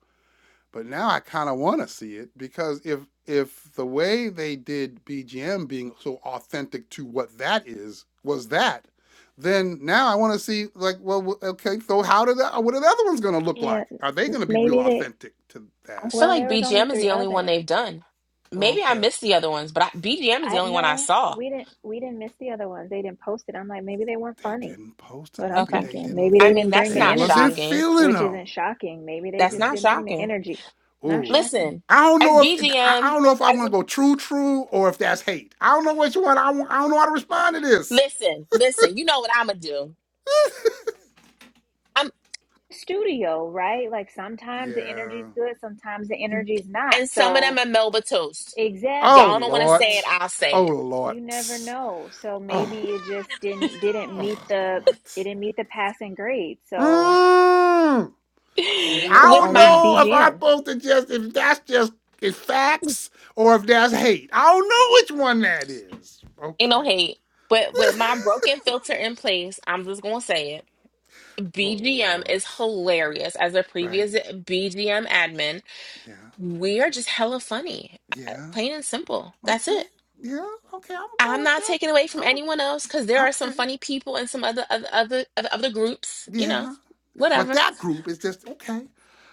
Speaker 1: but now I kind of want to see it because if if the way they did BGM being so authentic to what that is was that, then now I want to see like well w- okay so how did that what are the other ones gonna look
Speaker 3: Yeah,
Speaker 1: like? Are they
Speaker 3: m-
Speaker 1: gonna be real
Speaker 3: maybe they
Speaker 1: authentic to
Speaker 2: I
Speaker 1: that?
Speaker 2: feel
Speaker 3: Well,
Speaker 2: like
Speaker 3: there
Speaker 1: Whatever.
Speaker 3: was only
Speaker 2: BGM is
Speaker 3: three
Speaker 2: the only one
Speaker 3: others.
Speaker 2: they've done.
Speaker 1: Oh,
Speaker 2: Maybe I
Speaker 1: Okay.
Speaker 2: missed the other ones, but I, BGM is the
Speaker 3: I
Speaker 2: only one I
Speaker 3: know
Speaker 2: saw.
Speaker 3: we didn't we didn't miss the other ones. They didn't post it. I'm like, maybe they weren't
Speaker 1: They
Speaker 3: funny.
Speaker 1: didn't post them.
Speaker 3: But I'm
Speaker 1: Maybe
Speaker 2: Okay.
Speaker 1: they
Speaker 3: thinking
Speaker 1: didn't.
Speaker 3: maybe
Speaker 2: I
Speaker 3: they
Speaker 2: mean,
Speaker 3: didn't
Speaker 2: that's
Speaker 3: bring
Speaker 1: They
Speaker 3: the
Speaker 2: not
Speaker 1: wasn't
Speaker 3: energy,
Speaker 2: shocking.
Speaker 1: feeling
Speaker 3: which isn't
Speaker 1: them.
Speaker 3: shocking. Maybe they
Speaker 2: That's
Speaker 3: just
Speaker 1: Good
Speaker 2: not
Speaker 3: didn't bring the
Speaker 1: lord.
Speaker 2: shocking.
Speaker 3: energy. Not
Speaker 1: Ooh,
Speaker 3: shocking.
Speaker 2: Listen,
Speaker 1: I don't
Speaker 2: as
Speaker 1: know if I I
Speaker 2: BGM,
Speaker 1: don't know if I
Speaker 2: as
Speaker 1: want
Speaker 2: a
Speaker 1: to go true true or if that's hate. I don't know which one. I I don't know how to respond to this.
Speaker 2: Listen, listen. You know what I'm gonna do? I'm
Speaker 3: Studio, right? Like sometimes the energy's
Speaker 1: Yeah.
Speaker 3: good, sometimes the energy's not.
Speaker 2: and some of them
Speaker 3: So
Speaker 2: are Melba toast.
Speaker 1: Oh
Speaker 3: exactly.
Speaker 2: Y'all don't
Speaker 3: So
Speaker 2: want to
Speaker 3: I'm
Speaker 1: lord.
Speaker 2: say
Speaker 3: like,
Speaker 2: it. I'll
Speaker 1: Oh
Speaker 2: say
Speaker 1: lord.
Speaker 3: you never know. So
Speaker 1: Oh.
Speaker 3: maybe it just didn't didn't
Speaker 1: God damn.
Speaker 3: meet
Speaker 1: Oh
Speaker 3: the it didn't
Speaker 1: lord.
Speaker 3: meet the passing grade. So
Speaker 1: Mm. See,
Speaker 2: it.
Speaker 1: I
Speaker 3: maybe
Speaker 2: with
Speaker 1: don't
Speaker 3: only
Speaker 2: my
Speaker 1: know if I'm
Speaker 3: BGM.
Speaker 1: supposed to just if that's just if facts or if that's hate. I don't know which one that is.
Speaker 2: ain't no
Speaker 1: Okay.
Speaker 2: hate, but with my broken filter in place, I'm just gonna say it.
Speaker 1: oh
Speaker 2: BGM
Speaker 1: Lord.
Speaker 2: is hilarious. As a
Speaker 1: Right.
Speaker 2: previous BGM admin,
Speaker 1: Yeah.
Speaker 2: we are just hella funny, Uh,
Speaker 1: Yeah.
Speaker 2: plain and simple. That's
Speaker 1: Okay.
Speaker 2: it.
Speaker 1: Yeah. Okay. I'm gonna go
Speaker 2: I'm
Speaker 1: with
Speaker 2: not
Speaker 1: that.
Speaker 2: taking away from
Speaker 1: I'm a,
Speaker 2: anyone else because there are some
Speaker 1: okay.
Speaker 2: funny people and some other other other other other groups. You know,
Speaker 1: Yeah. But
Speaker 2: whatever.
Speaker 1: that group is just okay.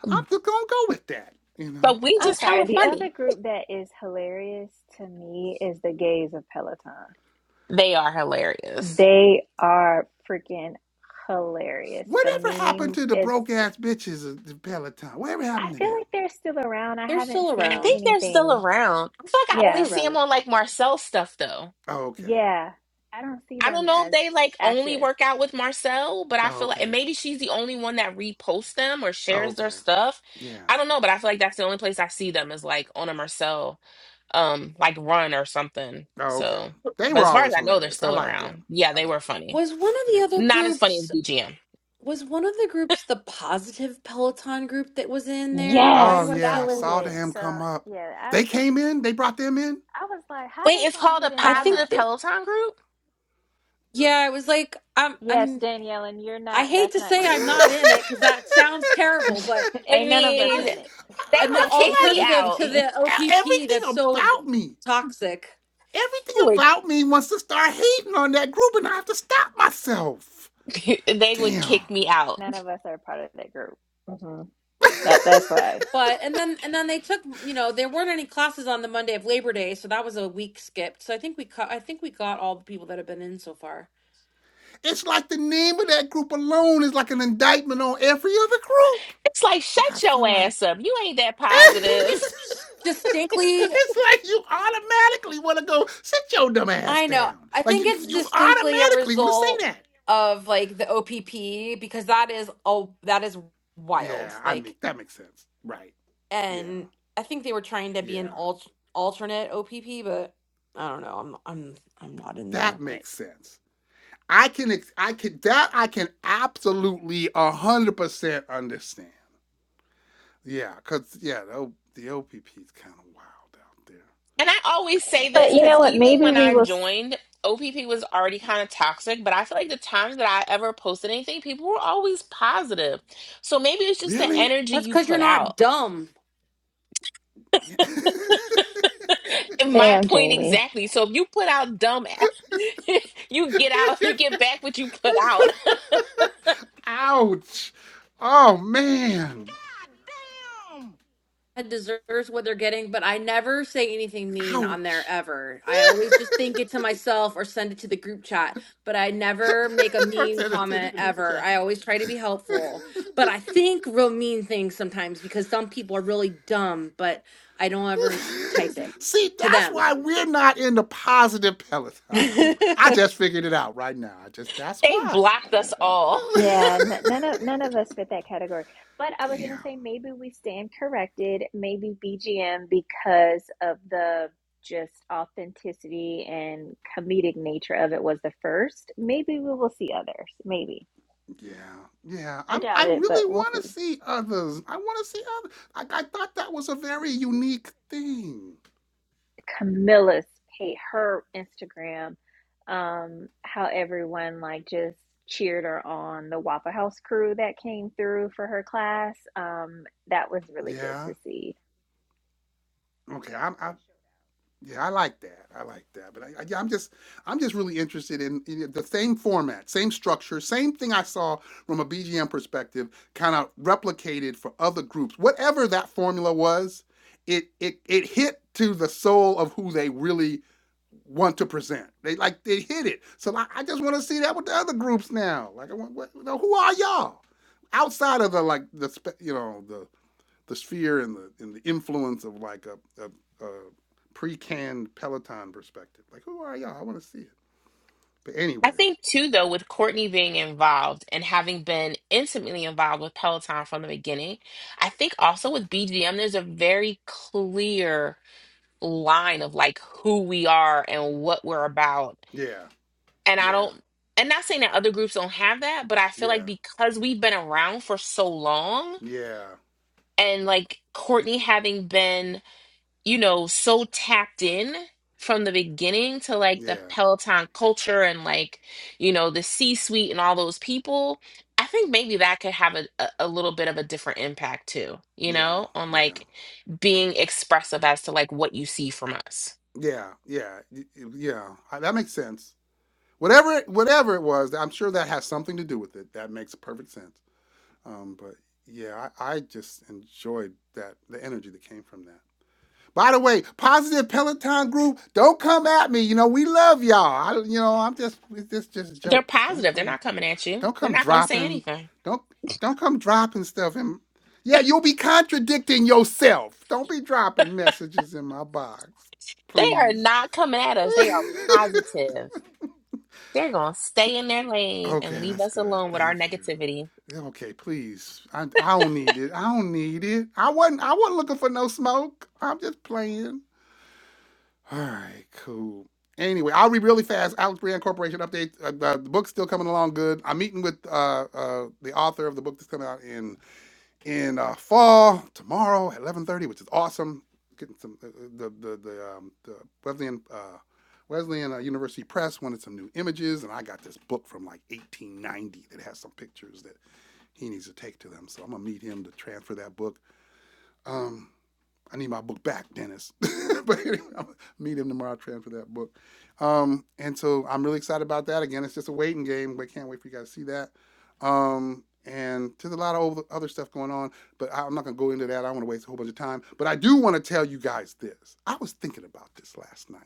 Speaker 1: I'm just gonna go with that. You know.
Speaker 2: But we
Speaker 3: I'm
Speaker 2: just hella
Speaker 3: sorry. The other
Speaker 2: funny.
Speaker 3: group that is hilarious to me is the gays of Peloton.
Speaker 2: They are hilarious.
Speaker 3: They are freaking hilarious. The
Speaker 1: Whatever happened
Speaker 3: memes,
Speaker 1: to the
Speaker 3: it's,
Speaker 1: broke ass bitches of the Peloton? Whatever
Speaker 3: I
Speaker 1: happened to
Speaker 3: feel
Speaker 1: them?
Speaker 3: like they're still around. I
Speaker 4: They're
Speaker 3: haven't
Speaker 4: still
Speaker 2: I
Speaker 3: seen
Speaker 2: think
Speaker 4: around.
Speaker 2: they're still
Speaker 3: anything.
Speaker 2: around. I feel like I only
Speaker 4: They're
Speaker 3: Yeah.
Speaker 2: see
Speaker 4: around.
Speaker 2: them on like Marcel stuff though.
Speaker 1: Oh, okay.
Speaker 3: Yeah. I don't see
Speaker 2: I don't
Speaker 3: them
Speaker 2: know if
Speaker 3: as
Speaker 2: they like only
Speaker 3: active.
Speaker 2: work out with Marcel, but I
Speaker 1: Oh,
Speaker 2: feel like and
Speaker 1: okay.
Speaker 2: maybe she's the only one that reposts them or
Speaker 1: Oh,
Speaker 2: shares their
Speaker 1: okay.
Speaker 2: stuff.
Speaker 1: Yeah.
Speaker 2: I don't know, but I feel like that's the only place I see them is like on a Marcel um like run or something.
Speaker 1: Oh, okay.
Speaker 2: So,
Speaker 1: They
Speaker 2: but
Speaker 1: were
Speaker 2: as far as
Speaker 1: always
Speaker 2: I know, they're
Speaker 1: hilarious. I
Speaker 2: still
Speaker 1: liked
Speaker 2: around.
Speaker 1: them.
Speaker 2: Yeah,
Speaker 1: I
Speaker 2: they were
Speaker 1: liked them.
Speaker 2: funny.
Speaker 4: Was one
Speaker 1: Yeah,
Speaker 4: of
Speaker 1: They
Speaker 4: the
Speaker 1: were
Speaker 4: other
Speaker 1: funny.
Speaker 2: Not as funny as
Speaker 4: groups,
Speaker 2: BGM.
Speaker 4: was one of the groups the positive Peloton group that was in there? Why
Speaker 1: Oh
Speaker 4: do
Speaker 3: Yes,
Speaker 4: I
Speaker 1: yeah,
Speaker 3: that
Speaker 1: I
Speaker 3: was
Speaker 4: feel
Speaker 1: saw
Speaker 3: it.
Speaker 1: them
Speaker 3: So,
Speaker 1: come up.
Speaker 3: yeah, I
Speaker 1: They came in. They brought them in.
Speaker 3: I was like, how
Speaker 2: Wait,
Speaker 3: does
Speaker 2: it's
Speaker 3: one
Speaker 2: called
Speaker 3: get
Speaker 2: a
Speaker 3: in
Speaker 4: I think
Speaker 3: that?
Speaker 2: positive
Speaker 4: that
Speaker 2: Peloton group?
Speaker 4: yeah, it was like I'm
Speaker 3: Yes,
Speaker 4: I'm
Speaker 3: Danielle, and you're
Speaker 4: I
Speaker 3: not,
Speaker 4: hate
Speaker 3: that's
Speaker 4: to
Speaker 3: not
Speaker 4: say
Speaker 1: I,
Speaker 4: I'm
Speaker 3: you.
Speaker 4: not in it because that sounds terrible, but
Speaker 2: I
Speaker 3: Ain't none of
Speaker 4: it
Speaker 3: us
Speaker 2: mean,
Speaker 1: I,
Speaker 4: was
Speaker 3: in
Speaker 2: they
Speaker 4: an
Speaker 1: I
Speaker 2: would
Speaker 1: feel
Speaker 2: kick me
Speaker 4: alternative
Speaker 3: it.
Speaker 2: out.
Speaker 4: to the
Speaker 1: like e-
Speaker 4: OPP
Speaker 1: everything
Speaker 4: that's so
Speaker 1: about me,
Speaker 4: toxic.
Speaker 1: everything
Speaker 2: They would.
Speaker 1: about me wants to start hating on that group, and I have to stop myself.
Speaker 2: they would
Speaker 1: Damn.
Speaker 2: kick me out.
Speaker 3: none of us are part of that group. hmm That that's why.
Speaker 4: But and then and then they took you know there weren't any classes on the Monday of Labor Day, so that was a week skipped. So I think we ca- I think we got all the people that have been in so far.
Speaker 1: it's like the name of that group alone is like an indictment on every other group.
Speaker 2: It's like,
Speaker 1: Like I
Speaker 2: shut
Speaker 1: feel
Speaker 2: your
Speaker 1: like
Speaker 2: ass up. You ain't that
Speaker 4: I think
Speaker 2: positive.
Speaker 4: it's distinctly
Speaker 1: it's like you automatically want to go sit your dumb ass
Speaker 4: I know.
Speaker 1: down.
Speaker 4: I
Speaker 1: Like
Speaker 4: think
Speaker 1: you,
Speaker 4: it's
Speaker 1: you
Speaker 4: distinctly a
Speaker 1: automatically want to say
Speaker 4: result
Speaker 1: that.
Speaker 4: of like the OPP because that is oh that is
Speaker 1: Yeah,
Speaker 4: wild.
Speaker 1: I
Speaker 4: Like
Speaker 1: make that makes sense. Right. Yeah.
Speaker 4: and I think they were trying to be an
Speaker 1: Yeah.
Speaker 4: alt alternate OPP, but I don't know. I'm I'm I'm not in there,
Speaker 1: That
Speaker 4: but
Speaker 1: makes sense. I can I can that I can absolutely one hundred percent understand. Yeah, cause yeah, the, O- the OPP is kind of wild out there.
Speaker 2: And I always say
Speaker 3: But
Speaker 2: this
Speaker 3: you
Speaker 2: because
Speaker 3: know what?
Speaker 2: even
Speaker 3: Maybe
Speaker 2: when
Speaker 3: we
Speaker 2: I
Speaker 3: will.
Speaker 2: joined, OPP was already kind of toxic, but I feel like the times that I ever posted anything, people were always positive. So maybe it's just the
Speaker 1: Really?
Speaker 2: energy
Speaker 4: that's
Speaker 2: you
Speaker 4: cuz you're
Speaker 2: put out.
Speaker 4: not dumb.
Speaker 1: Yeah.
Speaker 2: My
Speaker 3: Damn,
Speaker 2: point
Speaker 3: Jamie.
Speaker 2: exactly. So if you put out dumb, ass- you get out, you get back what you put out.
Speaker 1: Ouch. Oh, man. God damn.
Speaker 4: and deserves what they're getting, but I never say anything mean on there
Speaker 1: Ouch.
Speaker 4: ever. I always just think it to myself or send it to the group chat, but I never make a
Speaker 1: or
Speaker 4: mean
Speaker 1: send it to the
Speaker 4: comment
Speaker 1: group
Speaker 4: ever.
Speaker 1: chat.
Speaker 4: I always try to be helpful, but I think real mean things sometimes because some people are really dumb, but I don't ever type it
Speaker 1: See,
Speaker 4: to
Speaker 1: that's
Speaker 4: them.
Speaker 1: why we're not in the positive Peloton group. I just figured it out right now. I just that's
Speaker 2: They
Speaker 1: why.
Speaker 2: blocked us all.
Speaker 3: Yeah, n- none of none of us fit that category. But I was gonna
Speaker 1: Damn.
Speaker 3: say maybe we stand corrected. Maybe BGM because of the just authenticity and comedic nature of it was the first. Maybe we will see others. Maybe
Speaker 1: Yeah, yeah.
Speaker 3: I
Speaker 1: I'm.
Speaker 3: doubt
Speaker 1: I
Speaker 3: it, but
Speaker 1: really
Speaker 3: we'll
Speaker 1: want to
Speaker 3: see.
Speaker 1: see others. I want to see others. I, I thought that was a very unique thing.
Speaker 3: Camilla's page, her Instagram, um, how everyone like just cheered her on the Waffle House crew that came through for her class. Um, that was really good
Speaker 1: Yeah.
Speaker 3: to see.
Speaker 1: Okay. I'm. I, Yeah, I like that. I like that. But I, I, yeah, I'm just, I'm just really interested in, in the same format, same structure, same thing I saw from a BGM perspective, kind of replicated for other groups. Whatever that formula was, it it it hit to the soul of who they really want to present. They like they hit it. So I, I just want to see that with the other groups now. Like I want, what, you know, who are y'all outside of the like the spe- you know the the sphere and the and the influence of like a, a, a pre-canned Peloton perspective. Like, who are y'all? I want to see it. But
Speaker 2: I
Speaker 1: anyway,
Speaker 2: think too, though, with Courtney being involved and having been intimately involved with Peloton from the beginning, I think also with BGM, there's a very clear line of like who we are and what we're about.
Speaker 1: yeah,
Speaker 2: And I
Speaker 1: yeah,
Speaker 2: don't, and not saying that other groups don't have that, but I feel like
Speaker 1: yeah,
Speaker 2: because we've been around for so long
Speaker 1: yeah,
Speaker 2: and like Courtney having been you know, so tapped in from the beginning to like the
Speaker 1: yeah,
Speaker 2: Peloton culture and like, you know, the C-suite and all those people, I think maybe that could have a, a a little bit of a different impact too, you
Speaker 1: yeah,
Speaker 2: know, on
Speaker 1: yeah,
Speaker 2: like being expressive as to like what you see from us.
Speaker 1: yeah, yeah, yeah. That makes sense. Whatever, whatever it was, I'm sure that has something to do with it. That makes perfect sense. Um, but yeah, I, I just enjoyed that the energy that came from that. By the way, positive Peloton group, don't come at me. You know we love y'all. I, you know I'm just this just
Speaker 2: They're
Speaker 1: jokes. Don't
Speaker 2: positive. They're
Speaker 1: come
Speaker 2: not coming at you.
Speaker 1: don't
Speaker 2: They're
Speaker 1: come
Speaker 2: not going to say
Speaker 1: dropping
Speaker 2: anything.
Speaker 1: don't don't come dropping stuff And Yeah, you'll be contradicting yourself. Don't be dropping messages in my box,
Speaker 2: They are
Speaker 1: please.
Speaker 2: not coming at us. They are positive. They're going to stay in their lane and
Speaker 1: okay,
Speaker 2: leave
Speaker 1: that's
Speaker 2: us
Speaker 1: good.
Speaker 2: alone with our
Speaker 1: Thank you.
Speaker 2: negativity.
Speaker 1: Yeah, Okay, please. I I don't need it. I don't need it. I wasn't I wasn't looking for no smoke. I'm just playing. All right, cool. Anyway, I'll read really fast. Alex Brand Corporation update. Uh, the, the book's still coming along good. I'm meeting with uh, uh, the author of the book that's coming out in in uh, fall tomorrow at 11:30, which is awesome. Getting some uh, uh, the the the, um, the Wesleyan uh, Wesleyan uh, University Press wanted some new images, and I got this book from like 1890 that has some pictures that he needs to take to them. So I'm gonna meet him to transfer that book. Um, I need my book back, Dennis. but anyway, I'll meet him tomorrow. I'll transfer that book. Um, and so I'm really excited about that. Again, it's just a waiting game. We can't wait for you guys to see that. Um, and there's a lot of other stuff going on, but I'm not going to go into that. I don't want to waste a whole bunch of time. But I do want to tell you guys this. I was thinking about this last night.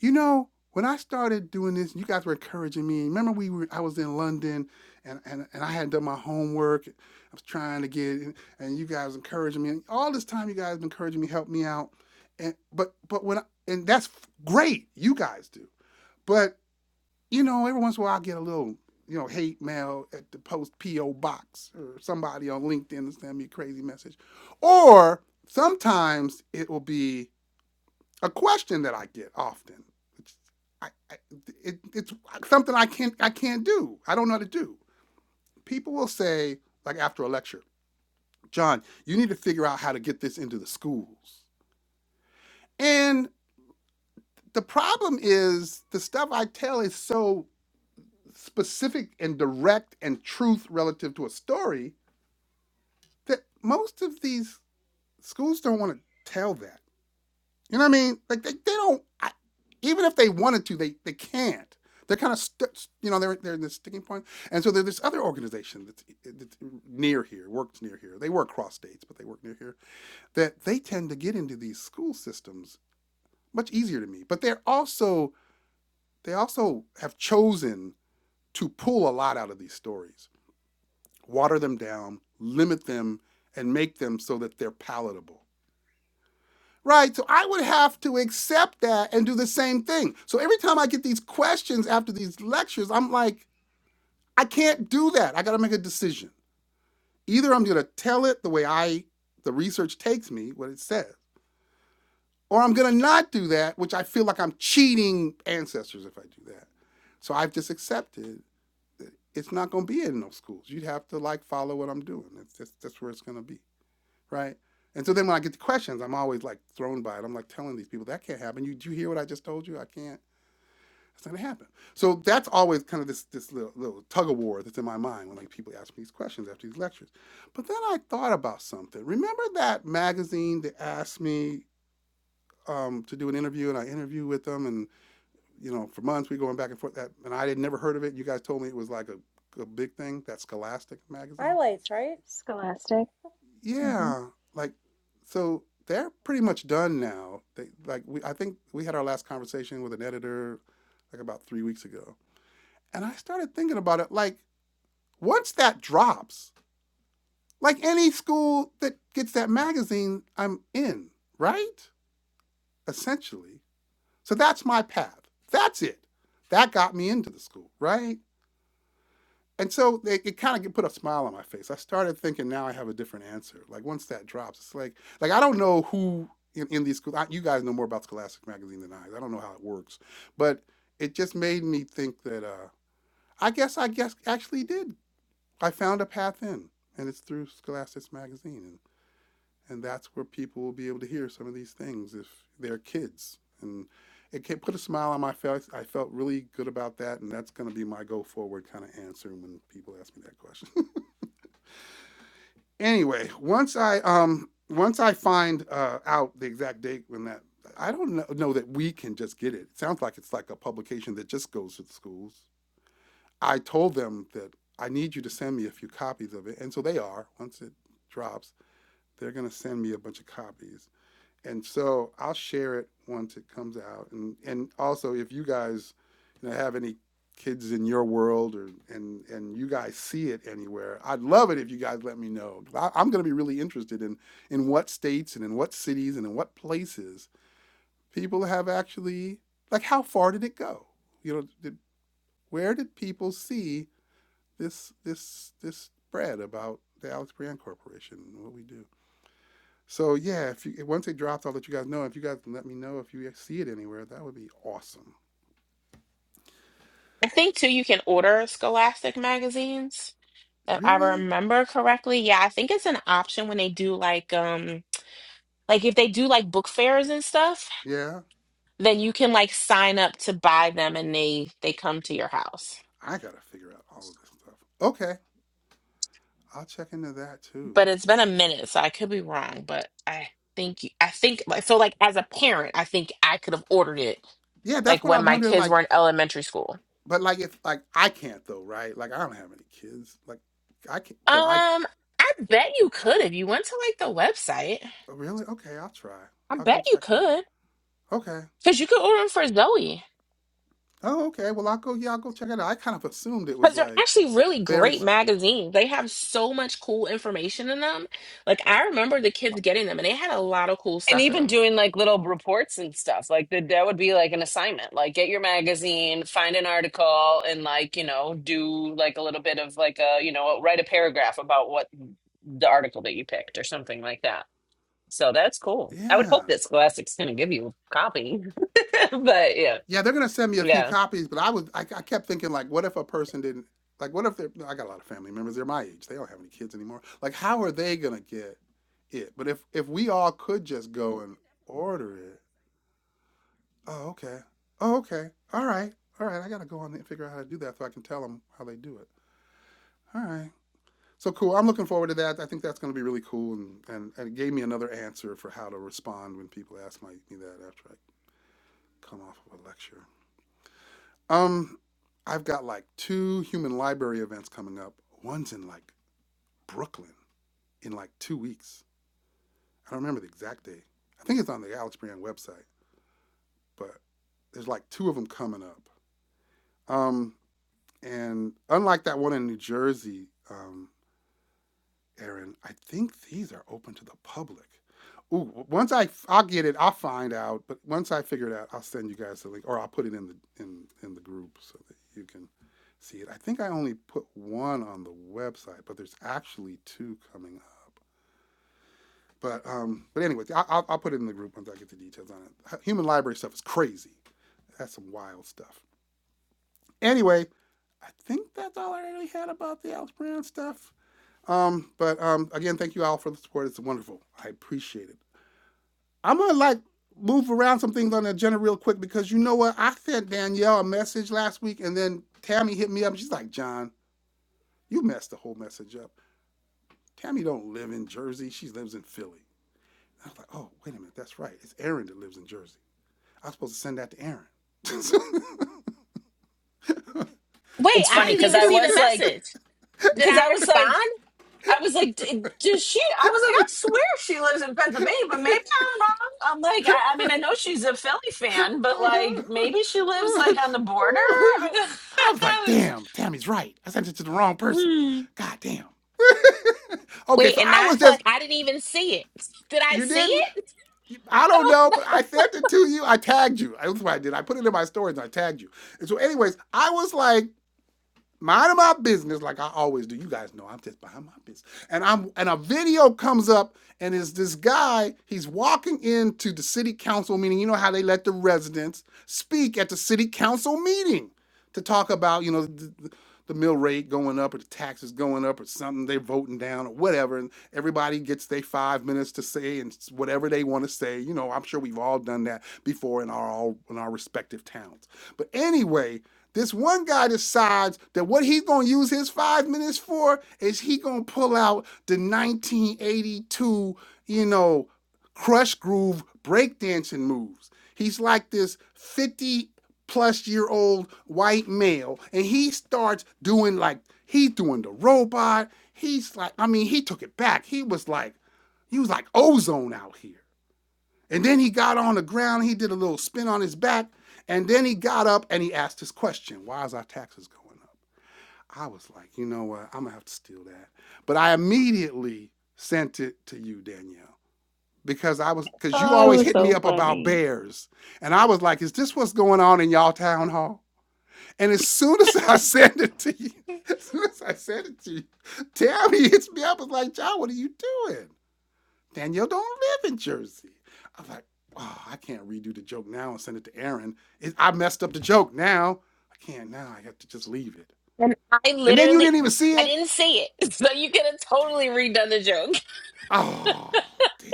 Speaker 1: You know, when I started doing this, you guys were encouraging me. Remember, we were I was in London, and and, and I hadn't done my homework. I was trying to get, and, and you guys encouraging me. And all this time, you guys have been encouraging me, help me out. And but but when I, and that's great, you guys do. But you know, every once in a while, I get a little you know hate mail at the post PO box or somebody on LinkedIn to send me a crazy message, or sometimes it will be a question that I get often. Which I, I, it, it's something I can't I can't do. I don't know how to do. People will say like after a lecture, John, you need to figure out how to get this into the schools. And the problem is the stuff I tell is so specific and direct and truth relative to a story that most of these schools don't want to tell that You know what I mean? Like they, they don't. I, even if they wanted to, they they can't. They're kind of st- you know they're they're in this sticking point. And so there's this other organization that's, that's near here, works near here. They work cross states, but they work near here. That they tend to get into these school systems much easier to me. But they're also they also have chosen to pull a lot out of these stories, water them down, limit them, and make them so that they're palatable. Right. So I would have to accept that and do the same thing. So every time I get these questions after these lectures, I'm like, I can't do that. I got to make a decision. Either I'm going to tell it the way I, the research takes me, what it says, or I'm going to not do that, which I feel like I'm cheating ancestors if I do that. So I've just accepted that it's not going to be in those schools. You'd have to like follow what I'm doing. That's, that's, that's where it's going to be. right? And so then when I get the questions, I'm always like thrown by it. I'm like telling these people that can't happen. You do you hear what I just told you? I can't. It's not gonna happen. So that's always kind of this this little, little tug of war that's in my mind when like people ask me these questions after these lectures. But then I thought about something. Remember that magazine that asked me um, to do an interview, and I interviewed with them, and you know for months we were going back and forth. That and I had never heard of it. You guys told me it was like a, a big thing. That Scholastic magazine.
Speaker 4: Highlights, right?
Speaker 3: Scholastic. hmm
Speaker 1: Yeah, like so they're pretty much done now. They like we I think we had our last conversation with an editor like about 3 weeks ago. And I started thinking about it like once that drops, like any school that gets that magazine, I'm in, right? Essentially. So that's my path. That's it. That got me into the school, right? and so they, it kind of put a smile on my face. I started thinking now I have a different answer. Like once that drops, it's like like I don't know who in, in these schools. You guys know more about Scholastic magazine than I. I don't know how it works, but it just made me think that uh, I guess I guess actually did. I found a path in, and it's through Scholastic magazine, and and that's where people will be able to hear some of these things if they're kids. And it put a smile on my face. I felt really good about that, and that's going to be my go forward kind of answer when people ask me that question. anyway, once I um once I find uh, out the exact date when that I don't know, know that we can just get it. It sounds like it's like a publication that just goes to the schools. I told them that I need you to send me a few copies of it, and so they are. Once it drops, they're gonna send me a bunch of copies. And so I'll share it once it comes out. And and also if you guys you know, have any kids in your world or and and you guys see it anywhere, I'd love it if you guys let me know. I, I'm going to be really interested in in what states and in what cities and in what places people have actually like how far did it go? You know, did, where did people see this this this spread about the Alex Brand Corporation and what we do? So yeah, if you once it drops, I'll let you guys know. If you guys can let me know if you see it anywhere, that would be awesome.
Speaker 2: I think too, you can order Scholastic magazines if I
Speaker 1: Really?
Speaker 2: remember correctly. Yeah, I think it's an option when they do like um like if they do like book fairs and stuff,
Speaker 1: Yeah.
Speaker 2: then you can like sign up to buy them and they they come to your house.
Speaker 1: I gotta figure out all of this stuff. Okay, I'll check into that too.
Speaker 2: But it's been a minute, so I could be wrong, but I think you- I think I feel like as a parent, I think I could have ordered it
Speaker 1: Yeah,
Speaker 2: like
Speaker 1: that's what
Speaker 2: when
Speaker 1: I'm
Speaker 2: my
Speaker 1: wondering.
Speaker 2: kids
Speaker 1: Like,
Speaker 2: were in elementary school.
Speaker 1: but like if like I can't though, right? Like I don't have any kids. Like I can't. But I
Speaker 2: Um, I bet you could if you went to like the website.
Speaker 1: oh, really okay. I'll try.
Speaker 2: I
Speaker 1: I'll go
Speaker 2: bet you
Speaker 1: check it out.
Speaker 2: could
Speaker 1: Okay.
Speaker 2: because you could order them for Zoe.
Speaker 1: Oh, okay. Well, I'll go. Yeah, I'll go check it out. I kind of assumed it was
Speaker 2: Because they're
Speaker 1: like
Speaker 2: actually really
Speaker 1: very.
Speaker 2: great
Speaker 1: s-
Speaker 2: magazines. They have so much cool information in them. Like I remember the kids getting them and they had a lot of cool
Speaker 5: and
Speaker 2: stuff in
Speaker 5: even
Speaker 2: them.
Speaker 5: doing like little reports and stuff like that that would be like an assignment like get your magazine find an article and like you know do like a little bit of like a you know write a paragraph about what the article that you picked or something like that so that's cool i would
Speaker 1: Yeah.
Speaker 5: hope that scholastic's going to give you a copy but yeah
Speaker 1: Yeah, they're gonna send me a few
Speaker 5: yeah
Speaker 1: copies, but I was I, I kept thinking like, what if a person didn't like? What if they're I got a lot of family members. They're my age. They don't have any kids anymore. Like, how are they gonna get it? But if if we all could just go and order it, oh okay, oh okay, all right, all right. I gotta go on and figure out how to do that so I can tell them how they do it. All right. So cool. I'm looking forward to that. I think that's going to be really cool, and, and, and it gave me another answer for how to respond when people ask my, me that after I come off of a lecture. Um, I've got like two human library events coming up. One's in like Brooklyn in like two weeks. I don't remember the exact day. I think it's on the Alex Brand website, but there's like two of them coming up. Um, and unlike that one in New Jersey, um, Aaron, I think these are open to the public. Ooh, once I I'll get it, I'll find out. But once I figure it out, I'll send you guys the link, or I'll put it in the in in the group so that you can see it. I think I only put one on the website, but there's actually two coming up. But um, but anyway, I, I'll I'll put it in the group once I get the details on it. Human library stuff is crazy. That's some wild stuff. Anyway, I think that's all I really had about the Alex Brown stuff. Um, but um, again, thank you all for the support. It's wonderful. I appreciate it. I'm gonna like move around some things on the agenda real quick because you know what? I sent Danielle a message last week, and then Tammy hit me up. And She's like, "John, you messed the whole message up. Tammy don't live in Jersey. She lives in Philly." I was like, "Oh, wait a minute. That's right. It's Aaron that lives in Jersey. I was supposed to send that to Aaron."
Speaker 2: Wait, I didn't even see the message. Did
Speaker 5: because
Speaker 2: I
Speaker 5: i was like
Speaker 2: respond?
Speaker 5: I was like, "D- does she? I was like, I swear she lives in Pennsylvania, but maybe I'm wrong. I'm like, I, I mean, I know she's a Philly fan, but like, maybe she lives like on the border.
Speaker 1: I
Speaker 5: I
Speaker 1: was like,
Speaker 5: was-
Speaker 1: "Damn, Tammy's right. I sent it to the wrong person.
Speaker 5: hmm.
Speaker 1: God damn." Okay,
Speaker 2: Wait,
Speaker 1: so
Speaker 2: and now
Speaker 1: I
Speaker 2: I
Speaker 1: was
Speaker 2: feel
Speaker 1: just
Speaker 2: like I didn't even see it. Did I
Speaker 1: you
Speaker 2: see
Speaker 1: didn't.
Speaker 2: it?
Speaker 1: I
Speaker 2: I
Speaker 1: don't
Speaker 2: don't
Speaker 1: know, but I sent it to you. I tagged you. That's what I did. I put it in my stories and I tagged you. And so, anyways, I was like, minding my business like I always do. You guys know I'm just behind my business. And I'm and a video comes up and it's this guy, he's walking into the city council meeting. You know how they let the residents speak at the city council meeting to talk about, you know, the, the mill rate going up or the taxes going up or something they're voting down or whatever and everybody gets their 5 minutes to say and whatever they want to say. You know, I'm sure we've all done that before in our all in our respective towns. But anyway, this one guy decides that what he's going to use his five minutes for is he going to pull out the 1982, you know, crush groove breakdancing moves. He's like this 50 plus year old white male, and he starts doing like, he's doing the robot. He's like, I mean, he took it back. He was like, he was like ozone out here. And then he got on the ground, he did a little spin on his back, and then he got up and he asked his question Why is our taxes going up? I was like, You know what? I'm gonna have to steal that. But I immediately sent it to you, Danielle, because I was because you
Speaker 3: Oh, it
Speaker 1: always
Speaker 3: was
Speaker 1: hit me
Speaker 3: so
Speaker 1: up about
Speaker 3: funny.
Speaker 1: bears. And I was like, Is this what's going on in y'all town hall? And as soon as I sent it to you, as soon as I sent it to you, Tammy hits me up and was like, John, what are you doing? Danielle don't live in Jersey. I was like, oh, I can't redo the joke now and send it to Aaron. It, I messed up the joke now. I can't now. I have to just leave it.
Speaker 2: and I
Speaker 1: And then you
Speaker 2: literally
Speaker 1: didn't even see
Speaker 2: I
Speaker 1: it.
Speaker 2: didn't see it. So you could have
Speaker 1: Damn.
Speaker 2: totally redone the joke.
Speaker 1: Oh, damn.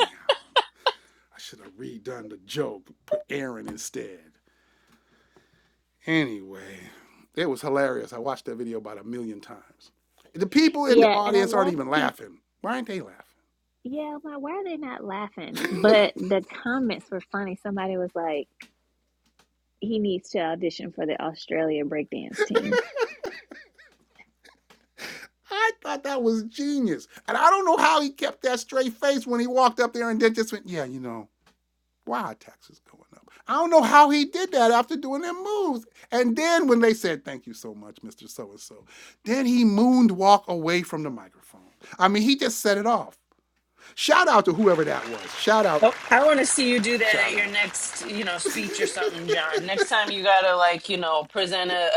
Speaker 1: I should have redone the joke. Put Aaron instead. Anyway, it was hilarious. I watched that video about a million times. The people in the
Speaker 3: Yeah, and I
Speaker 1: audience aren't
Speaker 3: love
Speaker 1: even
Speaker 3: people.
Speaker 1: laughing. Why aren't they laughing?
Speaker 3: Yeah, I'm like, why are they not laughing? But the comments were funny. Somebody was like, he needs to audition for the Australia breakdance team.
Speaker 1: I thought that was genius. And I don't know how he kept that straight face when he walked up there and did this. Went, yeah, you know, Why are taxes going up? I don't know how he did that after doing them moves. And then when they said, Thank you so much, Mr. So and so, then he moonwalk away from the microphone. I mean, he just set it off. Shout out to whoever that was. Shout out,
Speaker 5: Nope. I want to see you do that
Speaker 1: shout
Speaker 5: at your
Speaker 1: out.
Speaker 5: next, you know, speech or something, John. Next time you gotta like, you know, present a,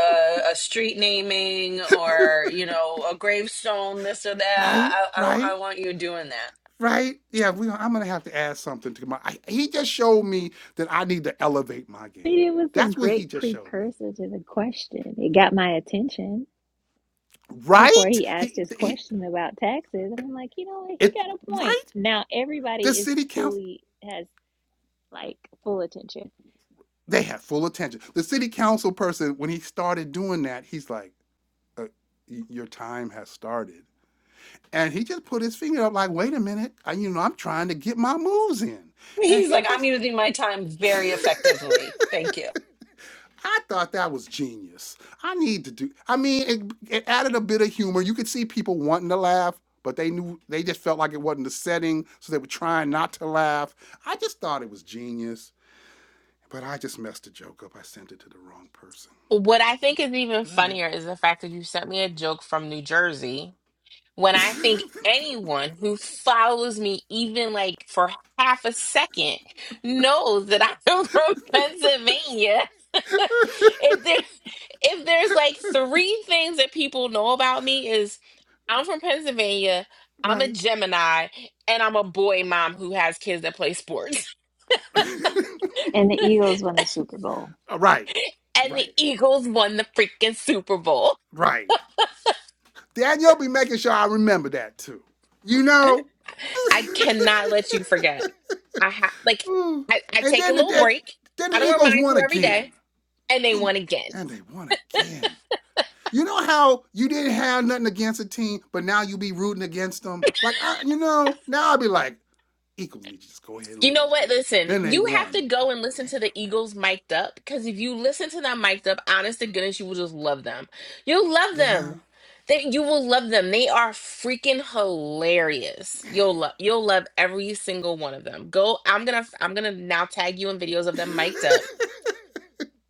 Speaker 5: a, a street naming or you know a gravestone, this or that.
Speaker 1: Right,
Speaker 5: I, I
Speaker 1: right,
Speaker 5: I want you doing that.
Speaker 1: right. Yeah, we, I'm going to have to add something to my. I, he just showed me that I need to elevate my
Speaker 3: But
Speaker 1: game.
Speaker 3: it was a
Speaker 1: That's what he
Speaker 3: great
Speaker 1: just showed me.
Speaker 3: precursor to the question. It got my attention before
Speaker 1: Right?
Speaker 3: he asked
Speaker 1: He,
Speaker 3: his
Speaker 1: he
Speaker 3: question about taxes. And I'm like, you know what? He
Speaker 1: it,
Speaker 3: got a point.
Speaker 1: right?
Speaker 3: Now everybody
Speaker 1: The
Speaker 3: is
Speaker 1: city council.
Speaker 3: fully, has like full attention.
Speaker 1: They had full attention. The city council person, when he started doing that, he's like, uh, "Your time has started," and he just put his finger up, like, "Wait a minute, I, you know, I'm trying to get my moves in," and
Speaker 5: He's
Speaker 1: he
Speaker 5: like, I'm
Speaker 1: just.
Speaker 5: using my time very effectively. Thank you.
Speaker 1: I thought that was genius. I need to do. I mean, it, it added a bit of humor. You could see people wanting to laugh, but they knew they just felt like it wasn't the setting, so they were trying not to laugh. I just thought it was genius, but I just messed the joke up. I sent it to the wrong person.
Speaker 2: What I think is even
Speaker 1: But I,
Speaker 2: funnier is the fact that you sent me a joke from New Jersey when I think anyone who follows me, even like for half a second, knows that I'm from Pennsylvania. if there, if there's like three things that people know about me is I'm from Pennsylvania, I'm a
Speaker 1: right.
Speaker 2: Gemini, and I'm a boy mom who has kids that play sports.
Speaker 3: And the Eagles won the Super Bowl.
Speaker 1: Uh, Right,
Speaker 2: And the
Speaker 1: right,
Speaker 2: Eagles won the freaking Super Bowl.
Speaker 1: right. Danielle be making sure I remember that too. You know.
Speaker 2: I cannot let you forget. I have like I, I
Speaker 1: and
Speaker 2: take a
Speaker 1: then
Speaker 2: little
Speaker 1: the
Speaker 2: break.
Speaker 1: then
Speaker 2: I
Speaker 1: the
Speaker 2: don't
Speaker 1: Eagles
Speaker 2: remind
Speaker 1: won
Speaker 2: you every day
Speaker 1: again,
Speaker 2: and they
Speaker 1: and,
Speaker 2: won again.
Speaker 1: and they won again. You know how you didn't have nothing against a team, but now you be rooting against them. Like I, you know, now I'll be like, Eagles need to just go ahead and
Speaker 2: You know
Speaker 1: lose
Speaker 2: what?
Speaker 1: today.
Speaker 2: Listen,
Speaker 1: Then they
Speaker 2: you have
Speaker 1: won.
Speaker 2: to go and listen to the Eagles mic'd up because if you listen to them mic'd up, honest to goodness, you will just love them. You'll love them.
Speaker 1: Damn.
Speaker 2: They, you will love them. They are freaking hilarious. You'll love you'll love every single one of them. Go. I'm gonna I'm gonna now tag you in videos of
Speaker 1: Yeah.
Speaker 2: them mic'd up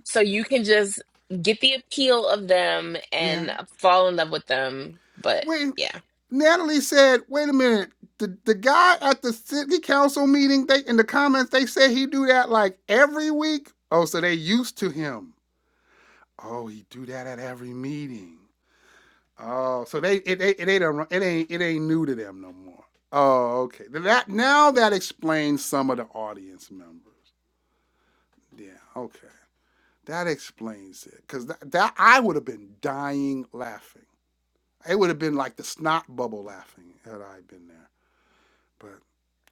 Speaker 2: so you can just get the appeal of them
Speaker 1: yeah.
Speaker 2: and fall in love with them. But
Speaker 1: Wait,
Speaker 2: yeah.
Speaker 1: Natalie said, "Wait a minute. The the guy at the city council meeting, they in the comments they said he do that like every week. Oh, so they used to him. Oh, he do that at every meeting. Oh, so they it it, it ain't it ain't it ain't new to them no more. Oh, okay. That now that explains some of the audience members. Yeah, okay. That explains it because that, that I would have been dying laughing. It would have been like the snot bubble laughing had I been there. but."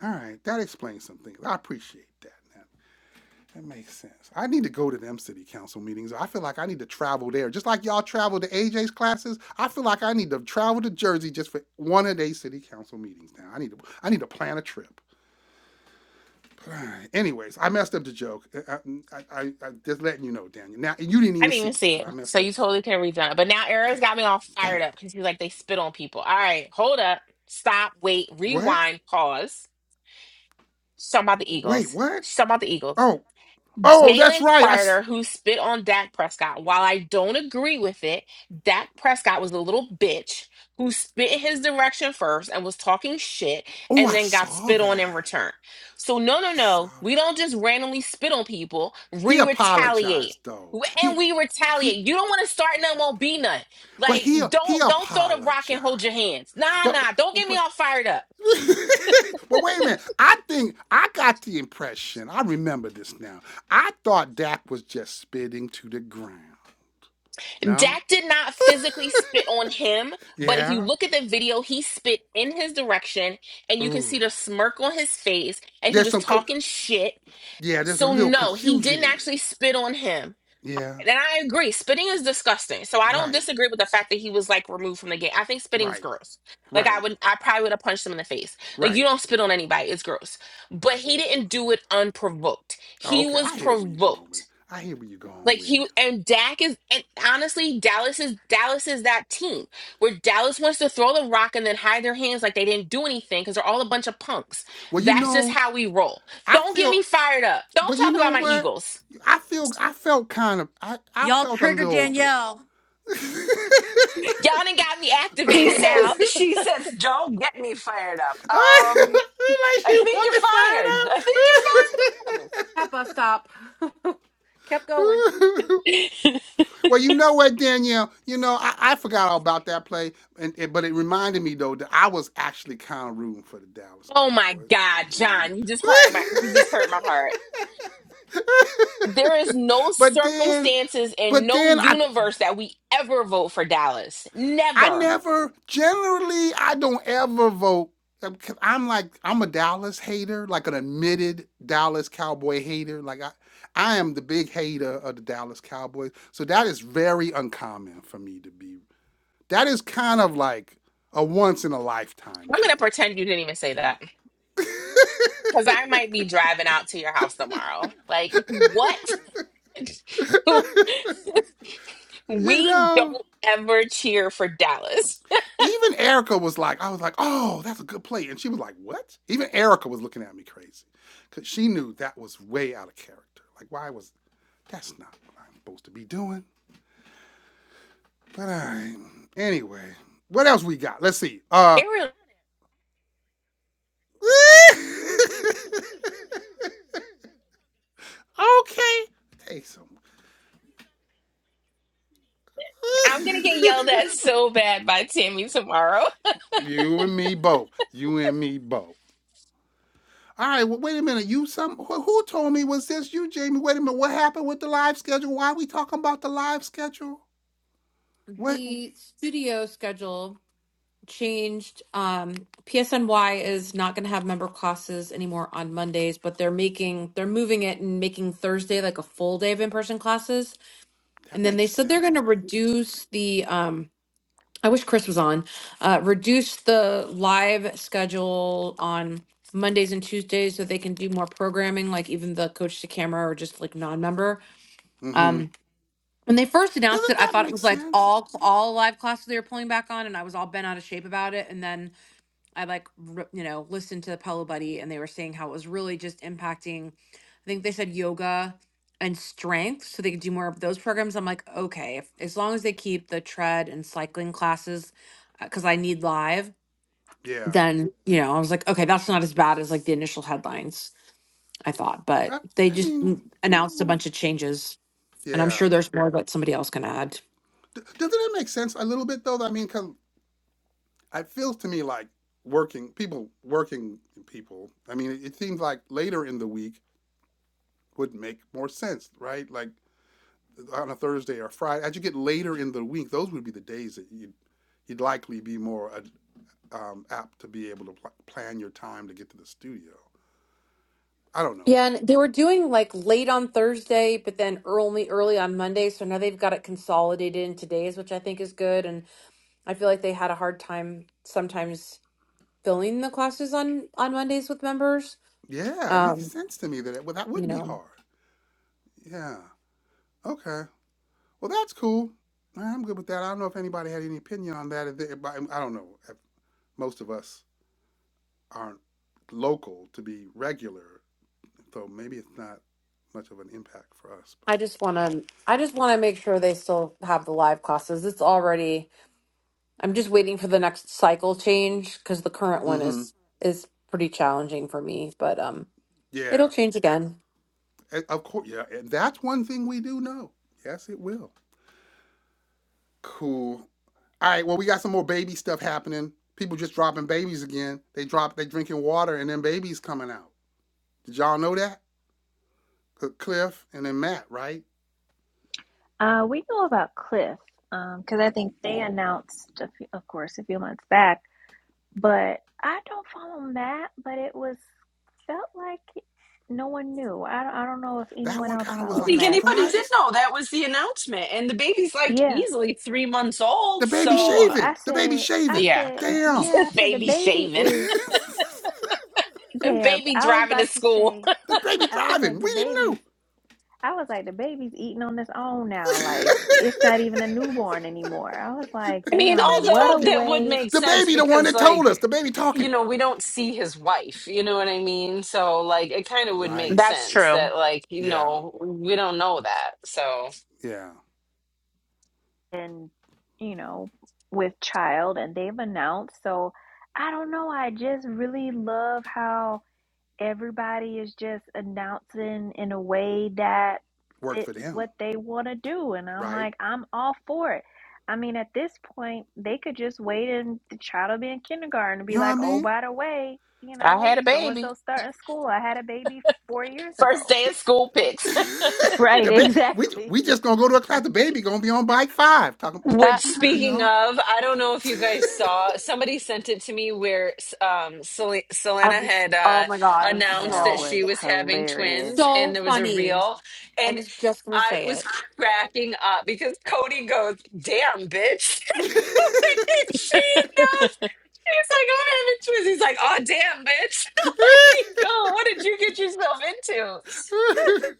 Speaker 1: All right, that explains some things. I appreciate that. Now. That makes sense. I need to go to them city council meetings. I feel like I need to travel there. Just like y'all travel to AJ's classes, I feel like I need to travel to Jersey just for one of their city council meetings now. I need to I need to plan a trip. But all right. Anyways, I messed up the joke. I, I, I, I just letting you know, Daniel. Now you didn't
Speaker 2: I
Speaker 1: even
Speaker 2: didn't
Speaker 1: see
Speaker 2: even
Speaker 1: it,
Speaker 2: see
Speaker 1: but
Speaker 2: it.
Speaker 1: I
Speaker 2: So
Speaker 1: messed up
Speaker 2: you
Speaker 1: the
Speaker 2: totally
Speaker 1: joke.
Speaker 2: could have redone it. But now Arrow's got me all
Speaker 1: Damn.
Speaker 2: fired up because he's like, they spit on people. All right, hold up, stop, wait,
Speaker 1: What?
Speaker 2: rewind, pause. She's talking about the
Speaker 1: Wait,
Speaker 2: Eagles.
Speaker 1: what?
Speaker 2: She's talking about the Eagles.
Speaker 1: Oh, oh, that's
Speaker 2: Jalen
Speaker 1: right. I.
Speaker 2: Carter, who spit on Dak Prescott, while I don't agree with it, Dak Prescott was a little bitch who spit in his direction first and was talking shit
Speaker 1: oh,
Speaker 2: and
Speaker 1: I
Speaker 2: then got
Speaker 1: saw
Speaker 2: spit on in
Speaker 1: that.
Speaker 2: return. So, no,
Speaker 1: I
Speaker 2: no,
Speaker 1: saw
Speaker 2: no. We
Speaker 1: that.
Speaker 2: don't just randomly spit on people,
Speaker 1: He
Speaker 2: we retaliate.
Speaker 1: apologized though.
Speaker 2: W- And
Speaker 1: He
Speaker 2: we
Speaker 1: he
Speaker 2: retaliate. You don't want to start none, won't be none.
Speaker 1: but
Speaker 2: Like,
Speaker 1: he he
Speaker 2: don't don't throw the rock and
Speaker 1: apologized.
Speaker 2: hold your hands. Nah,
Speaker 1: But
Speaker 2: nah. Don't get me
Speaker 1: but
Speaker 2: all fired up.
Speaker 1: but wait a minute. I think I got the impression. I remember this now. I thought Dak was just spitting to the ground. No?
Speaker 2: Dak did not physically spit on him, but if you
Speaker 1: Yeah.
Speaker 2: look at the video, he spit in his direction and you can see
Speaker 1: Ooh.
Speaker 2: the smirk on his face and he
Speaker 1: There's
Speaker 2: was
Speaker 1: some co-
Speaker 2: talking shit.
Speaker 1: yeah, there's a
Speaker 2: So,
Speaker 1: little
Speaker 2: no, he
Speaker 1: confusion
Speaker 2: didn't
Speaker 1: in it.
Speaker 2: actually spit on him.
Speaker 1: Yeah.
Speaker 2: And I agree, spitting is disgusting. So, I don't
Speaker 1: Right.
Speaker 2: disagree with the fact that he was like removed from the game. I think spitting's
Speaker 1: Right.
Speaker 2: gross. Like, I
Speaker 1: Right.
Speaker 2: would, I probably would have punched him in the face. Like, you
Speaker 1: Right.
Speaker 2: don't spit on anybody, it's gross. But he didn't do it unprovoked,
Speaker 1: Oh,
Speaker 2: he
Speaker 1: okay.
Speaker 2: was
Speaker 1: I hear where you're going with
Speaker 2: provoked.
Speaker 1: it. I hear where you're going
Speaker 2: Like
Speaker 1: with
Speaker 2: he
Speaker 1: it.
Speaker 2: and Dak is and honestly Dallas is Dallas is that team where Dallas wants to throw the rock and then hide their hands like they didn't do anything because they're all a bunch of punks.
Speaker 1: Well, you
Speaker 2: That's just
Speaker 1: know,
Speaker 2: how we roll.
Speaker 1: I
Speaker 2: Don't get
Speaker 1: feel
Speaker 2: me fired up. Don't
Speaker 1: But you
Speaker 2: talk
Speaker 1: know
Speaker 2: about my
Speaker 1: what?
Speaker 2: Eagles.
Speaker 1: I feel I felt kind of I, I
Speaker 4: Y'all
Speaker 1: felt a
Speaker 4: triggered
Speaker 1: little bit
Speaker 4: Danielle.
Speaker 2: Y'all done got me
Speaker 5: She
Speaker 2: activated
Speaker 5: says,
Speaker 2: now.
Speaker 5: she says, don't get me fired up. Um,
Speaker 1: like
Speaker 5: I
Speaker 1: she
Speaker 5: think you're
Speaker 1: wasn't fired
Speaker 5: fired. I think you're fired.
Speaker 4: That bus stop kept going.
Speaker 1: up. well, you know what, Danielle? You know I, I forgot all about that play, and, and- but it reminded me though that I was actually kind of rooting for the Dallas
Speaker 2: Oh my
Speaker 1: Cowboys in
Speaker 2: God,
Speaker 1: that game.
Speaker 2: John, you just hurt my you just hurt my heart. There is no
Speaker 1: but then,
Speaker 2: circumstances and
Speaker 1: but
Speaker 2: no
Speaker 1: then I
Speaker 2: universe that we ever vote for Dallas.
Speaker 1: I
Speaker 2: Never.
Speaker 1: never generally I don't ever vote uh, 'cause I'm like I'm a Dallas hater, like an admitted Dallas Cowboy hater. Like I I am the big hater of the Dallas Cowboys. So that is very uncommon for me to be. That is kind of like a once in a lifetime
Speaker 2: I'm gonna
Speaker 1: thing.
Speaker 2: pretend you didn't even say
Speaker 1: You
Speaker 2: that.
Speaker 1: know.
Speaker 2: Because I might be driving out to your house tomorrow. Like, what?
Speaker 1: You
Speaker 2: we
Speaker 1: know?
Speaker 2: don't ever cheer for Dallas.
Speaker 1: even Erica was like, I was like, oh, that's a good play. And she was like, what? Even Erica was looking at me crazy because she knew that was way out of character. Like, why was that's not what I'm supposed to be doing? But I, anyway, what else we got? Let's see. Uh,
Speaker 2: It really-
Speaker 1: okay. Hey, some.
Speaker 2: I'm going to get yelled at so bad by Tammy tomorrow.
Speaker 1: you and me both. You and me both. All right, well, wait a minute. You some who, who told me was this you, Jamie? Wait a minute. What happened with the live schedule? Why are we talking about the live schedule? What
Speaker 4: The studio schedule changed. Um, PSNY is not going to have member classes anymore on Mondays, but they're making they're moving it and making Thursday like a full day of in person classes.
Speaker 1: that
Speaker 4: And then they
Speaker 1: makes
Speaker 4: said they're
Speaker 1: sense,
Speaker 4: going
Speaker 1: I
Speaker 4: to
Speaker 1: think.
Speaker 4: reduce the. Um, I wish Chris was on. Uh, reduce the live schedule on Mondays and Tuesdays so they can do more programming, like even the coach to camera or just like non member.
Speaker 1: Mm-hmm.
Speaker 4: Um, when they first announced it,
Speaker 1: Doesn't
Speaker 4: I
Speaker 1: that
Speaker 4: thought it
Speaker 1: make
Speaker 4: was like
Speaker 1: sense?
Speaker 4: all all live classes they were pulling back on, and I was all bent out of shape about it. And then I like, r- you know, listened to Paulo Buddy and they were saying how it was really just impacting, I think they said yoga and strength so they could do more of those programs. I'm like, okay, if, as long as they keep the tread and cycling classes, because I need live,
Speaker 1: Yeah.
Speaker 4: then, you know, I was like, okay, that's not as bad as like the initial headlines I thought, but
Speaker 1: I,
Speaker 4: they
Speaker 1: I
Speaker 4: just
Speaker 1: mean,
Speaker 4: mm, announced a bunch of changes and I'm
Speaker 1: yeah.
Speaker 4: sure there's more that somebody else can add.
Speaker 1: D- doesn't it make sense a little bit though? I mean, cause it feels to me like working people, working people. I mean, it, it seems like later in the week would make more sense, right? Like on a Thursday or Friday, as you get later in the week, those would be the days that you'd, you'd likely be more uh, um, apt to be able to pl- plan your time to get to the studio. I don't know.
Speaker 4: Yeah, and they were doing like late on Thursday, but then early early on Monday. So now they've got it consolidated into days, which I think is good. And I feel like they had a hard time sometimes filling the classes on on Mondays with members.
Speaker 1: Yeah, it makes
Speaker 4: Um,
Speaker 1: sense to me that it, well, that
Speaker 4: you
Speaker 1: would be
Speaker 4: know,
Speaker 1: hard. Yeah. Okay. Well, that's cool. right, I'm good with that. I don't know if anybody had any opinion on that. If they- if I I don't know. If Most of us aren't local to be regular, so maybe it's not much of an impact for us.
Speaker 4: I just want to I just want to make sure they still have the live classes. It's already I'm just waiting for the next cycle change because the current
Speaker 1: But
Speaker 4: one
Speaker 1: mm-hmm.
Speaker 4: is is pretty challenging for me, but um,
Speaker 1: yeah,
Speaker 4: it'll change again.
Speaker 1: And Of course, yeah. And that's one thing we do know. Yes, it will. Cool. All right. Well, we got some more baby stuff happening. People just dropping babies again. They drop. They drinking water, and then babies coming out. Did y'all know that? Uh, Cliff and then Matt, right?
Speaker 3: Uh, we know about Cliff because I think they announced, a few, of course, a few months back. But I don't follow Matt, but it was felt like no one knew. I don't, I don't know if
Speaker 1: That
Speaker 3: anyone
Speaker 1: one
Speaker 3: else
Speaker 1: kind of
Speaker 5: I
Speaker 1: was
Speaker 3: follows
Speaker 1: like a
Speaker 5: think
Speaker 3: Matt.
Speaker 5: anybody did
Speaker 1: surprise.
Speaker 5: know that was the announcement. And the baby's like
Speaker 3: Yeah,
Speaker 5: easily three months old.
Speaker 1: The baby
Speaker 5: So,
Speaker 3: easy.
Speaker 5: uh,
Speaker 3: I
Speaker 1: shaving. The baby
Speaker 3: said, I
Speaker 1: shaving.
Speaker 2: Yeah.
Speaker 3: said,
Speaker 1: Damn.
Speaker 3: yeah. I said the
Speaker 2: Baby
Speaker 3: baby
Speaker 2: shaving,
Speaker 1: the
Speaker 3: is damn.
Speaker 2: baby
Speaker 3: I was
Speaker 2: driving to
Speaker 3: about to
Speaker 2: school.
Speaker 3: say,
Speaker 1: baby
Speaker 3: I was
Speaker 1: driving.
Speaker 3: like the
Speaker 1: We didn't
Speaker 3: baby's.
Speaker 1: know.
Speaker 3: I was like the baby's eating on its own now. Like it's not even a newborn anymore. I was like,
Speaker 1: the
Speaker 3: damn,
Speaker 1: baby
Speaker 3: what a
Speaker 1: talking.
Speaker 3: way
Speaker 1: The baby, the one that told us. The baby
Speaker 5: you
Speaker 1: talking.
Speaker 5: know,
Speaker 1: Right.
Speaker 2: That's true.
Speaker 5: like, you
Speaker 1: Yeah.
Speaker 5: know, that. so.
Speaker 1: Yeah.
Speaker 3: and you know with child and they've announced so i don't know i just really love how everybody is just announcing in a way that
Speaker 1: worked for
Speaker 3: fits what
Speaker 1: them,
Speaker 3: they want to do and i'm
Speaker 1: right?
Speaker 3: like i'm all for it i mean at this point they could just wait and the child will be in kindergarten and
Speaker 1: You
Speaker 3: be
Speaker 1: know what I
Speaker 3: like oh
Speaker 1: mean?
Speaker 3: by the way you
Speaker 2: I
Speaker 3: know
Speaker 2: had a
Speaker 3: so and
Speaker 2: baby.
Speaker 3: so starting school i had a baby four years
Speaker 2: First
Speaker 3: ago
Speaker 2: day of school pics.
Speaker 3: right
Speaker 1: the ba- we
Speaker 3: exactly
Speaker 1: we just gonna go to a class. The baby gonna be on bike five. Talking,
Speaker 5: Which,
Speaker 4: That
Speaker 1: you
Speaker 5: speaking
Speaker 1: know.
Speaker 5: of, I don't know if you guys saw, somebody sent it to me where um, Sel-
Speaker 4: I
Speaker 5: Selena
Speaker 4: was
Speaker 5: had
Speaker 4: oh
Speaker 5: uh,
Speaker 4: my
Speaker 3: Uh,
Speaker 4: God, I was
Speaker 5: announced
Speaker 3: That
Speaker 5: that
Speaker 4: so
Speaker 5: she
Speaker 3: was
Speaker 5: was having
Speaker 3: hilarious.
Speaker 5: twins, and
Speaker 4: So
Speaker 5: there was a
Speaker 4: funny.
Speaker 5: reel,
Speaker 4: I
Speaker 5: and
Speaker 4: was just gonna
Speaker 5: I
Speaker 4: say it.
Speaker 5: was cracking up because Cody goes, "Damn, bitch!" she knows. He's like, "I'm having twins." He's like, "Oh, damn, bitch!" like, oh, what did you get yourself into?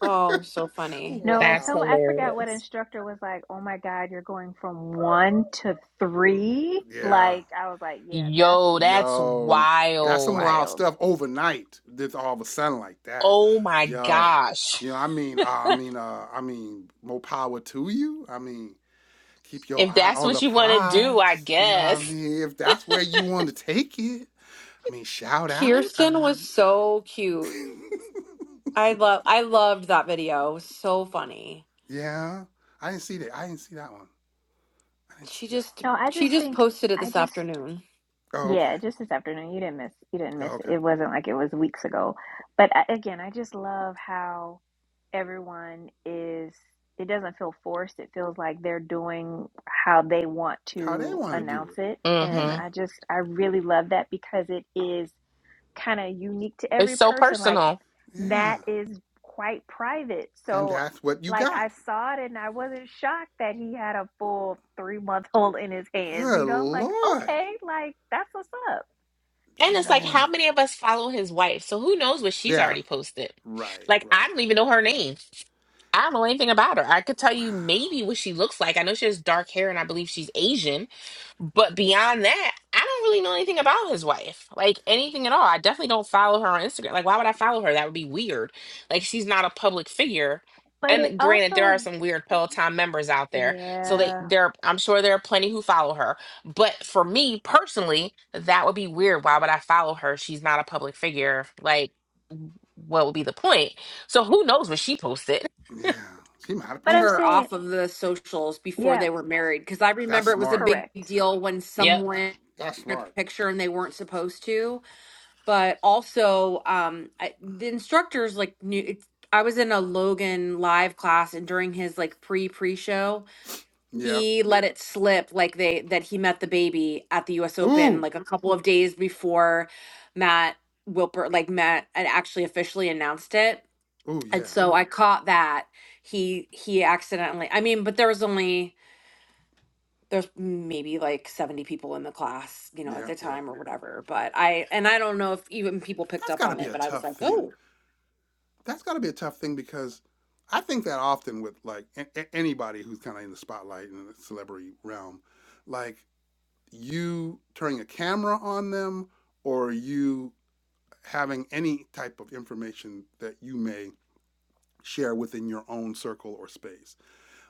Speaker 4: Oh, so funny.
Speaker 3: No, and
Speaker 2: That's
Speaker 1: wow.
Speaker 3: so I forgot what
Speaker 2: hilarious.
Speaker 3: instructor was like, oh my God, you're going from one to three.
Speaker 1: Yeah.
Speaker 3: Like I was like, yeah, that's
Speaker 2: Yo, that's
Speaker 1: Yo, that's
Speaker 3: that's
Speaker 1: some
Speaker 2: wild.
Speaker 1: wild
Speaker 3: wild.
Speaker 1: stuff overnight. That's all of a sudden like that.
Speaker 2: Oh my
Speaker 1: Yo.
Speaker 2: gosh.
Speaker 1: You know, I mean, uh, I mean, uh, I mean, more power to you. I mean, keep your
Speaker 2: If
Speaker 1: eye
Speaker 2: that's
Speaker 1: on
Speaker 2: what
Speaker 1: the
Speaker 2: you want to do, I
Speaker 1: prize. You know what I
Speaker 2: guess.
Speaker 1: mean? If that's where you want to take it, I mean, shout out. I
Speaker 4: Kirsten was
Speaker 1: mean,
Speaker 4: so cute. I love I loved that video. So funny.
Speaker 1: yeah. I didn't see that. I didn't see that one. I didn't see
Speaker 4: She
Speaker 1: that one.
Speaker 4: just
Speaker 3: No, I
Speaker 4: she
Speaker 3: just
Speaker 4: just
Speaker 3: think
Speaker 4: posted it
Speaker 3: I
Speaker 4: this
Speaker 3: just
Speaker 4: afternoon.
Speaker 1: Oh, okay.
Speaker 3: yeah, just this afternoon. You didn't miss you didn't
Speaker 1: Oh,
Speaker 3: miss it.
Speaker 1: okay.
Speaker 3: It wasn't like it was weeks ago. But I, again, I just love how everyone is it doesn't feel forced. It feels like they're doing how they want
Speaker 1: How they
Speaker 3: to
Speaker 1: want to do
Speaker 3: announce
Speaker 1: it.
Speaker 3: it.
Speaker 2: Hmm.
Speaker 3: And
Speaker 1: Yeah.
Speaker 3: I just I really love that because it is kind of unique to
Speaker 2: It's
Speaker 3: every
Speaker 2: so
Speaker 3: person. Like
Speaker 2: personal.
Speaker 1: Yeah.
Speaker 3: Matt is quite private.
Speaker 1: And
Speaker 3: So
Speaker 1: that's what you
Speaker 3: like
Speaker 1: got.
Speaker 3: I saw it and I wasn't shocked that he had a full three month old in his hands.
Speaker 1: Good
Speaker 3: You know, I'm like,
Speaker 1: Lord.
Speaker 3: okay, like that's what's up.
Speaker 2: And it's like,
Speaker 3: So
Speaker 2: how
Speaker 1: Dang.
Speaker 2: many of us follow his wife? So who knows what she's
Speaker 1: Yeah.
Speaker 2: already posted?
Speaker 1: Right.
Speaker 2: Like, I
Speaker 1: Right.
Speaker 2: don't even know her name. I don't know anything about her. I could tell
Speaker 1: Wow.
Speaker 2: you maybe what she looks like. I know she has dark hair and I believe she's Asian. But beyond that, I don't really know anything about his wife, like anything at all. I definitely don't follow her on Instagram. Like, why would I follow her? That would be weird. Like, she's not a public figure.
Speaker 3: but it
Speaker 2: And granted, there are
Speaker 3: also
Speaker 2: some weird Peloton members out there, so
Speaker 1: Yeah.
Speaker 2: they
Speaker 3: yeah.
Speaker 2: there. I'm sure there are plenty who follow her. But for me personally, that would be weird. Why would I follow her? She's not a public figure. Like, w- what would be the point? So who knows what she posted?
Speaker 1: Yeah. She might have
Speaker 3: But I'm
Speaker 1: posted.
Speaker 4: Her
Speaker 3: saying,
Speaker 4: off of the socials before
Speaker 3: yeah,
Speaker 4: they were married because I
Speaker 1: it. That's
Speaker 4: remember it was a
Speaker 1: smart.
Speaker 4: big
Speaker 3: correct.
Speaker 4: deal when
Speaker 2: Yeah.
Speaker 4: someone
Speaker 1: That's
Speaker 4: took a
Speaker 1: smart.
Speaker 4: picture and they weren't supposed to. But also, um, I, the instructors like knew. It, I was in a Logan live class and during his like pre pre show,
Speaker 1: Yeah.
Speaker 4: he let it slip like they that he met the baby at the US Open
Speaker 1: Ooh.
Speaker 4: like a couple of days before Matt Wilper like Matt had actually officially announced it.
Speaker 1: Ooh,
Speaker 4: And
Speaker 1: yeah.
Speaker 4: so I caught that he he accidentally I mean but there was only there's maybe like 70 people in the class, you know, at
Speaker 1: Yeah.
Speaker 4: the
Speaker 1: Yeah.
Speaker 4: time or whatever. But I, and I don't know if even people picked
Speaker 1: That's
Speaker 4: up
Speaker 1: got to
Speaker 4: on
Speaker 1: be
Speaker 4: it,
Speaker 1: a
Speaker 4: but I was
Speaker 1: tough
Speaker 4: like,
Speaker 1: thing.
Speaker 4: oh,
Speaker 1: That's got to be a tough thing because I think that often with like a- anybody who's kind of in the spotlight in the celebrity realm, like you turning a camera on them or you having any type of information that you may share within your own circle or space.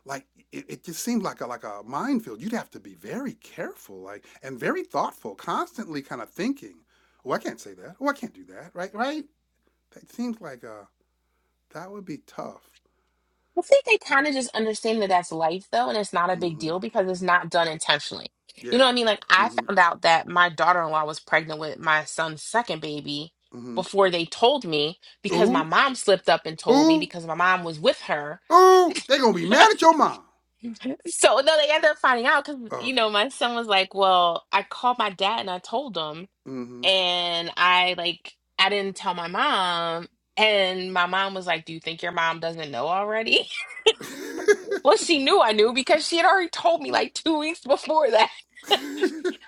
Speaker 1: Like it, it just seemed like a like a minefield. You'd have to be very careful, like and very thoughtful, constantly kind of thinking, Oh, I can't say that. Oh, I can't do that. Right, right? That seems like a That would be tough.
Speaker 2: I think they kind of just understand that that's life, though, and it's not a big
Speaker 1: hmm
Speaker 2: deal because it's not done intentionally. You know
Speaker 1: Yeah.
Speaker 2: what I mean? Like, I
Speaker 1: hmm
Speaker 2: found out that my daughter in law was pregnant with my son's second baby
Speaker 1: hmm
Speaker 2: before they told me because my
Speaker 1: Ooh,
Speaker 2: mom slipped up and told me
Speaker 1: ooh,
Speaker 2: because my mom was with her.
Speaker 1: ooh. They gonna be mad at your mom.
Speaker 2: so, no, they ended up finding out because,
Speaker 1: Oh,
Speaker 2: you
Speaker 1: okay.
Speaker 2: know, my son was like, Well, I called my dad and I told him,
Speaker 1: hmm
Speaker 2: and I, like, I didn't tell my mom. And my mom was like, Do you think your mom doesn't know already? Well, she knew I knew because she had already told me like two weeks before that.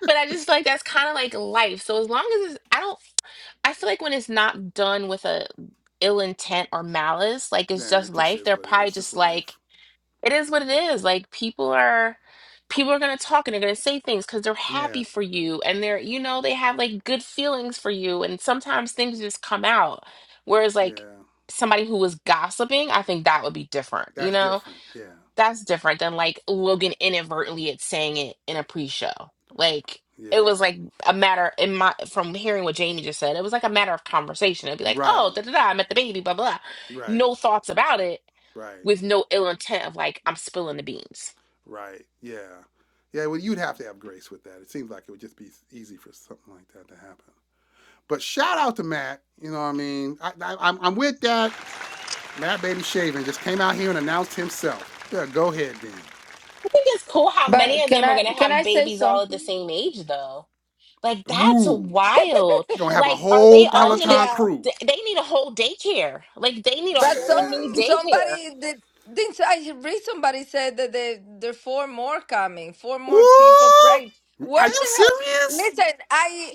Speaker 2: But I just feel like that's kind of like life. So as long as it's, I don't, I feel like when it's not done with a ill intent or malice, like it's
Speaker 1: Man,
Speaker 2: just
Speaker 1: it just
Speaker 2: life.
Speaker 1: is
Speaker 2: They're
Speaker 1: what it
Speaker 2: probably
Speaker 1: is. It's
Speaker 2: just like
Speaker 1: life.
Speaker 2: it is what it is. Like people are, people are gonna talk and they're gonna say things because they're
Speaker 1: Yeah.
Speaker 2: happy for you and they're, you know, they have like good feelings for you. And sometimes things just come out. Whereas like
Speaker 1: Yeah.
Speaker 2: somebody who was gossiping, I think that would be different. You
Speaker 1: That's
Speaker 2: know
Speaker 1: different. Yeah.
Speaker 2: that's different than like Logan inadvertently it's saying it in a pre-show. Like it
Speaker 1: Yeah.
Speaker 2: was like a matter in my from hearing what Jamie just said, it was like a matter of conversation. It'd be like, oh,
Speaker 1: Right.
Speaker 2: da da da, I met the baby, blah blah.
Speaker 1: Right.
Speaker 2: No thoughts about it
Speaker 1: Right.
Speaker 2: with no ill intent of like I'm spilling the beans.
Speaker 1: Right. Yeah. Yeah. Well, you'd have to have grace with that. It seems like it would just be easy for something like that to happen. But shout out to Matt. You know what I mean? I, I, I'm, I'm with that. Mad Baby Shaving just came out here and announced himself. Yeah, go ahead then.
Speaker 2: I think it's cool how
Speaker 1: I
Speaker 2: many
Speaker 1: like
Speaker 7: But
Speaker 2: of
Speaker 7: can
Speaker 2: them are
Speaker 7: I
Speaker 2: gonna
Speaker 7: can I
Speaker 2: have
Speaker 7: say
Speaker 2: babies all at
Speaker 7: something,
Speaker 2: the same age though. Like
Speaker 1: it.
Speaker 2: that's
Speaker 1: Woo!
Speaker 2: wild.
Speaker 1: You're gonna have a
Speaker 2: Like, are
Speaker 1: whole
Speaker 2: they all gonna?
Speaker 1: Peloton
Speaker 7: Danielle?
Speaker 1: crew.
Speaker 2: th- They need a whole daycare. Like, they need a
Speaker 7: But so
Speaker 2: whole new daycare.
Speaker 7: somebody did. Didn't I read somebody said that they there are four more coming, four
Speaker 1: Ooh!
Speaker 7: more people praying.
Speaker 1: Are
Speaker 7: Where
Speaker 1: you
Speaker 7: the hell?
Speaker 1: serious?
Speaker 7: Listen, I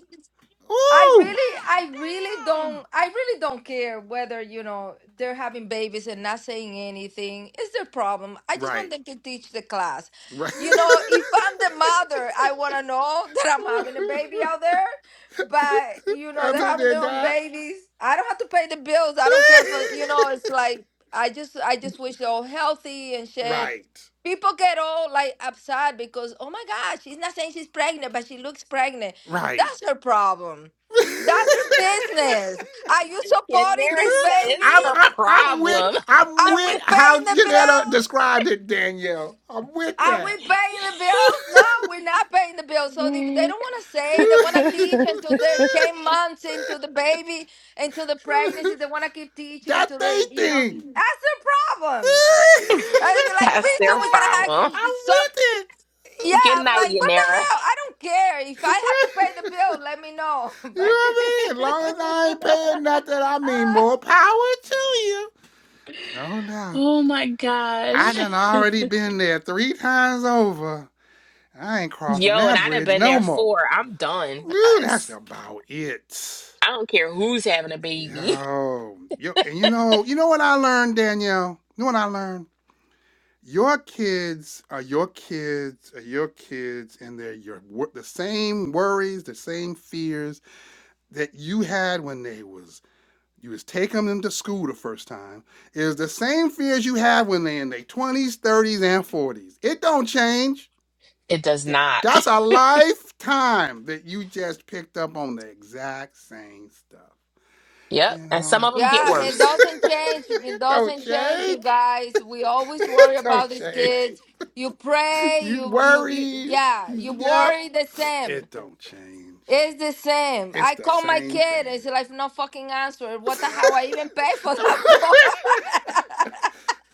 Speaker 7: I
Speaker 1: Ooh!
Speaker 7: really,
Speaker 1: God
Speaker 7: I really
Speaker 1: damn!
Speaker 7: don't, I really don't care whether, you know, they're having babies and not saying anything. It's their problem. I just want
Speaker 1: Right.
Speaker 7: them to teach the class.
Speaker 1: Right.
Speaker 7: You know, if I'm the mother, I want to know that I'm having a baby out there. But, you know, they're
Speaker 1: Other
Speaker 7: having
Speaker 1: than
Speaker 7: their own
Speaker 1: that.
Speaker 7: babies. I don't have to pay the bills. I don't care for, you know, it's like, I just, I just wish they're all healthy and shit.
Speaker 1: right.
Speaker 7: People get all like upset because, oh my God, she's not saying she's pregnant, but she looks pregnant.
Speaker 1: Right.
Speaker 7: That's her problem. That's your business. Are you
Speaker 2: And
Speaker 7: supporting
Speaker 2: Nara
Speaker 7: this
Speaker 2: said it's
Speaker 7: baby?
Speaker 1: I'm,
Speaker 2: her
Speaker 1: I'm I'm with
Speaker 2: problem.
Speaker 1: I'm
Speaker 7: Are we
Speaker 1: with how
Speaker 7: paying the
Speaker 1: Janetta
Speaker 7: bills?
Speaker 1: described it, Danielle. I'm with
Speaker 7: Are we
Speaker 1: that.
Speaker 7: paying the bills? No, we're not paying the bills. So if they
Speaker 2: Mm.
Speaker 7: don't want to say, they want to teach until they're 10 months into the baby, into the pregnancy, they want to keep teaching
Speaker 1: that
Speaker 7: until
Speaker 1: they
Speaker 7: they, you know,
Speaker 1: thing.
Speaker 7: that's the problem. I was like,
Speaker 2: that's
Speaker 7: please, so
Speaker 2: their
Speaker 7: we gotta have
Speaker 2: problem.
Speaker 1: I'm
Speaker 7: so
Speaker 1: with it.
Speaker 7: yeah.
Speaker 2: Good
Speaker 7: I'm
Speaker 2: night,
Speaker 7: like, what the
Speaker 2: Yanara.
Speaker 7: hell? I don't care. If I have to pay the bill, let me know.
Speaker 1: you know what I mean? As long as
Speaker 7: But-
Speaker 1: I ain't paying nothing, I mean more power to you. No doubt.
Speaker 2: Oh my
Speaker 1: I
Speaker 2: gosh.
Speaker 1: done already been there three times over. I ain't crossing
Speaker 2: Yo, and
Speaker 1: that
Speaker 2: I'd have
Speaker 1: bridge
Speaker 2: been there
Speaker 1: no more.
Speaker 2: four. I'm done.
Speaker 1: Woo,
Speaker 2: I,
Speaker 1: that's about it.
Speaker 2: I don't care who's having a baby.
Speaker 1: Yo, yo, and you know, you know what I learned, Danielle? You know what I learned? Your kids are your kids are your kids, and they're your wor- the same worries, the same fears that you had when they was you was taking them to school the first time. Is the same fears you have when they in their twenties, thirties, and forties. It don't change.
Speaker 2: It does
Speaker 1: Th-
Speaker 2: not.
Speaker 1: That's a lifetime that you just picked up on the exact same stuff. You
Speaker 2: Yep. And some
Speaker 1: know,
Speaker 2: of them get
Speaker 7: Yeah, it
Speaker 2: worse.
Speaker 7: doesn't change. It
Speaker 1: it don't
Speaker 7: doesn't change, you
Speaker 1: change.
Speaker 7: guys. We always worry
Speaker 1: It don't
Speaker 7: about these
Speaker 1: change.
Speaker 7: kids. You pray,
Speaker 1: You
Speaker 7: you, you, you
Speaker 1: worried.
Speaker 7: yeah,
Speaker 1: You
Speaker 7: you
Speaker 1: yep.
Speaker 7: worry the same.
Speaker 1: It don't change.
Speaker 7: It's the same.
Speaker 1: It's
Speaker 7: I
Speaker 1: the
Speaker 7: call my
Speaker 1: same
Speaker 7: kid. It's
Speaker 1: thing.
Speaker 7: like no fucking answer. What the hell? I even pay for that phone.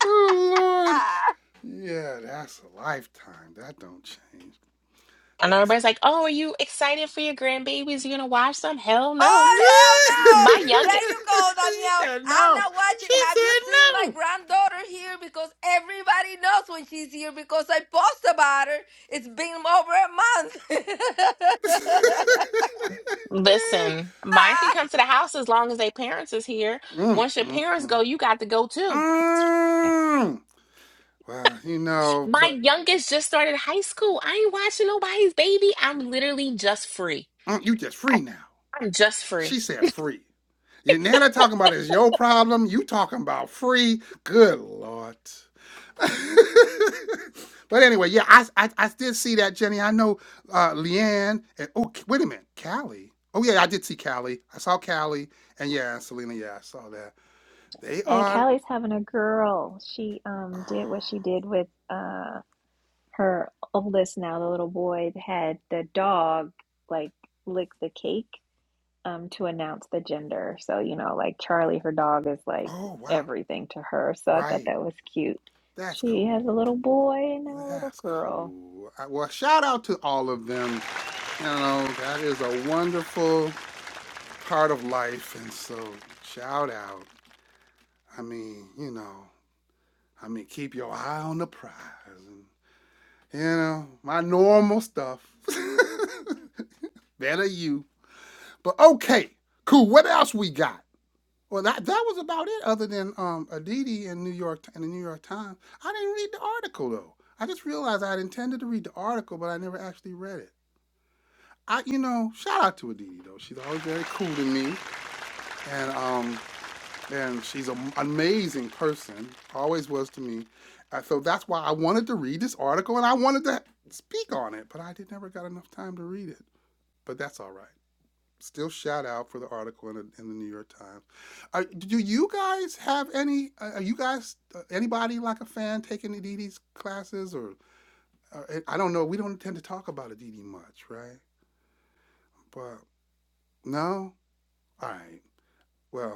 Speaker 1: oh Lord. Yeah, that's a lifetime. That don't change.
Speaker 2: And
Speaker 1: That's
Speaker 2: everybody's
Speaker 1: what.
Speaker 2: like, oh, are you excited for your grandbabies? You going to watch them? Hell no.
Speaker 7: Oh hell no!
Speaker 2: My youngest,
Speaker 7: There you go,
Speaker 1: she
Speaker 7: Danielle.
Speaker 1: said
Speaker 7: I'm
Speaker 1: no.
Speaker 7: not watching.
Speaker 1: She
Speaker 7: Have you seen my
Speaker 1: said no.
Speaker 7: granddaughter here? Because everybody knows when she's here because I post about her. It's been over a month.
Speaker 2: listen, mine can come to the house as long as their parents is here.
Speaker 1: mm,
Speaker 2: Once your
Speaker 1: mm,
Speaker 2: parents go,
Speaker 1: mm.
Speaker 2: you got to go too.
Speaker 1: Mm. Well, you know,
Speaker 2: My
Speaker 1: but
Speaker 2: youngest just started high school. I ain't watching nobody's baby. I'm literally just free.
Speaker 1: mm, you just
Speaker 2: I,
Speaker 1: free now.
Speaker 2: I'm just free.
Speaker 1: She said free. Yeah, now they're talking about it's your problem. You talking about free. Good Lord. but anyway, yeah, I, I I did see that, Jenny. I know uh Leanne and oh wait a minute, Callie. Oh yeah, I did see Callie. I saw Callie and yeah, Selena, yeah, I saw that. They
Speaker 3: And
Speaker 1: are
Speaker 3: Callie's having a girl. She um did
Speaker 1: oh,
Speaker 3: what she did with uh her oldest now, the little boy had the dog like lick the cake um to announce the gender. So, you know, like Charlie, her dog is like
Speaker 1: oh wow.
Speaker 3: everything to her. So I thought
Speaker 1: Right.
Speaker 3: that was cute.
Speaker 1: That's
Speaker 3: She
Speaker 1: cool.
Speaker 3: has a little boy and a little
Speaker 1: That's
Speaker 3: girl.
Speaker 1: cool. I, well, shout out to all of them You know, that is a wonderful part of life. And so, shout out. I mean, you know, I mean, keep your eye on the prize. And, you know, my normal stuff. Better you. But okay, cool. What else we got? Well, that, that was about it, other than um, Aditi in New York in the New York Times. I didn't read the article though. I just realized I had intended to read the article, but I never actually read it. I, you know, shout out to Aditi though. She's always very cool to me, and um, and she's an amazing person, always was to me. Uh, so that's why I wanted to read this article and I wanted to speak on it, but I did never got enough time to read it. But that's all right. Still shout out for the article in the, in the New York Times. Uh, do you guys have any? Uh, are you guys uh, anybody like a fan taking Aditi's classes or? Uh, I don't know. We don't tend to talk about Aditi much, right? But no. All right. Well,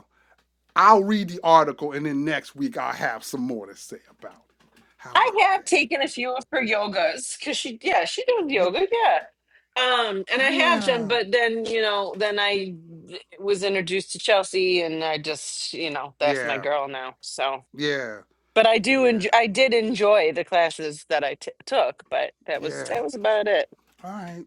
Speaker 1: I'll read the article and then next week I'll have some more to say about it. How
Speaker 5: I
Speaker 1: about
Speaker 5: have
Speaker 1: that?
Speaker 5: taken a few of her yogas because she, yeah, she does yoga, yeah. Um, and I have done,
Speaker 1: Yeah.
Speaker 5: but then you know, then I was introduced to Chelsea, and I just, you know, that's my
Speaker 1: Yeah.
Speaker 5: girl now. So,
Speaker 1: Yeah.
Speaker 5: but I do
Speaker 1: Yeah.
Speaker 5: enjoy, I did enjoy the classes that I t took, but that was
Speaker 1: Yeah.
Speaker 5: that was about it.
Speaker 1: All right.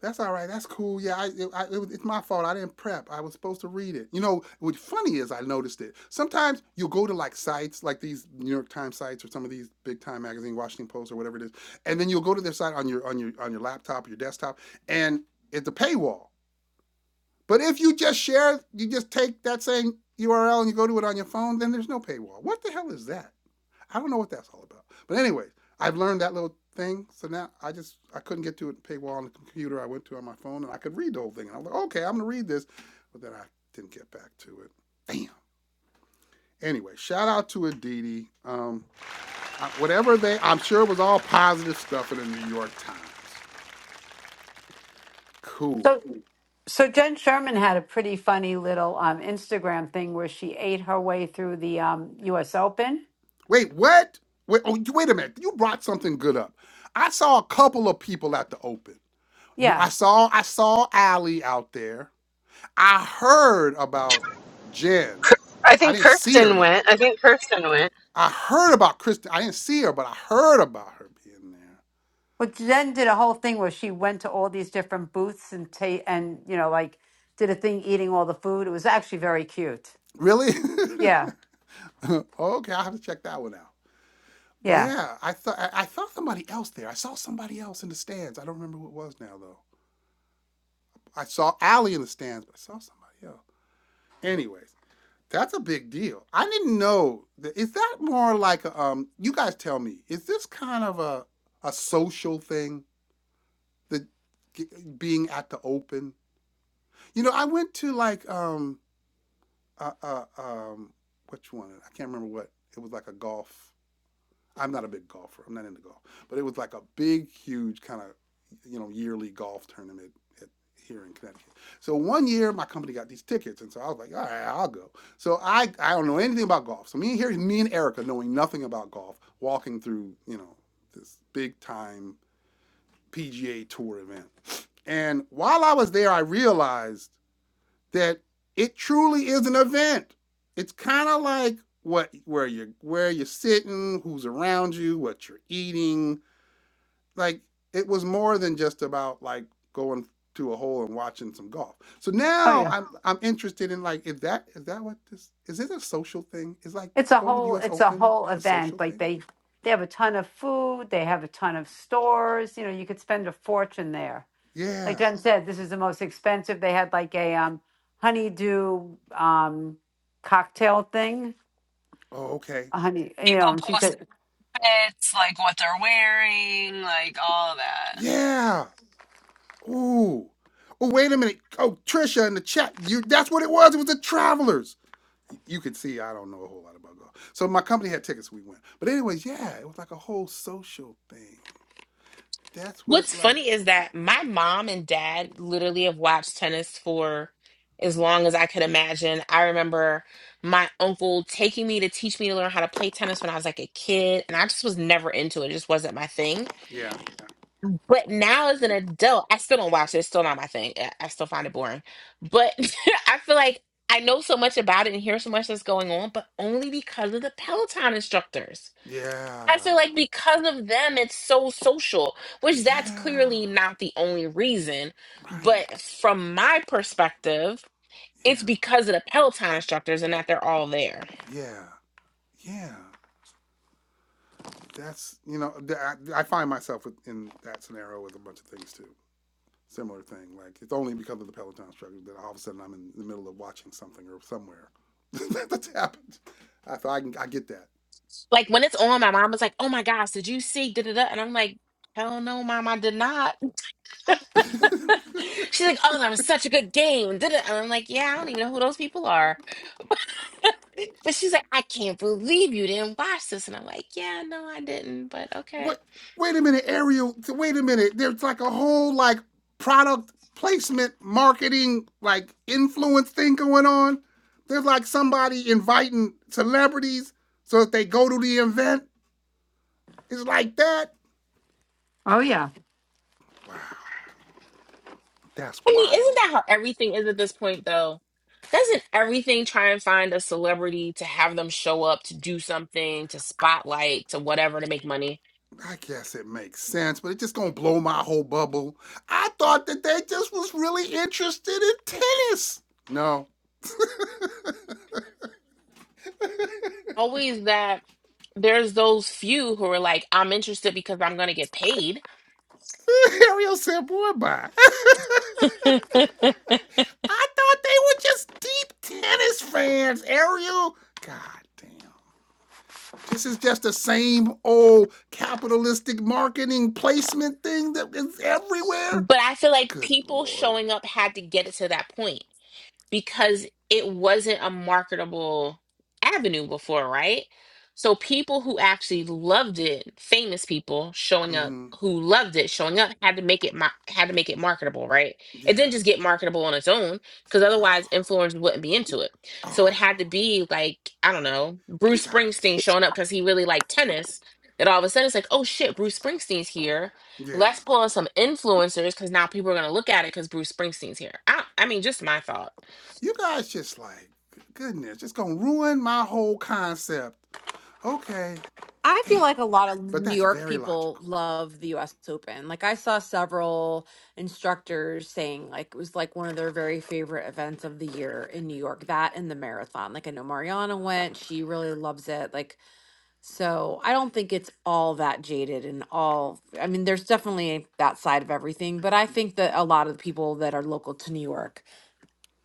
Speaker 1: That's all right. That's cool. Yeah, I, it, I, it was, it's my fault. I didn't prep. I was supposed to read it. You know, what's funny is I noticed it. Sometimes you'll go to like sites, like these New York Times sites or some of these big time magazine, Washington Post or whatever it is, and then you'll go to their site on your on your on your laptop, your desktop, and it's a paywall. But if you just share, you just take that same URL and you go to it on your phone, then there's no paywall. What the hell is that? I don't know what that's all about. But anyway, I've learned that little thing. So now I just I couldn't get to it paywall on the computer. I went to it on my phone and I could read the whole thing. And I was like, okay, I'm gonna read this, but then I didn't get back to it. Damn. Anyway, shout out to Aditi. Um, whatever they, I'm sure it was all positive stuff in the New York Times. Cool.
Speaker 8: So, so Jen Sherman had a pretty funny little um, Instagram thing where she ate her way through the um, U.S. Open.
Speaker 1: Wait, what? Wait, oh, wait a minute. You brought something good up. I saw a couple of people at the open.
Speaker 8: Yeah,
Speaker 1: I saw I saw Allie out there. I heard about Jen.
Speaker 5: I
Speaker 1: But I
Speaker 5: think
Speaker 1: didn't see her
Speaker 5: Kirsten
Speaker 1: though.
Speaker 5: went. I think Kirsten went.
Speaker 1: I heard about Kristen. I didn't see her, but I heard about her being there.
Speaker 8: well,
Speaker 1: S-
Speaker 8: Jen did a whole thing where she went to all these different booths and ta- and you know like did a thing eating all the food. It was actually very cute.
Speaker 1: Really?
Speaker 8: Yeah,
Speaker 1: okay, I'll have to check that one out.
Speaker 8: yeah.
Speaker 1: Yeah, I thought I I thought somebody else there. I saw somebody else in the stands. I don't remember who it was now though. I saw Allie in the stands, but I saw somebody else. Anyways. That's a big deal. I didn't know. Is that more like a, um? You guys tell me. Is this kind of a a social thing? The g- being at the open. You know, I went to like um uh, uh um which one? I can't remember what. It was like a golf I'm not a big golfer. I'm not into golf, but it was like a big, huge kind of you know yearly golf tournament at, here in Connecticut. So one year my company got these tickets, and so I was like, all right, I'll go. So I I don't know anything about golf. So me and here me and Erica, knowing nothing about golf, walking through you know this big time PGA Tour event, and while I was there, I realized that it truly is an event. It's kind of like what where you're where you're sitting, who's around you, what you're eating. Like it was more than just about like going to a hole and watching some golf. So
Speaker 8: Oh
Speaker 1: now
Speaker 8: yeah.
Speaker 1: I'm I'm interested in like is that is that what this is it a social thing? Is like
Speaker 8: It's a
Speaker 1: going to
Speaker 8: whole
Speaker 1: the US
Speaker 8: it's a
Speaker 1: Open
Speaker 8: whole
Speaker 1: a
Speaker 8: event.
Speaker 1: social
Speaker 8: Like
Speaker 1: thing?
Speaker 8: they they have a ton of food. They have a ton of stores. You know, you could spend a fortune there. like
Speaker 1: Yeah.
Speaker 8: Jen said, this is the most expensive. They had like a um, honeydew um, cocktail thing,
Speaker 1: Oh, okay.
Speaker 8: a honey, you
Speaker 5: People
Speaker 8: know, and she
Speaker 5: post their
Speaker 8: said,
Speaker 5: like what they're wearing, like all that.
Speaker 1: Yeah. Ooh. Oh, wait a minute. Oh, Trisha in the chat. You that's what it was. It was the travelers. you could see I don't know a whole lot about golf. So my company had tickets, we went. But anyways, yeah, it was like a whole social thing. That's what
Speaker 2: What's
Speaker 1: like
Speaker 2: funny is that my mom and dad literally have watched tennis for as long as I could imagine. I remember my uncle taking me to teach me to learn how to play tennis when I was like a kid, and I just was never into it. It just wasn't my thing.
Speaker 1: yeah.
Speaker 2: But now as an adult, I still don't watch it. It's still not my thing. I I still find it boring. But I feel like I know so much about it and hear so much that's going on, but only because of the Peloton instructors. I
Speaker 1: Yeah.
Speaker 2: feel like because of them, it's so social, which that's
Speaker 1: Yeah.
Speaker 2: clearly not the only reason.
Speaker 1: Right.
Speaker 2: But from my perspective, it's
Speaker 1: Yeah.
Speaker 2: because of the Peloton instructors and that they're all there.
Speaker 1: Yeah. Yeah. That's you know th- I, I find myself with- in that scenario with a bunch of things too. Similar thing. Like it's only because of the Peloton struggle that all of a sudden I'm in the middle of watching something or somewhere that's happened. I thought I can I get
Speaker 2: Like when it's on, my mom was like, "Oh my gosh, did you see?" Da da da, and I'm like, "Hell no, mom, I did not."
Speaker 1: that.
Speaker 2: She's like, "Oh, that was such a good game." Da da, and I'm like, "Yeah, I don't even know who those people are." But she's like, "I can't believe you didn't watch this," and I'm like, "Yeah, no, I didn't, but okay."
Speaker 1: What? Wait a minute, Ariel. Wait a minute. There's like a whole like product placement, marketing, like influence thing going on. There's like somebody inviting celebrities so that they go to the event. It's like that.
Speaker 8: Oh yeah."
Speaker 1: Wow, that's
Speaker 2: I mean, isn't
Speaker 1: wild.
Speaker 2: that how everything is at this point, though? Doesn't everything try and find a celebrity to have them show up to do something, to spotlight, to whatever, to make money?
Speaker 1: I guess it makes sense, but it just gonna blow my whole bubble. I thought that they just was really interested in tennis. No.
Speaker 2: Always that there's those few who are like, I'm interested because I'm going to get paid.
Speaker 1: Ariel said, boy, bye. I thought they were just deep tennis fans, Ariel. God damn. This is just the same old capitalistic marketing placement thing that is everywhere.
Speaker 2: But I feel like
Speaker 1: Good
Speaker 2: people
Speaker 1: Lord.
Speaker 2: showing up had to get it to that point. because it wasn't a marketable avenue before, right? So people who actually loved it, famous people showing up
Speaker 1: hmm
Speaker 2: who loved it, showing up had to make it mar- had to make it marketable, right? It
Speaker 1: Yeah.
Speaker 2: didn't just get marketable on its own because otherwise influencers wouldn't be into it. So it
Speaker 1: Oh,
Speaker 2: had to be like I don't know
Speaker 1: you
Speaker 2: Bruce Springsteen
Speaker 1: guys.
Speaker 2: showing up because he really liked tennis. That all of a sudden it's like oh shit Bruce Springsteen's here.
Speaker 1: Yeah.
Speaker 2: Let's pull in some influencers because now people are gonna look at it because Bruce Springsteen's here. I, I mean just my thought.
Speaker 1: You guys just like, goodness, it's going to ruin my whole concept. Okay.
Speaker 4: I feel
Speaker 1: Damn.
Speaker 4: like a lot of
Speaker 1: But
Speaker 4: New
Speaker 1: that's
Speaker 4: York
Speaker 1: very
Speaker 4: people
Speaker 1: logical.
Speaker 4: love the US Open. Like I saw several instructors saying like it was like one of their very favorite events of the year in New York, that and the marathon. Like I know Mariana went, she really loves it. Like so I don't think it's all that jaded and all I mean there's definitely that side of everything, but I think that a lot of the people that are local to New York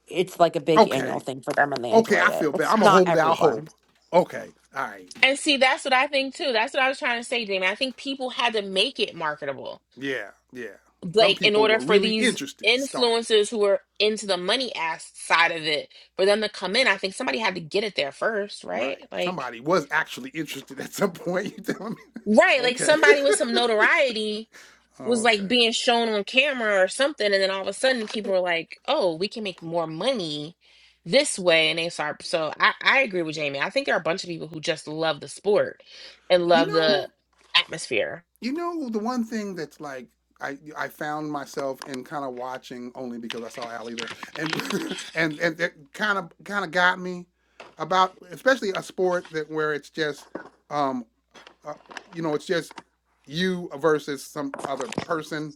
Speaker 4: it's like a big annual
Speaker 1: Okay.
Speaker 4: thing for them and they
Speaker 1: Okay,
Speaker 4: enjoy
Speaker 1: I
Speaker 4: it.
Speaker 1: feel bad.
Speaker 4: It's
Speaker 1: I'm gonna
Speaker 4: not
Speaker 1: hold out
Speaker 4: everyone.
Speaker 1: hope. Okay, all right.
Speaker 2: And see, that's what I think too. That's what I was trying to say, Damon. I think people had to make it marketable,
Speaker 1: Yeah, yeah. Some
Speaker 2: like in
Speaker 1: people
Speaker 2: order
Speaker 1: were
Speaker 2: for
Speaker 1: really
Speaker 2: these
Speaker 1: interested to start it.
Speaker 2: influencers who are into the money ass side of it for them to come in. I think somebody had to get it there first, right?
Speaker 1: Right.
Speaker 2: Like,
Speaker 1: Somebody was actually interested at some point. You telling me?
Speaker 2: right, like
Speaker 1: Okay.
Speaker 2: somebody with some notoriety was
Speaker 1: okay.
Speaker 2: like being shown on camera or something, and then all of a sudden people were like, "Oh, we can make more money." this way and they start so I, I agree with jamie i think there are a bunch of people who just love the sport and
Speaker 1: You
Speaker 2: love the
Speaker 1: know,
Speaker 2: atmosphere
Speaker 1: you know the one thing that's like I I found myself in kind of watching only because I saw Allie there and and and that kind of kind of got me about especially a sport that where it's just um uh, you know, it's just you versus some other person.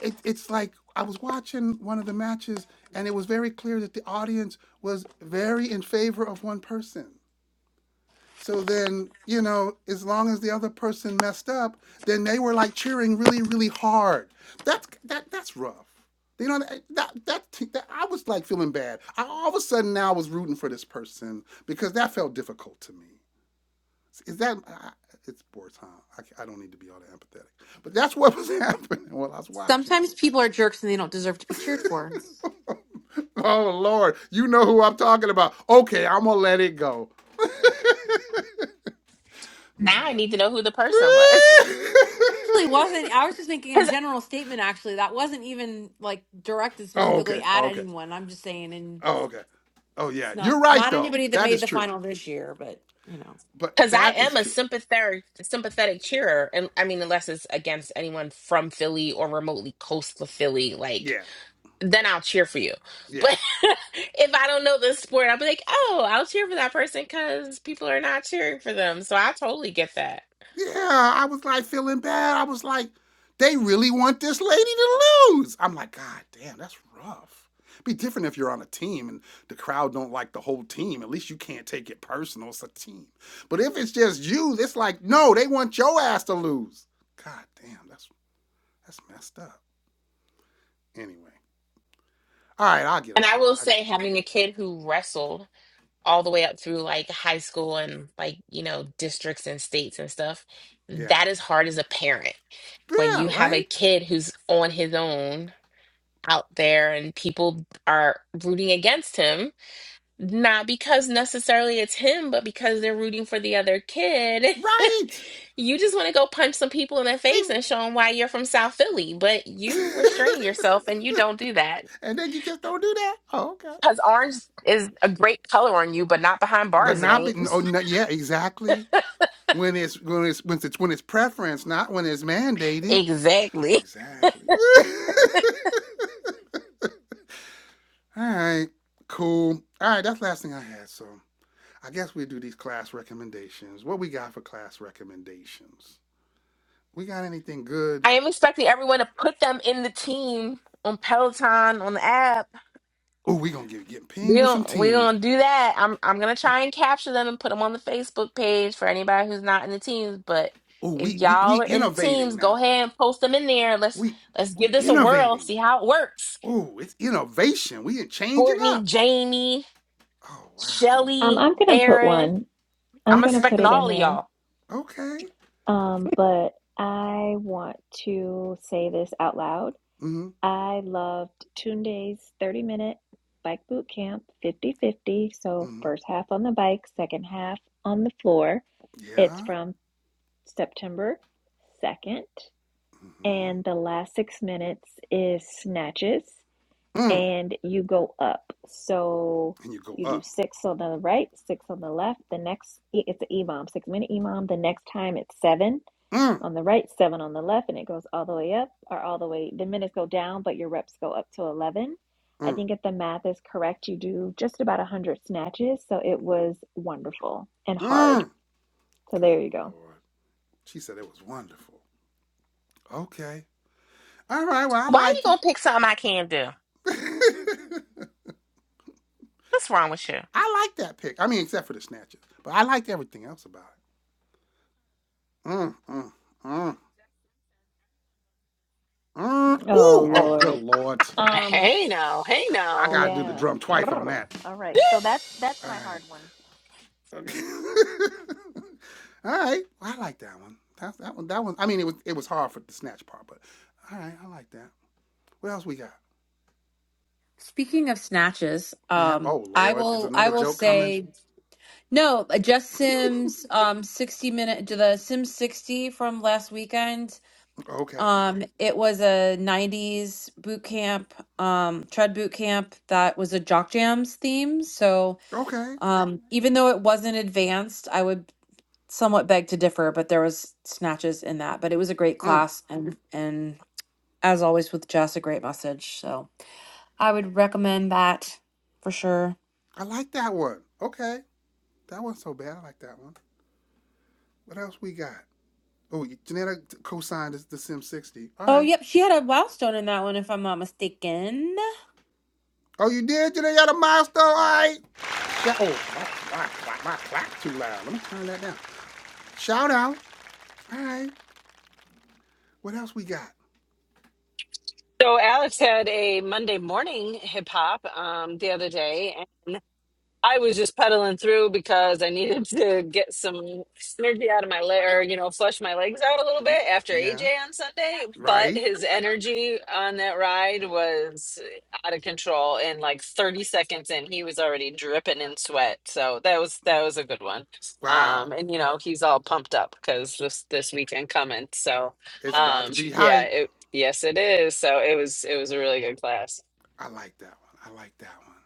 Speaker 1: It, it's like I was watching one of the matches, and it was very clear that the audience was very in favor of one person. So then, you know, as long as the other person messed up, then they were like cheering really, really hard. That's that that's rough. You know that that, that, that I was like feeling bad. I all of a sudden now was rooting for this person because that felt difficult to me. Is that it's sports? Huh? I, I don't need to be all that empathetic, but that's what was happening while I was watching
Speaker 4: Sometimes
Speaker 1: it.
Speaker 4: people are jerks and they don't deserve to be cheered for.
Speaker 1: Oh Lord, you know who I'm talking about. Okay, I'm gonna let it go.
Speaker 2: Now I need to know who the person was.
Speaker 4: Actually, wasn't I was just making a
Speaker 2: Because
Speaker 4: general statement. Actually, that wasn't even like directed
Speaker 1: oh
Speaker 4: specifically
Speaker 1: okay, oh,
Speaker 4: at
Speaker 1: okay,
Speaker 4: anyone. I'm just saying
Speaker 1: oh okay, oh yeah.
Speaker 4: Not
Speaker 1: You're right
Speaker 4: not
Speaker 1: though.
Speaker 4: anybody that
Speaker 1: That
Speaker 4: made
Speaker 1: is
Speaker 4: the
Speaker 1: true.
Speaker 4: final this year, but you know.
Speaker 1: But
Speaker 2: because I
Speaker 1: that is
Speaker 2: am a
Speaker 1: true.
Speaker 2: sympathetic sympathetic cheerer, and I mean, unless it's against anyone from Philly or remotely close to Philly, like
Speaker 1: Yeah,
Speaker 2: then I'll cheer for you.
Speaker 1: yeah.
Speaker 2: But if I don't know the sport, I'll be like, oh, I'll cheer for that person because people are not cheering for them. So I totally get that.
Speaker 1: Yeah, I was like feeling bad. I was like, they really want this lady to lose. I'm like, God damn, that's rough. Be different if you're on a team and the crowd don't like the whole team. At least you can't take it personal. It's a team. But if it's just you, it's like, no, they want your ass to lose. God damn, that's that's messed up. Anyway. All right, I'll get
Speaker 2: And I
Speaker 1: off of that.
Speaker 2: will
Speaker 1: I just
Speaker 2: say, having a kid who wrestled all the way up through like high school and like you know districts and states and stuff,
Speaker 1: yeah.
Speaker 2: that is hard as a parent when
Speaker 1: Yeah,
Speaker 2: you have a
Speaker 1: right?
Speaker 2: kid who's on his own out there and people are rooting against him, not because necessarily it's him, but because they're rooting for the other kid.
Speaker 1: Right.
Speaker 2: you just want to go punch some people in the
Speaker 1: They
Speaker 2: face and show them why you're from South Philly, but you restrain yourself and you don't do that.
Speaker 1: and then you just don't do that? Oh, okay.
Speaker 2: Because orange is a great color on you, but not behind
Speaker 1: but
Speaker 2: bars, it
Speaker 1: not be
Speaker 2: ain't.
Speaker 1: oh no, yeah exactly when it's when it's when it's when it's preference not when it's mandated
Speaker 2: exactly.
Speaker 1: exactly all right cool all right that's the last thing i had so i guess we do these class recommendations what we got for class recommendations we got anything good
Speaker 2: I am expecting everyone to put them in the team on Peloton, on the app
Speaker 1: oh we gonna get get
Speaker 2: We
Speaker 1: pinged with some
Speaker 2: don't, we
Speaker 1: teams
Speaker 2: gonna do that. I'm I'm gonna try and capture them and put them on the Facebook page for anybody who's not in the teams. But
Speaker 1: oh
Speaker 2: if
Speaker 1: we we we
Speaker 2: y'all are in the
Speaker 1: innovating
Speaker 2: teams, go
Speaker 1: now
Speaker 2: ahead and post them in there. Let's
Speaker 1: we
Speaker 2: let's give
Speaker 1: we
Speaker 2: this a whirl.
Speaker 1: innovating
Speaker 2: See how it works.
Speaker 1: oh it's innovation we are changing
Speaker 2: Courtney,
Speaker 1: up
Speaker 2: Jamie,
Speaker 1: oh wow
Speaker 3: Um,
Speaker 2: Shelly,
Speaker 3: I'm gonna put
Speaker 2: Aaron.
Speaker 3: one. I'm
Speaker 2: I'm
Speaker 3: gonna
Speaker 1: okay
Speaker 3: put
Speaker 2: expecting
Speaker 3: it in
Speaker 2: all of
Speaker 3: there.
Speaker 2: y'all.
Speaker 1: Okay.
Speaker 3: Um, but I want to say this out loud.
Speaker 1: Mm-hmm.
Speaker 3: I loved Tunde's 30 minute bike boot camp 50 50. So,
Speaker 1: Mm-hmm.
Speaker 3: first half on the bike, second half on the floor. It's
Speaker 1: Yeah.
Speaker 3: from September 2nd
Speaker 1: Mm-hmm.
Speaker 3: and the last six minutes is snatches
Speaker 1: Mm.
Speaker 3: and you go up so
Speaker 1: And you go
Speaker 3: you do
Speaker 1: up.
Speaker 3: six on the right six on the left the next it's an imam six minute imam the next time it's seven
Speaker 1: Mm.
Speaker 3: on the right seven on the left and it goes all the way up or all the way the minutes go down but your reps go up to 11 i
Speaker 1: Mm.
Speaker 3: think if the math is correct you do just about 100 snatches so it was wonderful and hard
Speaker 1: Mm.
Speaker 3: so
Speaker 1: Good
Speaker 3: there you go
Speaker 1: Lord. She said it was wonderful. Okay. All right. Well, I
Speaker 2: Why are you
Speaker 1: liked it.
Speaker 2: gonna pick something I can't do? What's wrong with you?
Speaker 1: I like that pick. I mean, except for the snatches. But I liked everything else about it. Mm. Mm. Mm. Mm.
Speaker 3: oh
Speaker 1: Ooh. Oh, good
Speaker 3: lord
Speaker 1: Lord.
Speaker 3: um
Speaker 5: Hey now, hey
Speaker 1: I
Speaker 5: now.
Speaker 1: got to do the
Speaker 3: Yeah.
Speaker 1: drum twice on
Speaker 3: Brr.
Speaker 1: that.
Speaker 3: All right. So that's that's
Speaker 1: All
Speaker 3: my
Speaker 1: right.
Speaker 3: hard one.
Speaker 1: all right. Well, I like that one. That, that one. That one. I mean, it was it was hard for the snatch part, but all right. I like that. What else we got?
Speaker 4: Speaking of snatches,
Speaker 1: Yeah.
Speaker 4: um,
Speaker 1: Oh
Speaker 4: I
Speaker 1: Lord, is
Speaker 4: will I
Speaker 1: another
Speaker 4: will
Speaker 1: joke coming?
Speaker 4: say no. uh, Just Sims, um, sixty minute to the Sims sixty from last weekend.
Speaker 1: Okay.
Speaker 4: Um, it was a 90s boot camp, um, tread boot camp that was a jock jams theme. So,
Speaker 1: Okay.
Speaker 4: um, even though it wasn't advanced, I would somewhat beg to differ, but there was snatches in that. But it was a great
Speaker 1: Mm,
Speaker 4: class and and as always with Jess, a great message. So I would recommend that for sure.
Speaker 1: I like that one. Okay. That wasn't so bad. I like that one. What else we got? Oh, Janetta co-signed the, Sim 60. All
Speaker 4: Oh,
Speaker 1: right.
Speaker 4: yep, she had a milestone in that one, if I'm not mistaken.
Speaker 1: Oh, you did? Janetta got a milestone. All right. Yeah, oh, my, my, my clock too loud. Let me turn that down. Shout out. All right. What else we got?
Speaker 5: So Alex had a Monday morning hip hop um, the other day, I was just pedaling through because I needed to get some energy out of my leg, or you know, flush my legs out a little bit after AJ
Speaker 1: Yeah.
Speaker 5: on Sunday. But
Speaker 1: right?
Speaker 5: his energy on that ride was out of control, and like 30 seconds in, he was already dripping in sweat. So that was that was a good one. Um,
Speaker 1: Wow,
Speaker 5: and you know, he's all pumped up because this this weekend coming. So,
Speaker 1: it's about
Speaker 5: um,
Speaker 1: to be
Speaker 5: yeah,
Speaker 1: hype.
Speaker 5: it yes, it is. So it was it was a really good class.
Speaker 1: I like that one. I like that one.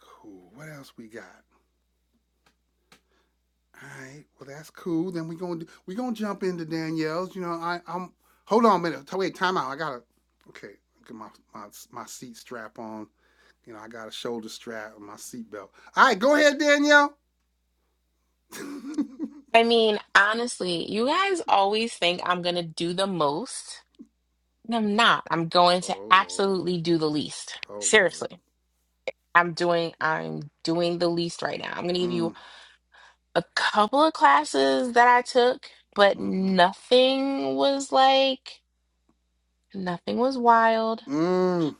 Speaker 1: Cool. What else we got? All right. Well, that's cool. Then we gonna we gonna jump into Danielle's. You know, I I'm hold on a minute. Wait, time out. I gotta. Okay, get my my my seat strap on. You know, I got a shoulder strap and my seat belt. All right, go ahead, Danielle.
Speaker 2: I mean, honestly, you guys always think I'm gonna do the most, and I'm not. I'm going to
Speaker 1: oh Lord.
Speaker 2: absolutely do the least.
Speaker 1: Oh Lord.
Speaker 2: Seriously. I'm doing I'm doing the least right now. I'm gonna give you
Speaker 1: Mm.
Speaker 2: a couple of classes that I took, but
Speaker 1: Mm-hmm.
Speaker 2: nothing was like nothing was wild.
Speaker 1: Mm.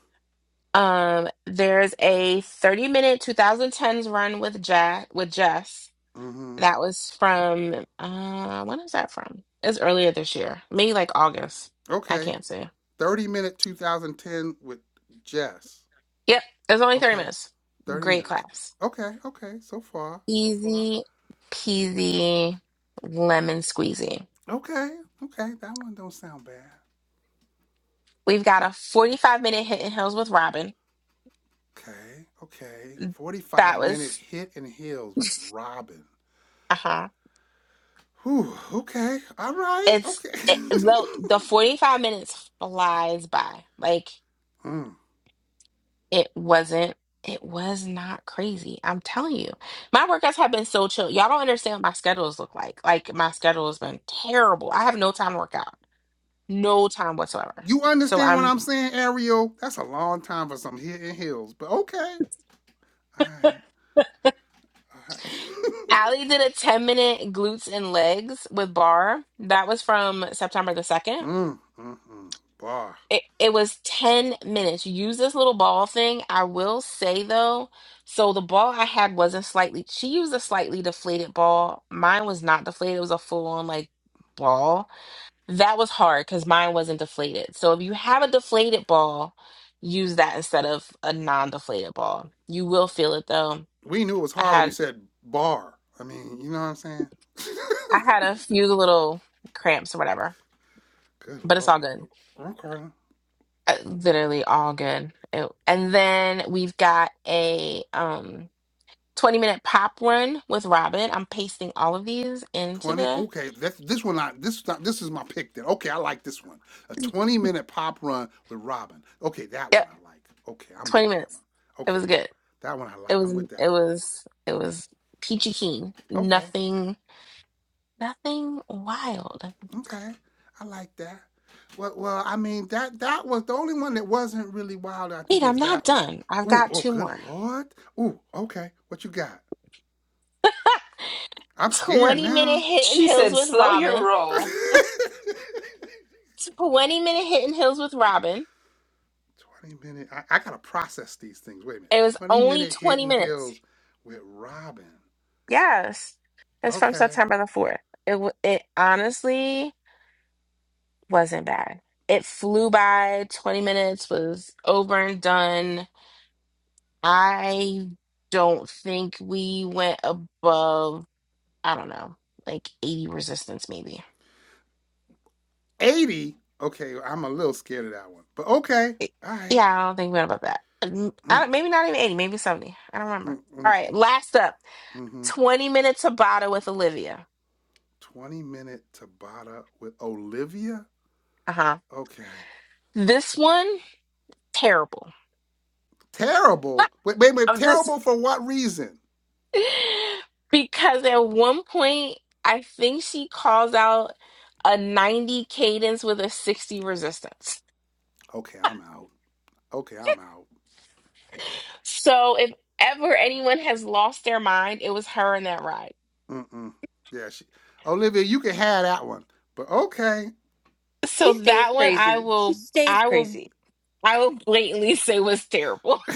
Speaker 2: Um, there's a 30 minute 2010s run with Jack with Jess.
Speaker 1: Mm-hmm.
Speaker 2: That was from uh when is that from? It's earlier this year. Maybe like August. I
Speaker 1: Okay.
Speaker 2: can't say.
Speaker 1: 30 minute 2010 with Jess.
Speaker 2: Yep. It was only 30
Speaker 1: Okay.
Speaker 2: minutes.
Speaker 1: 30
Speaker 2: Great
Speaker 1: minutes.
Speaker 2: class.
Speaker 1: Okay, okay. So far, so far.
Speaker 2: Easy peasy lemon squeezy.
Speaker 1: Okay, okay. That one don't sound bad.
Speaker 2: We've got a 45 minute hit and hills with Robin.
Speaker 1: Okay, okay. 45
Speaker 2: That
Speaker 1: minute
Speaker 2: was
Speaker 1: hit and heels with Robin.
Speaker 2: uh-huh.
Speaker 1: Whew, okay. All right,
Speaker 2: It's
Speaker 1: okay.
Speaker 2: it, the the 45 minutes flies by. Like
Speaker 1: Mm.
Speaker 2: It wasn't. It was not crazy. I'm telling you. My workouts have been so chill. Y'all don't understand what my schedules look like. Like my schedule has been terrible. I have no time to work out. No time whatsoever.
Speaker 1: You
Speaker 2: So
Speaker 1: understand what
Speaker 2: I'm
Speaker 1: I'm saying, Ariel? That's a long time for some hit and heels, but okay. All right, all right.
Speaker 2: Allie did a 10 minute glutes and legs with bar. That was from September the 2nd.
Speaker 1: mm, mm, mm. Bar.
Speaker 2: It it was 10 minutes. You use this little ball thing. I will say though, so the ball I had wasn't slightly she used a slightly deflated ball. Mine was not deflated. It was a full on like ball That was hard because mine wasn't deflated. So if you have a deflated ball, use that instead of a non-deflated ball. You will feel it though.
Speaker 1: We knew it was
Speaker 2: I
Speaker 1: hard when you
Speaker 2: had
Speaker 1: said bar. I mean, you know what I'm saying?
Speaker 2: I had a few little cramps or whatever,
Speaker 1: Good
Speaker 2: but it's
Speaker 1: lord.
Speaker 2: all good.
Speaker 1: Okay.
Speaker 2: Uh, Literally all good. It- and then we've got a um 20 minute pop run with Robin. I'm pasting all of these into
Speaker 1: Twenty.
Speaker 2: the
Speaker 1: Okay. That this one. I this this is my pick. Then. Okay. I like this one. A twenty-minute pop run with Robin. Okay. That one
Speaker 2: Yep,
Speaker 1: I like. Okay. I'm
Speaker 2: 20
Speaker 1: with that
Speaker 2: minutes.
Speaker 1: one.
Speaker 2: It was
Speaker 1: Okay.
Speaker 2: good.
Speaker 1: That one I
Speaker 2: It
Speaker 1: like.
Speaker 2: was
Speaker 1: I'm with that
Speaker 2: it
Speaker 1: one.
Speaker 2: was it was peachy keen.
Speaker 1: Okay.
Speaker 2: Nothing Nothing wild.
Speaker 1: Okay. I like that. Well, well. I mean, that that was the only one that wasn't really wild. I
Speaker 2: Wait,
Speaker 1: think
Speaker 2: I'm
Speaker 1: is
Speaker 2: not
Speaker 1: that one.
Speaker 2: done. I've
Speaker 1: Ooh.
Speaker 2: got
Speaker 1: Oh.
Speaker 2: two
Speaker 1: Good
Speaker 2: more.
Speaker 1: lord. Ooh. Okay. What you got? I'm scared
Speaker 2: 20 minute
Speaker 1: now.
Speaker 2: hidden
Speaker 5: She
Speaker 2: hills
Speaker 5: said,
Speaker 2: with
Speaker 5: "Slow your
Speaker 2: Robin.
Speaker 5: roll."
Speaker 2: 20 minute hidden hills with Robin.
Speaker 1: 20 minute. I, I gotta process these things. Wait a minute.
Speaker 2: It was
Speaker 1: 20
Speaker 2: only
Speaker 1: minute
Speaker 2: 20
Speaker 1: hidden
Speaker 2: minutes.
Speaker 1: hills with Robin.
Speaker 2: Yes. It's from
Speaker 1: Okay.
Speaker 2: September the 4th. It, w- it honestly wasn't bad. It flew by. 20 minutes was over and done. I don't think we went above, I don't know, like 80 resistance maybe.
Speaker 1: 80. Okay, I'm a little scared of that one. But okay. All right.
Speaker 2: Yeah, I don't think we went above that. Um, I
Speaker 1: Mm,
Speaker 2: don't, maybe not even 80, maybe 70. I don't remember.
Speaker 1: mm,
Speaker 2: All
Speaker 1: mm,
Speaker 2: right,
Speaker 1: mm,
Speaker 2: last up
Speaker 1: mm-hmm.
Speaker 2: 20 minute Tabata with Olivia.
Speaker 1: 20 minute Tabata with Olivia.
Speaker 2: Uh huh.
Speaker 1: Okay.
Speaker 2: This one, terrible.
Speaker 1: Terrible. Wait, wait, wait.
Speaker 2: I'm just,
Speaker 1: Terrible for what reason?
Speaker 2: because at one point, I think she calls out a 90 cadence with a 60 resistance.
Speaker 1: Okay, I'm out. Okay, I'm out.
Speaker 2: So if ever anyone has lost their mind, it was her in that ride.
Speaker 1: Mm-mm. Yeah, she, Olivia, you can have that one. But okay.
Speaker 4: She
Speaker 2: So
Speaker 4: stays
Speaker 2: that one I
Speaker 4: crazy. She
Speaker 2: will
Speaker 4: stays
Speaker 2: I will
Speaker 4: crazy.
Speaker 2: I will blatantly say was terrible.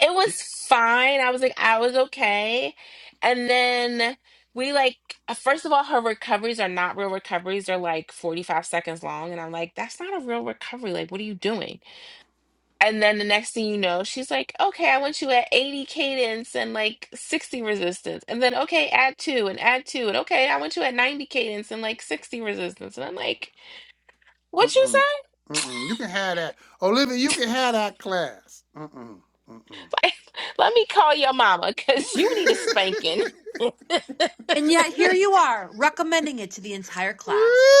Speaker 2: It was
Speaker 1: You-
Speaker 2: fine. I was like, I was okay. And then we like, uh, first of all, her recoveries are not real recoveries. They're like 45 seconds long. And I'm like, that's not a real recovery. Like, what are you doing? And then the next thing you know, she's like, okay, I want you at 80 cadence and like 60 resistance. And then, okay, add two and add two. And okay, I want you at 90 cadence and like 60 resistance. And I'm like, what you say?
Speaker 1: Mm-mm. Mm-mm. You can have that. Olivia, you can have that class. Mm-mm. Mm-mm.
Speaker 2: Like, let me call your mama because you need a spanking.
Speaker 4: And yet here you are, recommending it to the entire class.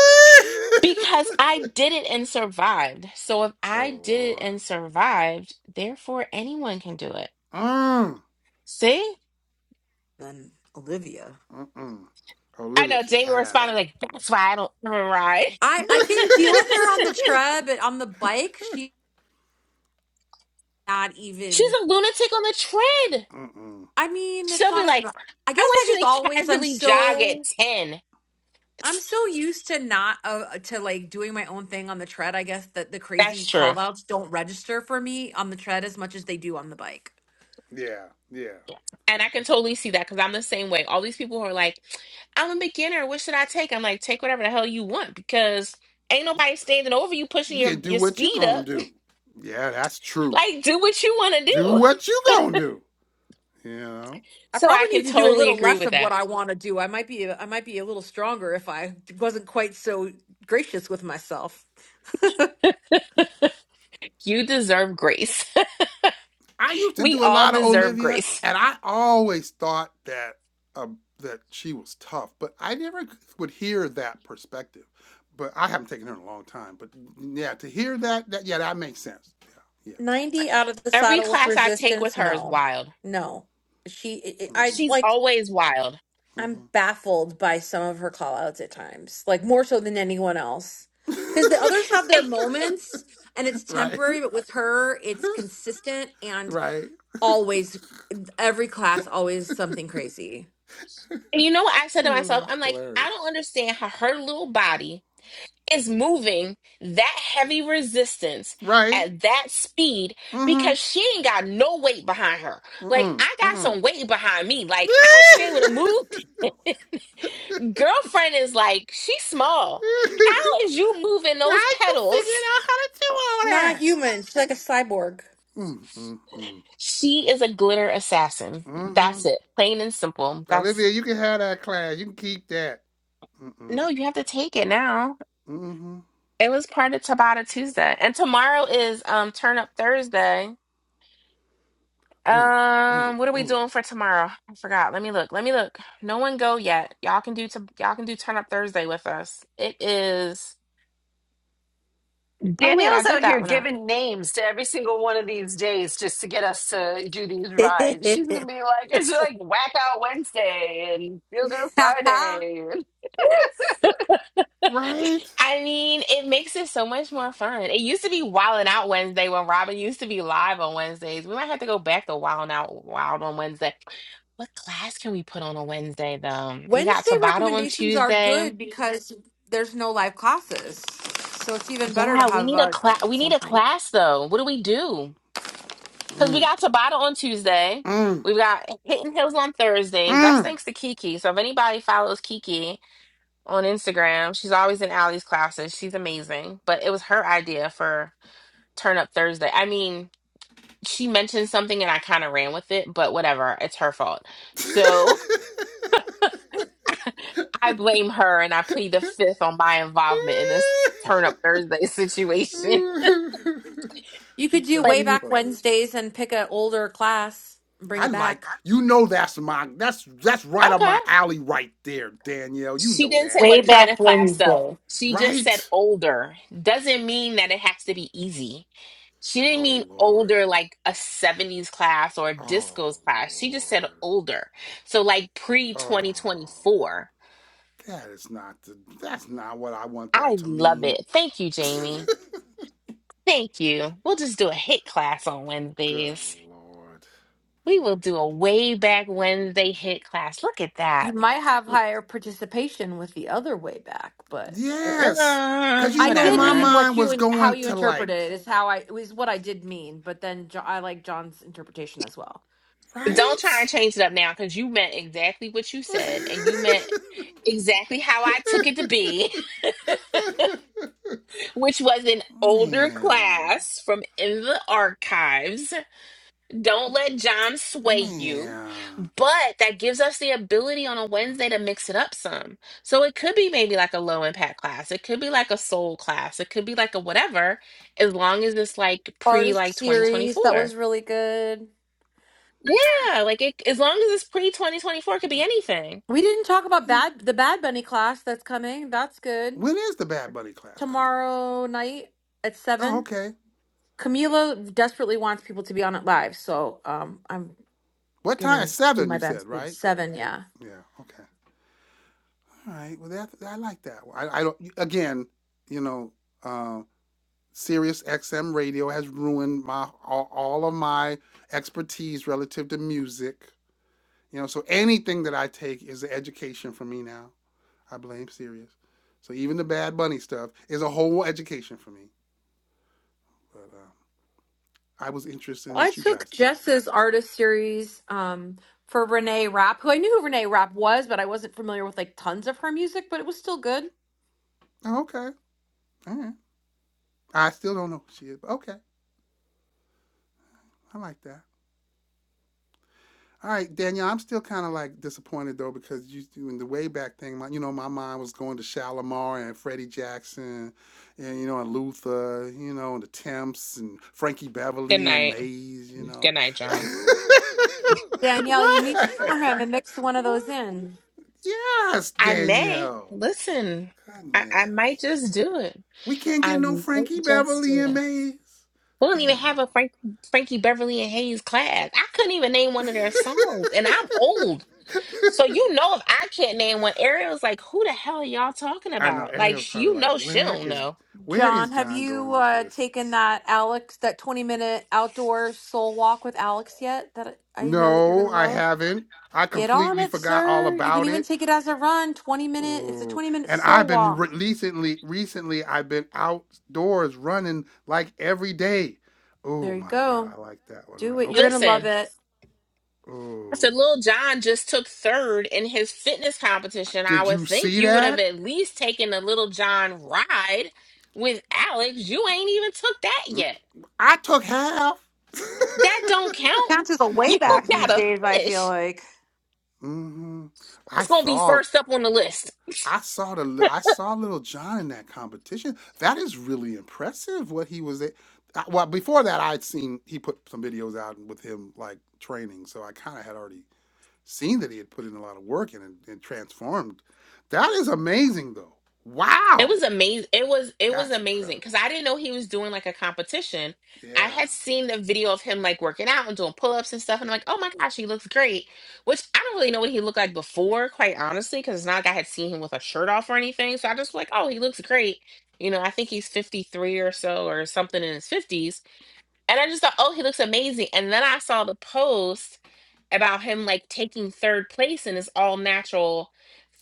Speaker 2: Because I did it and survived. So if
Speaker 1: oh,
Speaker 2: I did it
Speaker 1: Lord.
Speaker 2: and survived, therefore anyone can do it.
Speaker 1: Mm.
Speaker 2: See?
Speaker 4: than Olivia.
Speaker 1: Mm-mm.
Speaker 2: I
Speaker 1: Olivia
Speaker 2: know
Speaker 1: can
Speaker 2: Jamie
Speaker 1: have
Speaker 2: responded
Speaker 1: that.
Speaker 2: like, that's why I don't ever ride.
Speaker 4: I I can deal with her on the tread, but on the bike, she's not
Speaker 2: She's
Speaker 4: even.
Speaker 2: a lunatic on the tread.
Speaker 1: Mm-mm.
Speaker 4: I mean, it's
Speaker 2: She'll
Speaker 1: She,
Speaker 2: be
Speaker 4: not as
Speaker 2: like,
Speaker 4: much. I
Speaker 2: I
Speaker 4: guess I
Speaker 2: want
Speaker 4: just
Speaker 2: you to
Speaker 4: always I'm
Speaker 2: casually jog at
Speaker 4: so
Speaker 2: 10.
Speaker 4: I'm so used to not uh, to like doing my own thing on the tread. I guess that the crazy
Speaker 2: That's true.
Speaker 4: call outs don't register for me on the tread as much as they do on the bike.
Speaker 1: yeah, yeah.
Speaker 2: And I can totally see that because I'm the same way. All these people who are like, I'm a beginner. What should I take? I'm like, take whatever the hell you want because ain't nobody standing over you pushing
Speaker 1: You
Speaker 2: your,
Speaker 1: can do
Speaker 2: your
Speaker 1: what you
Speaker 2: speed up.
Speaker 1: gonna do. Yeah, that's true.
Speaker 2: Like, do what you want to
Speaker 1: Do
Speaker 2: do.
Speaker 1: what you gonna do. You know?
Speaker 4: I
Speaker 2: So I
Speaker 4: probably need
Speaker 2: can
Speaker 4: to do a
Speaker 2: totally
Speaker 4: little
Speaker 2: agree
Speaker 4: less
Speaker 2: with
Speaker 4: of
Speaker 2: that.
Speaker 4: what I want to do. I might be I might be a little stronger if I wasn't quite so gracious with myself.
Speaker 2: You deserve grace.
Speaker 1: I used to
Speaker 2: we
Speaker 1: do a
Speaker 2: all
Speaker 1: lot of
Speaker 2: deserve
Speaker 1: Olivia,
Speaker 2: grace.
Speaker 1: and I always thought that um, that she was tough, but I never would hear that perspective. But I haven't taken her in a long time. But yeah, to hear that, that yeah, that makes sense. Yeah, yeah,
Speaker 4: 90 out of the
Speaker 2: Every
Speaker 1: that
Speaker 4: saddle
Speaker 1: makes
Speaker 4: with
Speaker 2: class
Speaker 1: sense.
Speaker 2: I take with
Speaker 4: resistance
Speaker 2: her is
Speaker 4: no
Speaker 2: wild.
Speaker 4: no she i
Speaker 1: hmm
Speaker 4: I-
Speaker 2: She's
Speaker 4: like
Speaker 2: always wild.
Speaker 4: i'm
Speaker 1: hmm
Speaker 4: baffled by some of her call outs at times like more so than anyone else because the others have their
Speaker 2: And,
Speaker 4: moments and it's
Speaker 1: right,
Speaker 4: temporary but with her it's consistent and
Speaker 1: right.
Speaker 4: always every class always something crazy
Speaker 2: and you know what I said to
Speaker 1: Ooh,
Speaker 2: myself?
Speaker 1: that's
Speaker 2: I'm like, I
Speaker 1: hilarious.
Speaker 2: don't understand how her little body is moving that heavy resistance
Speaker 1: Right.
Speaker 2: at that speed
Speaker 1: Mm-hmm.
Speaker 2: because she ain't got no weight behind her. Like,
Speaker 1: Mm-mm.
Speaker 2: I got
Speaker 1: Mm-mm.
Speaker 2: some weight behind me. Like, I should be able to move girlfriend is like, she's small. How is you moving
Speaker 1: Why
Speaker 2: those
Speaker 1: you
Speaker 2: pedals
Speaker 1: figuring out how to do all
Speaker 4: she's not
Speaker 1: that?
Speaker 4: human she's like a cyborg
Speaker 1: Mm-mm-mm.
Speaker 2: She is a glitter assassin.
Speaker 1: Mm-hmm.
Speaker 2: That's it. Plain and simple.
Speaker 1: Olivia,
Speaker 2: That's
Speaker 1: you can have that class. You can keep that.
Speaker 2: no,
Speaker 1: Mm-mm.
Speaker 2: you have to take it now.
Speaker 1: Mm-hmm.
Speaker 2: It was part of Tabata Tuesday. And tomorrow is um Turn Up Thursday.
Speaker 1: Ooh, ooh,
Speaker 2: Um, what are we
Speaker 1: ooh.
Speaker 2: doing for tomorrow? I forgot. Let me look. Let me look. No one go yet. Y'all can do to y'all can do Turn Up Thursday with us. It is oh wait, I did that one up.
Speaker 1: Right?
Speaker 2: I mean, it makes it so much more fun. It used to be Wildin' Out Wednesday when Robin used to be live on Wednesdays. We might have to go back to Wildin' Out Wild on Wednesday. What class can we put on a Wednesday though? We got
Speaker 4: Wednesday
Speaker 2: Tabata on
Speaker 4: recommendations are
Speaker 2: Tuesday.
Speaker 4: good because there's no live classes. So it's even better to
Speaker 2: Yeah, we
Speaker 4: have
Speaker 2: need a
Speaker 4: uh,
Speaker 2: class. We need a
Speaker 4: something.
Speaker 2: class though. What do we do? Because we
Speaker 1: Mm,
Speaker 2: got Tabata on Tuesday.
Speaker 1: mm,
Speaker 2: We've got Hidden Hills on Thursdays. That's
Speaker 1: mm.
Speaker 2: thanks to Kiki. So if anybody follows Kiki on Instagram, she's always in Allie's classes. She's amazing. But it was her idea for Turn Up Thursday. I mean, she mentioned something and I kind of ran with it, but whatever, it's her fault. So I blame her and I plead the fifth on my involvement in this Turn Up Thursday situation.
Speaker 4: You could do
Speaker 2: But
Speaker 4: way
Speaker 1: that's
Speaker 4: back
Speaker 1: funny.
Speaker 4: Wednesdays and pick an older class and bring
Speaker 1: I
Speaker 4: it
Speaker 1: like
Speaker 4: back.
Speaker 1: you know that's my that's that's right up
Speaker 2: okay,
Speaker 1: my alley right there, Danielle. You
Speaker 2: she
Speaker 1: know
Speaker 2: didn't say
Speaker 1: that.
Speaker 5: Way
Speaker 2: what kind
Speaker 5: back
Speaker 2: of class though.
Speaker 5: Wednesday.
Speaker 2: She just said
Speaker 1: Right?
Speaker 2: older. Doesn't mean that it has to be easy. She didn't
Speaker 1: Oh
Speaker 2: mean
Speaker 1: Lord.
Speaker 2: older like a 70s class or a
Speaker 1: Oh
Speaker 2: discos class. She just said
Speaker 1: Lord.
Speaker 2: older. So like pre
Speaker 1: Oh
Speaker 2: 2024.
Speaker 1: That is not the, that's not what I want that
Speaker 2: I
Speaker 1: to
Speaker 2: love
Speaker 1: mean.
Speaker 2: it. Thank you, Jamie. Thank you. We'll just do a hit class on
Speaker 1: Good
Speaker 2: Wednesdays.
Speaker 1: lord.
Speaker 2: We will do a way back Wednesday hit class. Look at
Speaker 4: You
Speaker 2: that.
Speaker 4: might have higher participation with the other way back, but
Speaker 1: Yes. Cause
Speaker 2: Uh,
Speaker 1: you
Speaker 4: I
Speaker 1: know
Speaker 4: did
Speaker 1: my
Speaker 2: whatever.
Speaker 4: mean what
Speaker 1: mind
Speaker 4: you
Speaker 1: was
Speaker 4: and how
Speaker 1: going
Speaker 4: you
Speaker 1: to like,
Speaker 4: interpreted it is how I it was what I did mean, but then jo- I like John's interpretation as well.
Speaker 2: Don't try and
Speaker 1: right?
Speaker 2: change it up now because you meant exactly what you said and you meant exactly how I took it to be, which was an older
Speaker 1: man.
Speaker 2: class from in the archives. Don't let John sway you.
Speaker 1: Man.
Speaker 2: But that gives us the ability on a Wednesday to mix it up some. So it could be maybe like a low impact class. It could be like a soul class. It could be like a whatever, as long as it's like pre
Speaker 4: Artist
Speaker 2: like
Speaker 4: series that was
Speaker 2: 2024.
Speaker 4: really good.
Speaker 2: Yeah, like it, as long as it's pre 2024, it could be anything.
Speaker 4: We didn't talk about bad the Bad Bunny class that's coming. That's good.
Speaker 1: When is the Bad Bunny class coming?
Speaker 4: tomorrow night at
Speaker 1: Oh,
Speaker 4: seven.
Speaker 1: okay.
Speaker 4: Camila desperately wants people to be on it live, so um, I'm
Speaker 1: What time?
Speaker 4: gonna do
Speaker 1: Seven,
Speaker 4: my
Speaker 1: you
Speaker 4: best.
Speaker 1: said, right?
Speaker 4: Seven, yeah.
Speaker 1: Yeah, okay. All right. Well that I like that. I, I don't again, you know, uh, Sirius XM radio has ruined my all, all of my expertise relative to music. You know, so anything that I take is an education for me now. I blame Sirius. So even the Bad Bunny stuff is a whole education for me. But um, I was interested in
Speaker 4: I
Speaker 1: what you
Speaker 4: took
Speaker 1: guys thought.
Speaker 4: Jess's artist series um for Renee Rapp, who I knew who Renee Rapp was, but I wasn't familiar with like tons of her music, but it was still good.
Speaker 1: Oh, okay, all right. I still don't know who she is, but okay, I like that. All right, Danielle, I'm still kind of like disappointed though because you doing the way back thing. My, you know, my mind was going to Shalimar and Freddie Jackson, and you know, and Luther, you know, and the Temps and Frankie
Speaker 2: Good
Speaker 1: Beverly and
Speaker 2: night.
Speaker 1: Mays. You know,
Speaker 2: Good night, John.
Speaker 4: Danielle, you need to show
Speaker 1: what?
Speaker 4: him and mix one of those
Speaker 1: What?
Speaker 4: in.
Speaker 1: Yes,
Speaker 2: I may.
Speaker 1: Danielle.
Speaker 2: Listen, I, I might
Speaker 1: Goodness,
Speaker 2: just do it.
Speaker 1: we can't get
Speaker 2: I
Speaker 1: no
Speaker 2: might
Speaker 1: Frankie
Speaker 2: just
Speaker 1: Beverly
Speaker 2: do
Speaker 1: and
Speaker 2: it.
Speaker 1: Mays.
Speaker 2: We don't even
Speaker 1: Damn.
Speaker 2: have a Frank, Frankie Beverly and Hayes class. I couldn't even name one of their songs, and I'm old. So you know if I can't name one, Ariel's like, who the hell are y'all talking
Speaker 1: I know
Speaker 2: about? Like
Speaker 1: Ariel's
Speaker 2: sh-
Speaker 1: probably
Speaker 2: you
Speaker 1: like,
Speaker 2: know she
Speaker 1: where
Speaker 2: don't
Speaker 1: is
Speaker 2: know.
Speaker 1: where is
Speaker 4: John, have
Speaker 1: John
Speaker 4: you
Speaker 1: going with
Speaker 4: uh,
Speaker 1: this?
Speaker 4: taken that Alex that twenty minute outdoor soul walk with Alex yet? That I I know that you're
Speaker 1: No,
Speaker 4: gonna
Speaker 1: I
Speaker 4: love.
Speaker 1: haven't. I
Speaker 4: Get on
Speaker 1: completely
Speaker 4: it,
Speaker 1: forgot all
Speaker 4: sir. You can
Speaker 1: about
Speaker 4: even
Speaker 1: it.
Speaker 4: take it as a run. 20 minute. It's a
Speaker 1: Ooh.
Speaker 4: 20 minute
Speaker 1: And I've
Speaker 4: soul
Speaker 1: been
Speaker 4: walk.
Speaker 1: re- recently recently I've been outdoors running like every day. Oh
Speaker 4: There you
Speaker 1: my god,
Speaker 4: go.
Speaker 1: I like that one
Speaker 4: Do
Speaker 1: right.
Speaker 4: it. You're going to
Speaker 1: Okay.
Speaker 4: love
Speaker 2: Listen,
Speaker 4: it.
Speaker 2: I said
Speaker 1: Oh.
Speaker 2: Lil John just took third in his fitness competition. I
Speaker 1: Did
Speaker 2: would
Speaker 1: you
Speaker 2: think
Speaker 1: see
Speaker 2: you would have
Speaker 1: that?
Speaker 2: at least taken a Little John ride with Alex. You ain't even took that
Speaker 1: Mm,
Speaker 2: yet.
Speaker 1: I took half.
Speaker 2: That don't count.
Speaker 4: Counts as a way
Speaker 2: You
Speaker 1: but
Speaker 4: back
Speaker 1: yeah.
Speaker 4: these
Speaker 2: gotta
Speaker 4: days, I feel
Speaker 2: finish.
Speaker 4: like.
Speaker 1: mm Mhm. I
Speaker 2: It's gonna be
Speaker 1: thought
Speaker 2: first up on the list.
Speaker 1: I saw the I saw Little John in that competition. That is really impressive. What he was, a- I- well before that, I'd seen he put some videos out with him like training, so I kind of had already seen that he had put in a lot of work and, and transformed. That is amazing, though.
Speaker 2: It
Speaker 1: Wow,
Speaker 2: was amazing. It was it was
Speaker 1: that's
Speaker 2: amazing
Speaker 1: incredible.
Speaker 2: because I didn't know he was doing like a competition. I
Speaker 1: Yeah,
Speaker 2: had seen the video of him like working out and doing pull ups and stuff, and I'm like, oh my gosh, he looks great. Which I don't really know what he looked like before, quite honestly, because it's not like I had seen him with a shirt off or anything. So I just like, oh, he looks great. You know, I think he's 53 or so or something in his 50s, and I just thought, oh, he looks amazing. And then I saw the post about him like taking third place in this all natural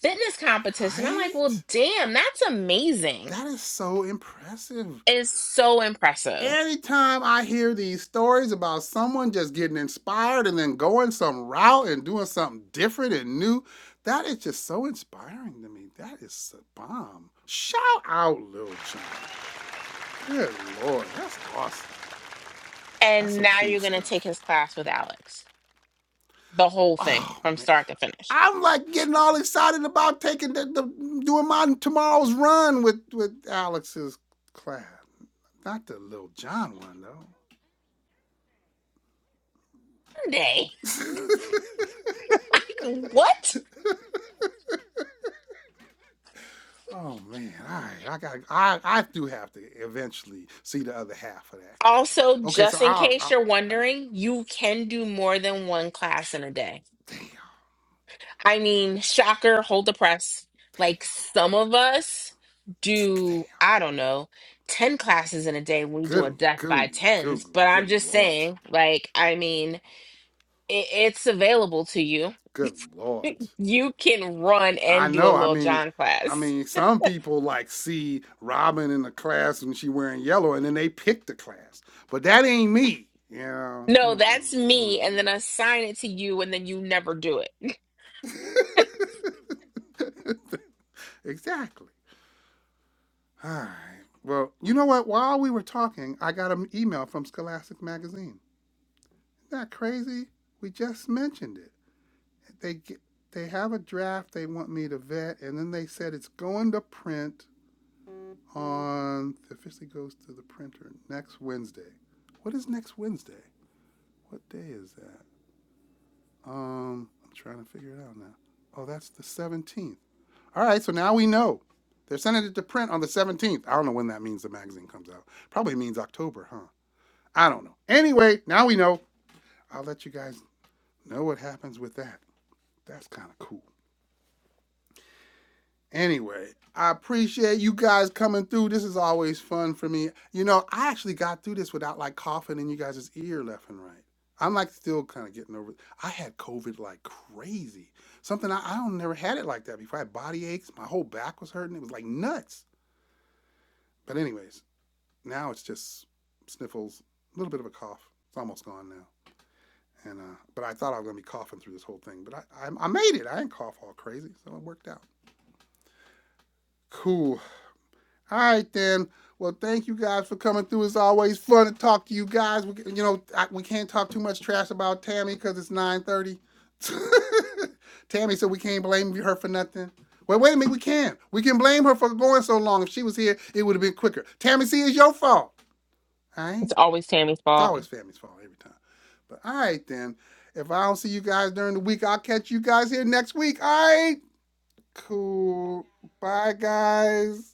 Speaker 2: fitness competition. I'm like, well,
Speaker 1: right.
Speaker 2: damn, that's amazing.
Speaker 1: That is so impressive.
Speaker 2: It is so impressive.
Speaker 1: Every time I hear these stories about someone just getting inspired and then going some route and doing something different and new, that is just so inspiring to me. That is a bomb. Shout out Lil Jon. Good lord, that's awesome. That's
Speaker 2: And
Speaker 1: some
Speaker 2: now
Speaker 1: cool
Speaker 2: you're gonna take
Speaker 1: stuff.
Speaker 2: his class with Alex. The whole thing
Speaker 1: Oh
Speaker 2: from
Speaker 1: man,
Speaker 2: start to finish.
Speaker 1: I'm like getting all excited about taking the, the doing my tomorrow's run with with Alex's class. Not the Lil Jon one though.
Speaker 2: Day. Like what?
Speaker 1: Oh man, all right. I got I I do have to eventually see the other half of that class.
Speaker 2: Also,
Speaker 1: Okay, so
Speaker 2: just in
Speaker 1: I'll, I'll
Speaker 2: case
Speaker 1: all
Speaker 2: you're
Speaker 1: right.
Speaker 2: wondering, you can do more than one class in a day.
Speaker 1: Damn,
Speaker 2: I mean, shocker, hold the press.
Speaker 1: damn,
Speaker 2: Like some of us
Speaker 1: damn.
Speaker 2: do, I don't know, 10 classes in a day. when We do a
Speaker 1: Good
Speaker 2: death by
Speaker 1: goony
Speaker 2: tens,
Speaker 1: Google.
Speaker 2: but I'm
Speaker 1: Good
Speaker 2: just
Speaker 1: lord.
Speaker 2: saying, like, I mean, it, it's available to you.
Speaker 1: Good lord.
Speaker 2: You can run
Speaker 1: I
Speaker 2: and do a
Speaker 1: know. I
Speaker 2: little
Speaker 1: mean,
Speaker 2: John
Speaker 1: I
Speaker 2: class.
Speaker 1: mean, some people like see Robin in the class and she wearing yellow, and then they pick the class. But that ain't me. You know.
Speaker 2: No,
Speaker 1: Mm-mm,
Speaker 2: that's
Speaker 1: mm-mm.
Speaker 2: me, and then assign it to you, and then you never do it.
Speaker 1: exactly. All right. Well, you know what? While we were talking, I got an email from Scholastic Magazine. Isn't that crazy? We just mentioned it. They get, they have a draft they want me to vet, and then they said it's going to print on. It officially goes to the printer next Wednesday. What is next Wednesday? What day is that? Um, I'm trying to figure it out now. Oh, that's the 17th. All right, so now we know. They're sending it to print on the 17th. I don't know when that means the magazine comes out. Probably means October, huh? I don't know. Anyway, now we know. I'll let you guys know what happens with that. That's kind of cool. Anyway, I appreciate you guys coming through. This is always fun for me. You know, I actually got through this without like coughing in you guys' ear left and right. I'm like still kind of getting over. it. I had COVID like crazy. Something I, I don't never had it like that before. I had body aches. My whole back was hurting. It was like nuts. But anyways, now it's just sniffles, a little bit of a cough. It's almost gone now. And uh, but I thought I was gonna be coughing through this whole thing, but I, I I made it. I didn't cough all crazy, so it worked out. Cool. All right then. Well, thank you guys for coming through. It's always fun to talk to you guys. We, you know, I, we can't talk too much trash about Tammy because it's nine thirty. Tammy said we can't blame her for nothing. Well, wait a minute. We can. We can blame her for going so long. If she was here, it would have been quicker. Tammy, see, it's your fault. All right.
Speaker 2: It's always Tammy's
Speaker 1: It's
Speaker 2: fault.
Speaker 1: always family's fault every time. But all right then. If I don't see you guys during the week, I'll catch you guys here next week. All right. Cool. Bye guys.